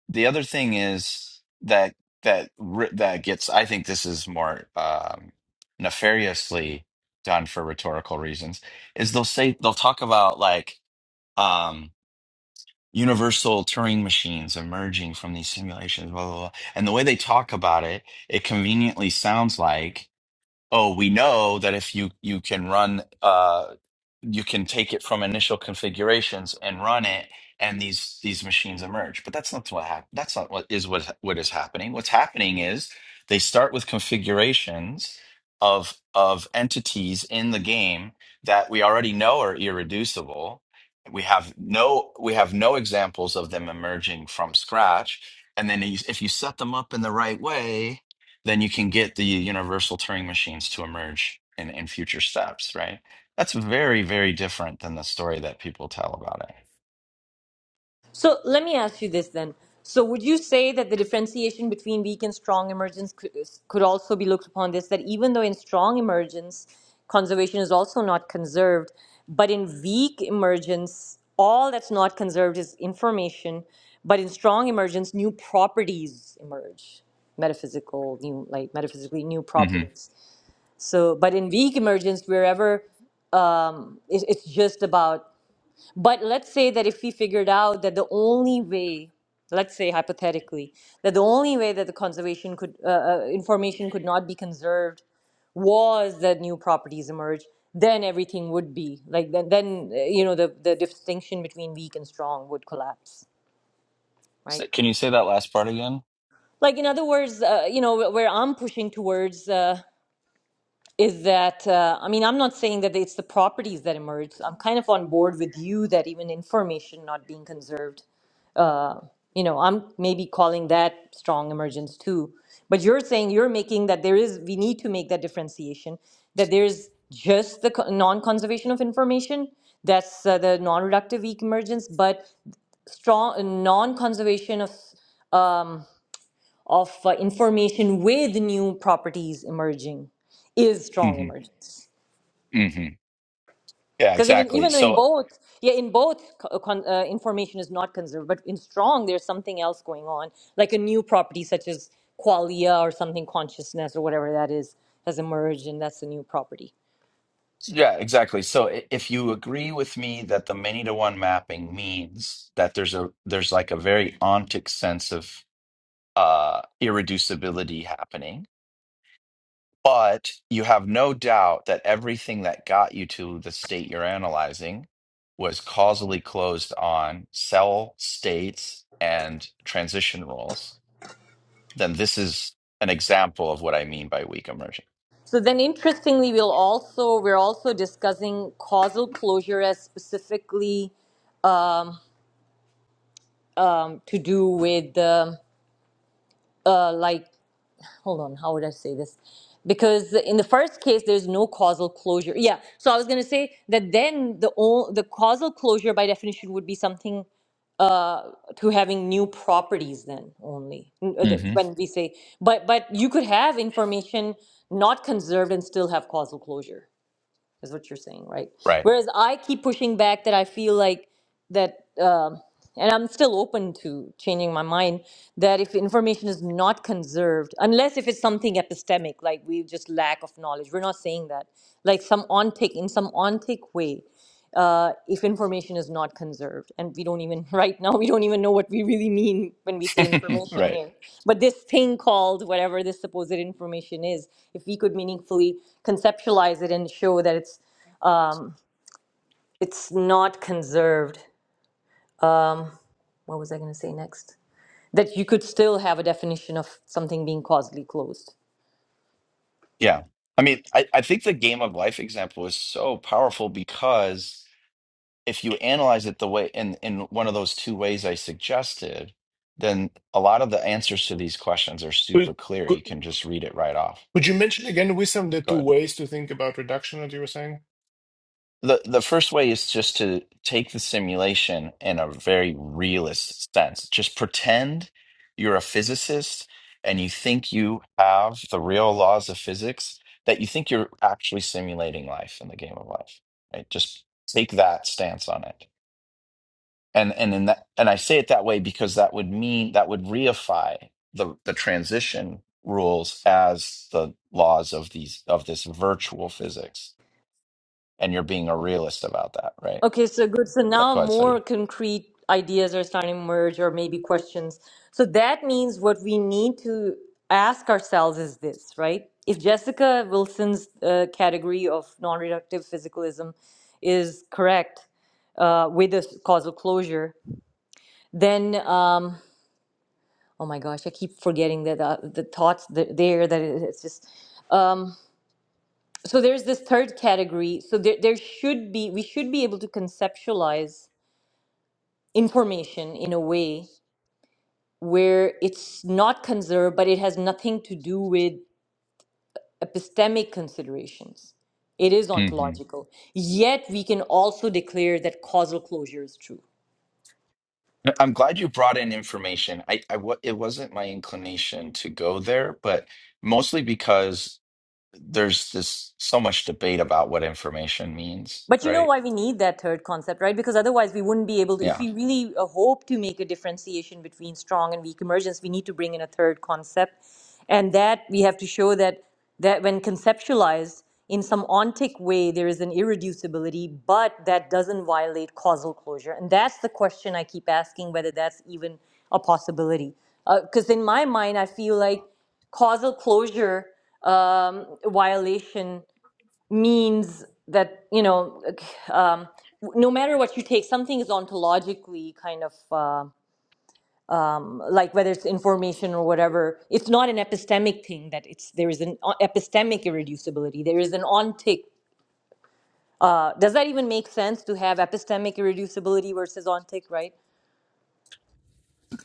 A: The other thing is that that re- that gets. I think this is more um, nefariously done for rhetorical reasons. Is they'll say they'll talk about like um, universal Turing machines emerging from these simulations, blah blah blah. And the way they talk about it, it conveniently sounds like oh, we know that if you you can run uh you can take it from initial configurations and run it and these these machines emerge. But that's not what hap- that's not what is what what is happening. What's happening is they start with configurations of of entities in the game that we already know are irreducible. We have no we have no examples of them emerging from scratch. And then if you set them up in the right way, then you can get the universal Turing machines to emerge in, in future steps, right? That's very, very different than the story that people tell about
B: So let me ask you this then. So would you say that the differentiation between weak and strong emergence could, could also be looked upon this that even though in strong emergence conservation is also not conserved, but in weak emergence all that's not conserved is information, but in strong emergence new properties emerge, metaphysical new like metaphysically new
A: it. hmm
B: properties. So but in weak emergence wherever um, it, it's just about but let's say that if we figured out that the only way, let's say hypothetically, that the only way that the conservation could uh, uh, information could not be conserved was that new properties emerge, then everything would be like then then uh, you know the the distinction between weak and strong would collapse,
A: So
B: right?
A: can you say that last part again?
B: Like in other words, uh, you know wh- where I'm pushing towards. Uh, is that uh, I mean I'm not saying that it's the properties that emerge. I'm kind of on board with you that even information not being conserved uh, you know, I'm maybe calling that strong emergence too. But you're saying you're making that there is, we need to make that differentiation, that there's just the co- non-conservation of information, that's uh, the non-reductive weak emergence, but strong, non-conservation of, um, of uh, information with new properties emerging is strong
A: hmm
B: emergence.
A: hmm Yeah,
B: because even
A: exactly.
B: even though in
A: So,
B: both yeah in both co- uh, con, uh, information is not conserved but in strong there's something else going on like a new property such as qualia or something consciousness or whatever that is has emerged and that's a new property
A: yeah, exactly. So i- if you agree with me that the many to one mapping means that there's a there's like a very ontic sense of uh irreducibility happening But you have no doubt that everything that got you to the state you're analyzing was causally closed on cell states and transition rules. Then this is an example of what I mean by weak immersion.
B: so then interestingly we'll also we're also discussing causal closure as specifically um, to do with um uh, like hold on, how would I say this? Because in the first case, there's no causal closure. Yeah, so I was going to say that then the o- the causal closure by definition would be something uh, to having new properties then only n- uh, the-
A: hmm
B: when we say but but you could have information not conserved and still have causal closure is what you're saying, right?
A: Right.
B: Whereas I keep pushing back that I feel like that, um and I'm still open to changing my mind, that if information is not conserved, unless if it's something epistemic, like we just lack of knowledge, we're not saying that. Like some on-take, in some on-take way, uh, if information is not conserved, and we don't even, right now, we don't even know what we really mean when we say information
A: right.
B: here. But this thing called whatever this supposed information is, if we could meaningfully conceptualize it and show that it's it's not conserved. What was I going to say next? That you could still have a definition of something being causally closed.
A: Yeah. I mean, I, I think the game of life example is so powerful because if you analyze it the way in in one of those two ways I suggested, then a lot of the answers to these questions are
C: Could,
A: super clear.
C: could,
A: You can just read it right off.
C: could you mention again, Wissam, the
A: Go
C: two
A: ahead.
C: ways to think about reduction that you were saying?
A: The the first way is just to take the simulation in a very realist sense. Just pretend you're a physicist and you think you have the real laws of physics, that you think you're actually simulating life in the game of life. Right? Just take that stance on it and and in that and I say it that way because that would mean that would reify the the transition rules as the laws of these of this virtual physics, and you're being a realist about that, right?
B: Okay, so good. So
A: Uh,
B: now
A: Go ahead,
B: more
A: study.
B: concrete ideas are starting to emerge, or maybe questions. So that means what we need to ask ourselves is this, right? If Jessica Wilson's uh, category of non reductive physicalism is correct uh, with a s- causal closure, then. Um, oh my gosh i keep forgetting that uh, the thoughts that there that it- it's just um so there's this third category so there, there should be we should be able to conceptualize information in a way where it's not conserved but it has nothing to do with epistemic considerations it is
A: hmm
B: ontological yet we can also declare that causal closure is true
A: I'm glad you brought in information. I, I wa- it wasn't my inclination to go there, but mostly because there's this so much debate about what information means,
B: But you know
A: right?
B: why we need that third concept, right? Because otherwise, we wouldn't be able to. If
A: Yeah.
B: we really uh, hope to make a differentiation between strong and weak emergence, we need to bring in a third concept, and that we have to show that that when conceptualized in some ontic way, there is an irreducibility, but that doesn't violate causal closure, and that's the question I keep asking whether that's even a possibility. Because in my mind, I feel like causal closure um, violation means that you know um, no matter what you take something is ontologically kind of uh, like whether it's information or whatever it's not an epistemic thing that it's there is an uh, epistemic irreducibility there is an ontic uh, does that even make sense to have epistemic irreducibility versus ontic right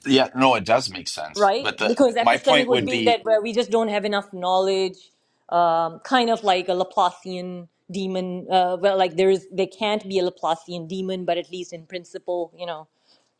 A: Yeah, no, it does make sense.
B: right?
A: But the
B: Because
A: my
B: epistemic
A: point
B: would
A: would
B: be
A: be
B: that where we just don't have enough knowledge, um, kind of like a Laplacian demon. Uh, well, like there is, there can't be a Laplacian demon, but at least in principle, you know,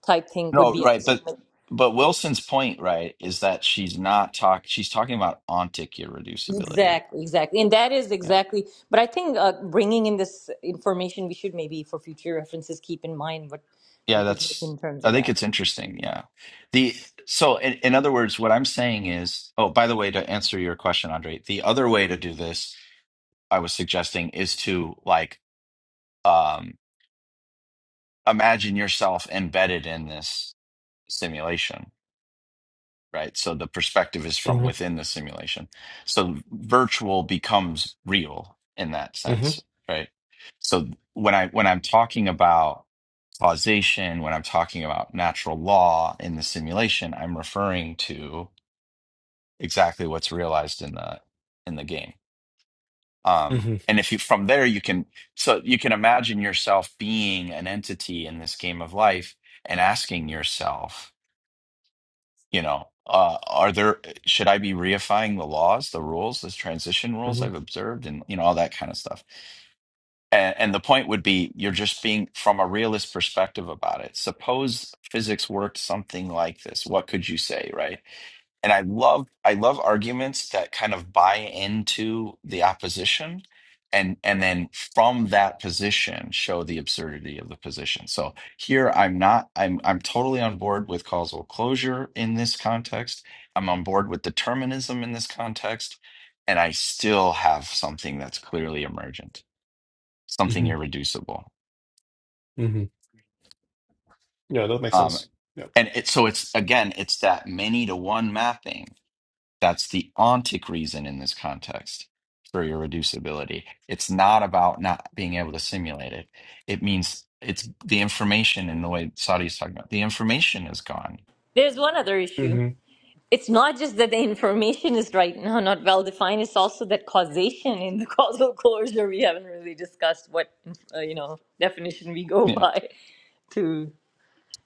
B: type thing could
A: No,
B: be
A: right, but
B: epistemic.
A: but Wilson's point, right, is that she's not talk she's talking about ontic irreducibility.
B: Exactly, exactly, and that is
A: Yeah.
B: exactly. But I think uh, bringing in this information, we should maybe for future references keep in mind what
A: Yeah,
B: we could make
A: that's
B: in terms
A: I
B: of
A: think
B: that.
A: it's interesting, yeah. The so in, in other words, what I'm saying is, oh, by the way, to answer your question, Andre, the other way to do this, I was suggesting, is to like um imagine yourself embedded in this simulation right? So the perspective is from
C: hmm
A: within the simulation. So virtual becomes real in that
C: hmm
A: sense, right? So when I when I'm talking about causation, when I'm talking about natural law in the simulation, I'm referring to exactly what's realized in the in the game. Um,
C: hmm
A: and if you from there you can so you can imagine yourself being an entity in this game of life and asking yourself You know, uh, are there, should I be reifying the laws, the rules, the transition rules
C: hmm
A: I've observed, and, you know, all that kind of stuff? And, and the point would be you're just being from a realist perspective about it. Suppose physics worked something like this. What could you say, right? and I love I love arguments that kind of buy into the opposition and and then from that position show the absurdity of the position. So here I'm not I'm I'm totally on board with causal closure in this context. I'm on board with determinism in this context and I still have something that's clearly emergent, something
C: hmm
A: irreducible.
C: hmm Yeah, that makes
A: Um
C: sense. Yeah.
A: and it, so it's again it's that many to one mapping That's the ontic reason in this context for your reducibility. It's not about not being able to simulate it. It means it's the information in the way Saudi is talking about. The information is gone.
B: There's one other issue.
C: Mhm,
B: it's not just that the information is right now not well defined it's also that causation in the causal closure we haven't really discussed what uh, you know definition we go
A: Yeah.
B: by to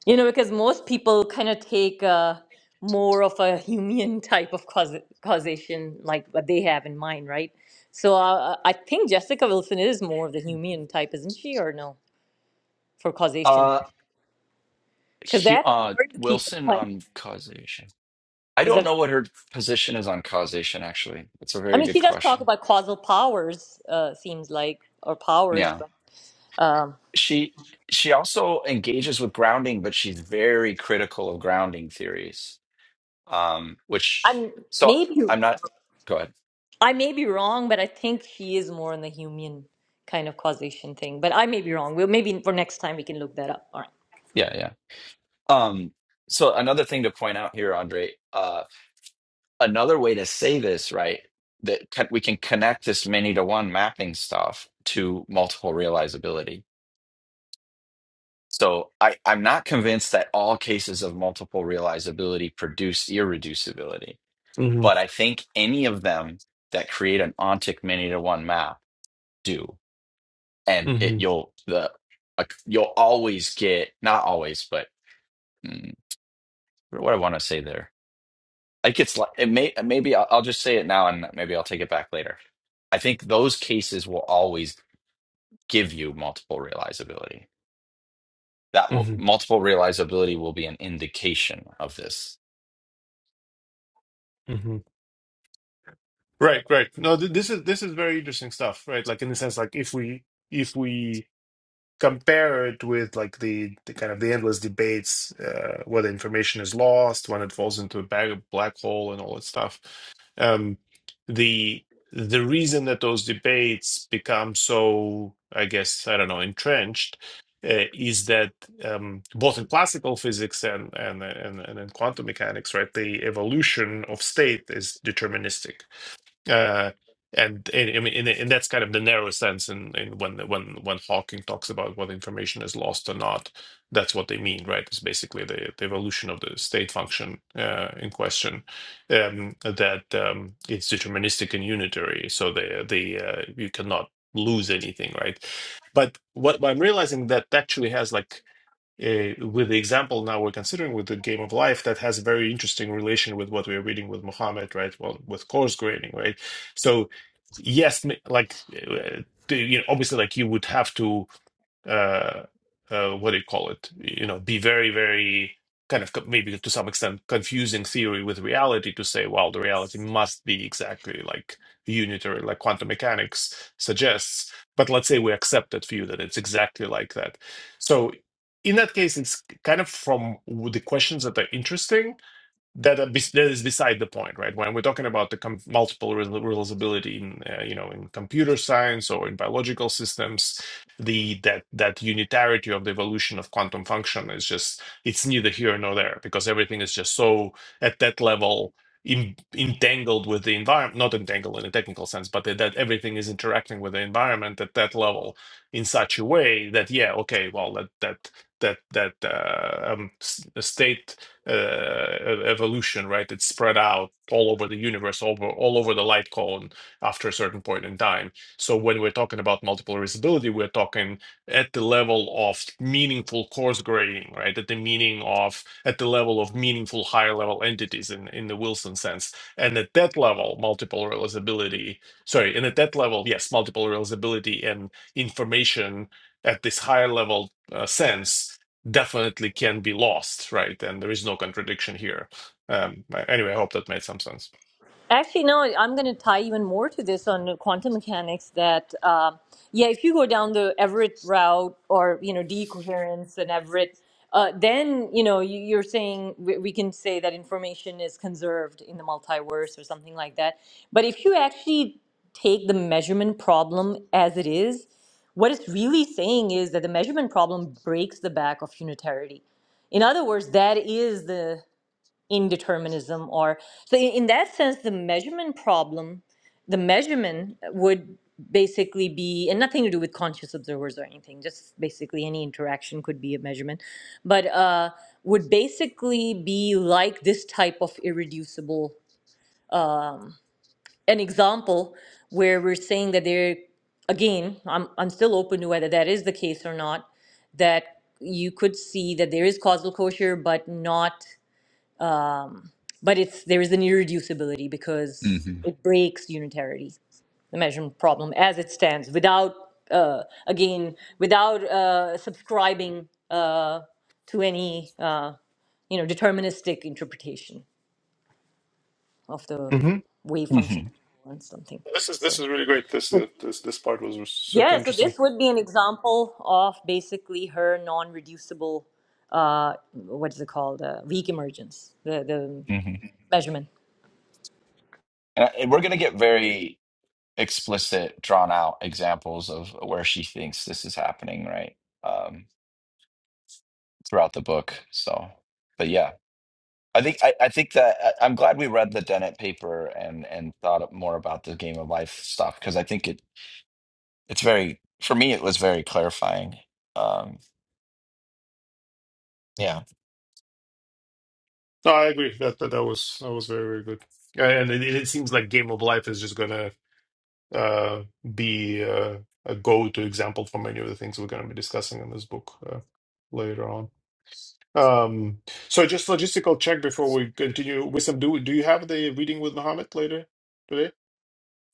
B: you know because most people kind of take uh, more of a Humean type of causa- causation like what they have in mind right so uh, i think jessica wilson is more of the Humean type isn't she or no for causation
A: Uh,
B: because
A: he,
B: that's
A: uh,
B: important to keep in
A: Wilson
B: mind
A: on causation. I don't
B: Because
A: know what her position is on causation, actually. It's a
B: I
A: very
B: mean,
A: good
B: she does talk
A: question.
B: about causal powers, uh, seems like, or powers.
A: Yeah.
B: But um,
A: She she also engages with grounding, but she's very critical of grounding theories. Um, which
B: I'm
A: so
B: maybe
A: I'm not go ahead.
B: I may be wrong, but I think she is more on the human kind of causation thing. But I may be wrong. Well, maybe for next time we can look that up. All right.
A: Yeah, yeah. Um, so another thing to point out here, Andre, uh, another way to say this, right, that can, we can connect this many to one mapping stuff to multiple realizability. So I, I'm not convinced that all cases of multiple realizability produce irreducibility,
C: mhm,
A: but I think any of them that create an ontic many to one map do, and it
C: mhm,
A: you'll the uh, you'll always get not always, but mm, what do I want to say there Like it's like it may uh, maybe I'll, I'll just say it now and maybe I'll take it back later. I think those cases will always give you multiple realizability. That will,
C: mhm,
A: multiple realizability will be an indication of this.
C: mhm, Right, right. No, th this is this is very interesting stuff, right? Like in the sense, like if we if we compare it with like the, the kind of the endless debates uh, whether information is lost when it falls into a bag, black hole and all that stuff um, the the reason that those debates become so i guess i don't know entrenched uh, is that um, both in classical physics and and, and and in quantum mechanics right the evolution of state is deterministic uh, and I mean, and, and that's kind of the narrow sense. And in, in when when when Hawking talks about what information is lost or not, that's what they mean, right? It's basically the, the evolution of the state function uh, in question. Um, that um, it's deterministic and unitary, so the the uh, you cannot lose anything, right? But what, what I'm realizing that actually has like uh, with the example now we're considering with the game of life that has a very interesting relation with what we are reading with Muhammad, right? Well, with coarse grading, right? So yes, m- like uh, you know, obviously, like you would have to uh, uh, what do you call it? You know, be very, very kind of co- maybe to some extent confusing theory with reality to say, well, the reality must be exactly like unitary, like quantum mechanics suggests. But let's say we accept that view that it's exactly like that. So in that case, it's kind of from the questions that are interesting that are bes- that is beside the point, right? When we're talking about the com- multiple re- realizability in uh, you know in computer science or in biological systems, the that that unitarity of the evolution of quantum function is just it's neither here nor there because everything is just so at that level in, entangled with the environment, not entangled in a technical sense, but that, that everything is interacting with the environment at that level in such a way that yeah, okay, well that that that that uh, um, s- state uh, e- e-, evolution, right? It's spread out all over the universe, over all over the light cone after a certain point in time. So when we're talking about multiple erasability, we're talking at the level of meaningful coarse grading, right? At the meaning of at the level of meaningful higher level entities in in the Wilson sense, and at that level, multiple realizability. Sorry, and at that level, yes, multiple realizability and information at this higher level uh, sense definitely can be lost, right? And there is no contradiction here. Um, anyway, I hope that made some sense.
B: Actually, no, I'm going to tie even more to this on quantum mechanics that, uh, yeah, if you go down the Everett route or, you know, decoherence and Everett, uh, then, you know, you, you're saying we, we can say that information is conserved in the multiverse or something like that. But if you actually take the measurement problem as it is, what it's really saying is that the measurement problem breaks the back of unitarity. In other words, that is the indeterminism or so in, in that sense the measurement problem the measurement would basically be and nothing to do with conscious observers or anything just basically any interaction could be a measurement but uh, would basically be like this type of irreducible an example where we're saying that there again I'm, I'm still open to whether that is the case or not that you could see that there is causal closure but not but it's there is an irreducibility
A: hmm
B: because it breaks unitarity the measurement problem as it stands without uh, again without uh, subscribing uh, to any uh, you know deterministic interpretation of the
C: hmm
B: wave
A: hmm
B: function and something
C: This is this
B: so
C: is really great. This is this this part was super
B: yeah so
C: interesting.
B: this would be an example of basically her non-reducible uh, what is it called uh, weak emergence the the
A: hmm
B: measurement
A: And, and we're going to get very explicit, drawn out examples of where she thinks this is happening, right? Um, throughout the book. So, but yeah, I think I, I think that I, I'm glad we read the Dennett paper and and thought more about the game of life stuff because I think it It's very, for me, it was very clarifying. Um, yeah.
C: No, I agree that that, that was that was very very good. And it, it seems like Game of Life is just gonna uh, be uh, a go-to example for many of the things we're gonna be discussing in this book uh, later on. Um, so just logistical check before we continue. Wisdom, do do you have the reading with Muhammad later today?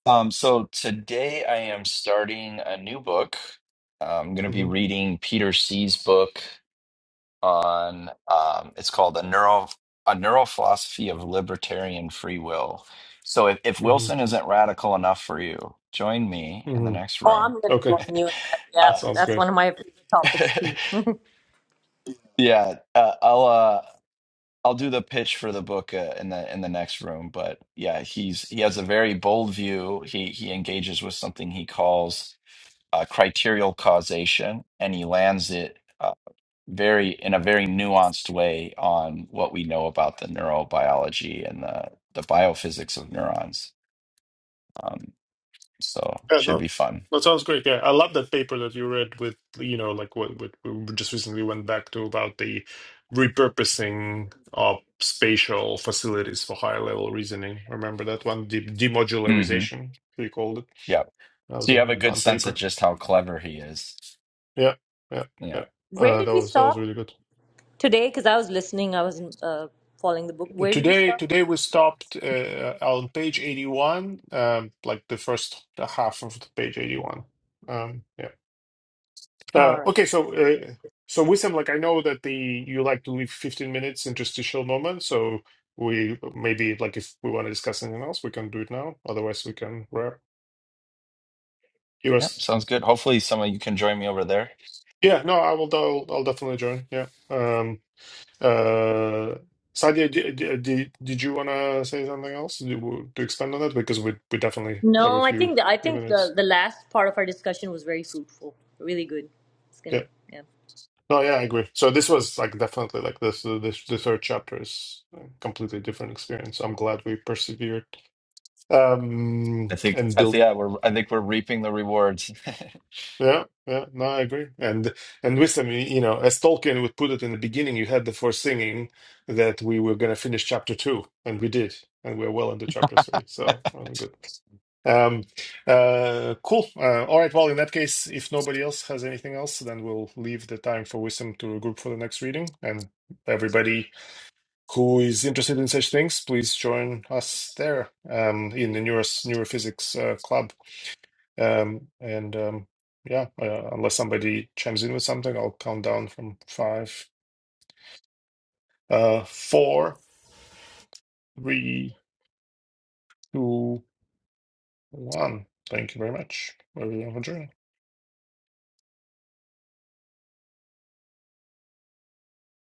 A: Um, so today I am starting a new book. I'm going to be
C: hmm
A: reading Peter C's book on, um, it's called A Neuro, A Neurophilosophy of Libertarian Free Will. So if, if Wilson
C: hmm
A: isn't radical enough for you, join me in the next
B: Oh,
A: room.
B: I'm going to
C: Okay,
B: join you in that.
C: that
A: Uh,
B: Yeah,
C: sounds
B: that's
C: good.
B: one of my favorite topics too.
A: yeah, uh, I'll. Uh, I'll do the pitch for the book uh, in the in the next room, but yeah, he's he has a very bold view. He he engages with something he calls uh, criterial causation, and he lands it uh, very in a very nuanced way on what we know about the neurobiology and the the biophysics of neurons. Um, so
C: Yeah,
A: should
C: no,
A: be fun.
C: that sounds great. Yeah, I love that paper that you read with, you know, like what, what we just recently went back to about the repurposing of spatial facilities for higher level reasoning. Remember that one? De
A: hmm
C: demodularization, we called it.
A: Yeah.
C: That was
A: So you
C: a
A: have a good
C: fun
A: sense of
C: paper.
A: just how clever he is.
C: Yeah, yeah, yeah.
A: Yeah.
B: Where
C: Uh,
B: did
C: that
B: we
C: was that was
B: stop
C: really good.
B: today? Because I was listening, I was uh, following the book. Where did we
C: Today,
B: stop?
C: today we stopped uh, on page 81, um, like the first half of the page 81. Um, yeah. Uh,
B: All right.
C: okay, so uh, so Wissam, like I know that the you like to leave 15 minutes interstitial moment, so we maybe like if we want to discuss anything else, we can do it now. Otherwise, we can wrap. You
A: Yeah.
C: was
A: Sounds good. Hopefully, some of you can join me over there.
C: yeah, no, I will. I'll, I'll definitely join. Yeah. Um. Uh. Sadia, did, did, did you want to say something else to, to expand on that? Because we we definitely have a
B: No, I
C: few
B: think the, I
C: few
B: think
C: minutes.
B: the the last part of our discussion was very fruitful. Really good. It's
C: Yeah.
B: gonna yeah.
C: No, yeah, I agree. So this was like definitely like this this the third chapter is a completely different experience. I'm glad we persevered
A: I
C: um
A: think
C: and
A: I, think,
C: built.
A: yeah, we're I think we're reaping the rewards.
C: Yeah, yeah, no, I agree. And and wisdom, you you know, as Tolkien would put it in the beginning, you had the foreseeing that we were going to finish chapter two, and we did, and we're well into chapter three. So really good. Um, uh, cool. Uh, all right. Well, in that case, if nobody else has anything else, then we'll leave the time for wisdom to regroup for the next reading and everybody who is interested in such things, please join us there um, in the neuros neurophysics uh, club. Um, and um, yeah, uh, unless somebody chimes in with something, I'll count down from five, uh, four, three, two, one. Thank you very much, everyone, for joining.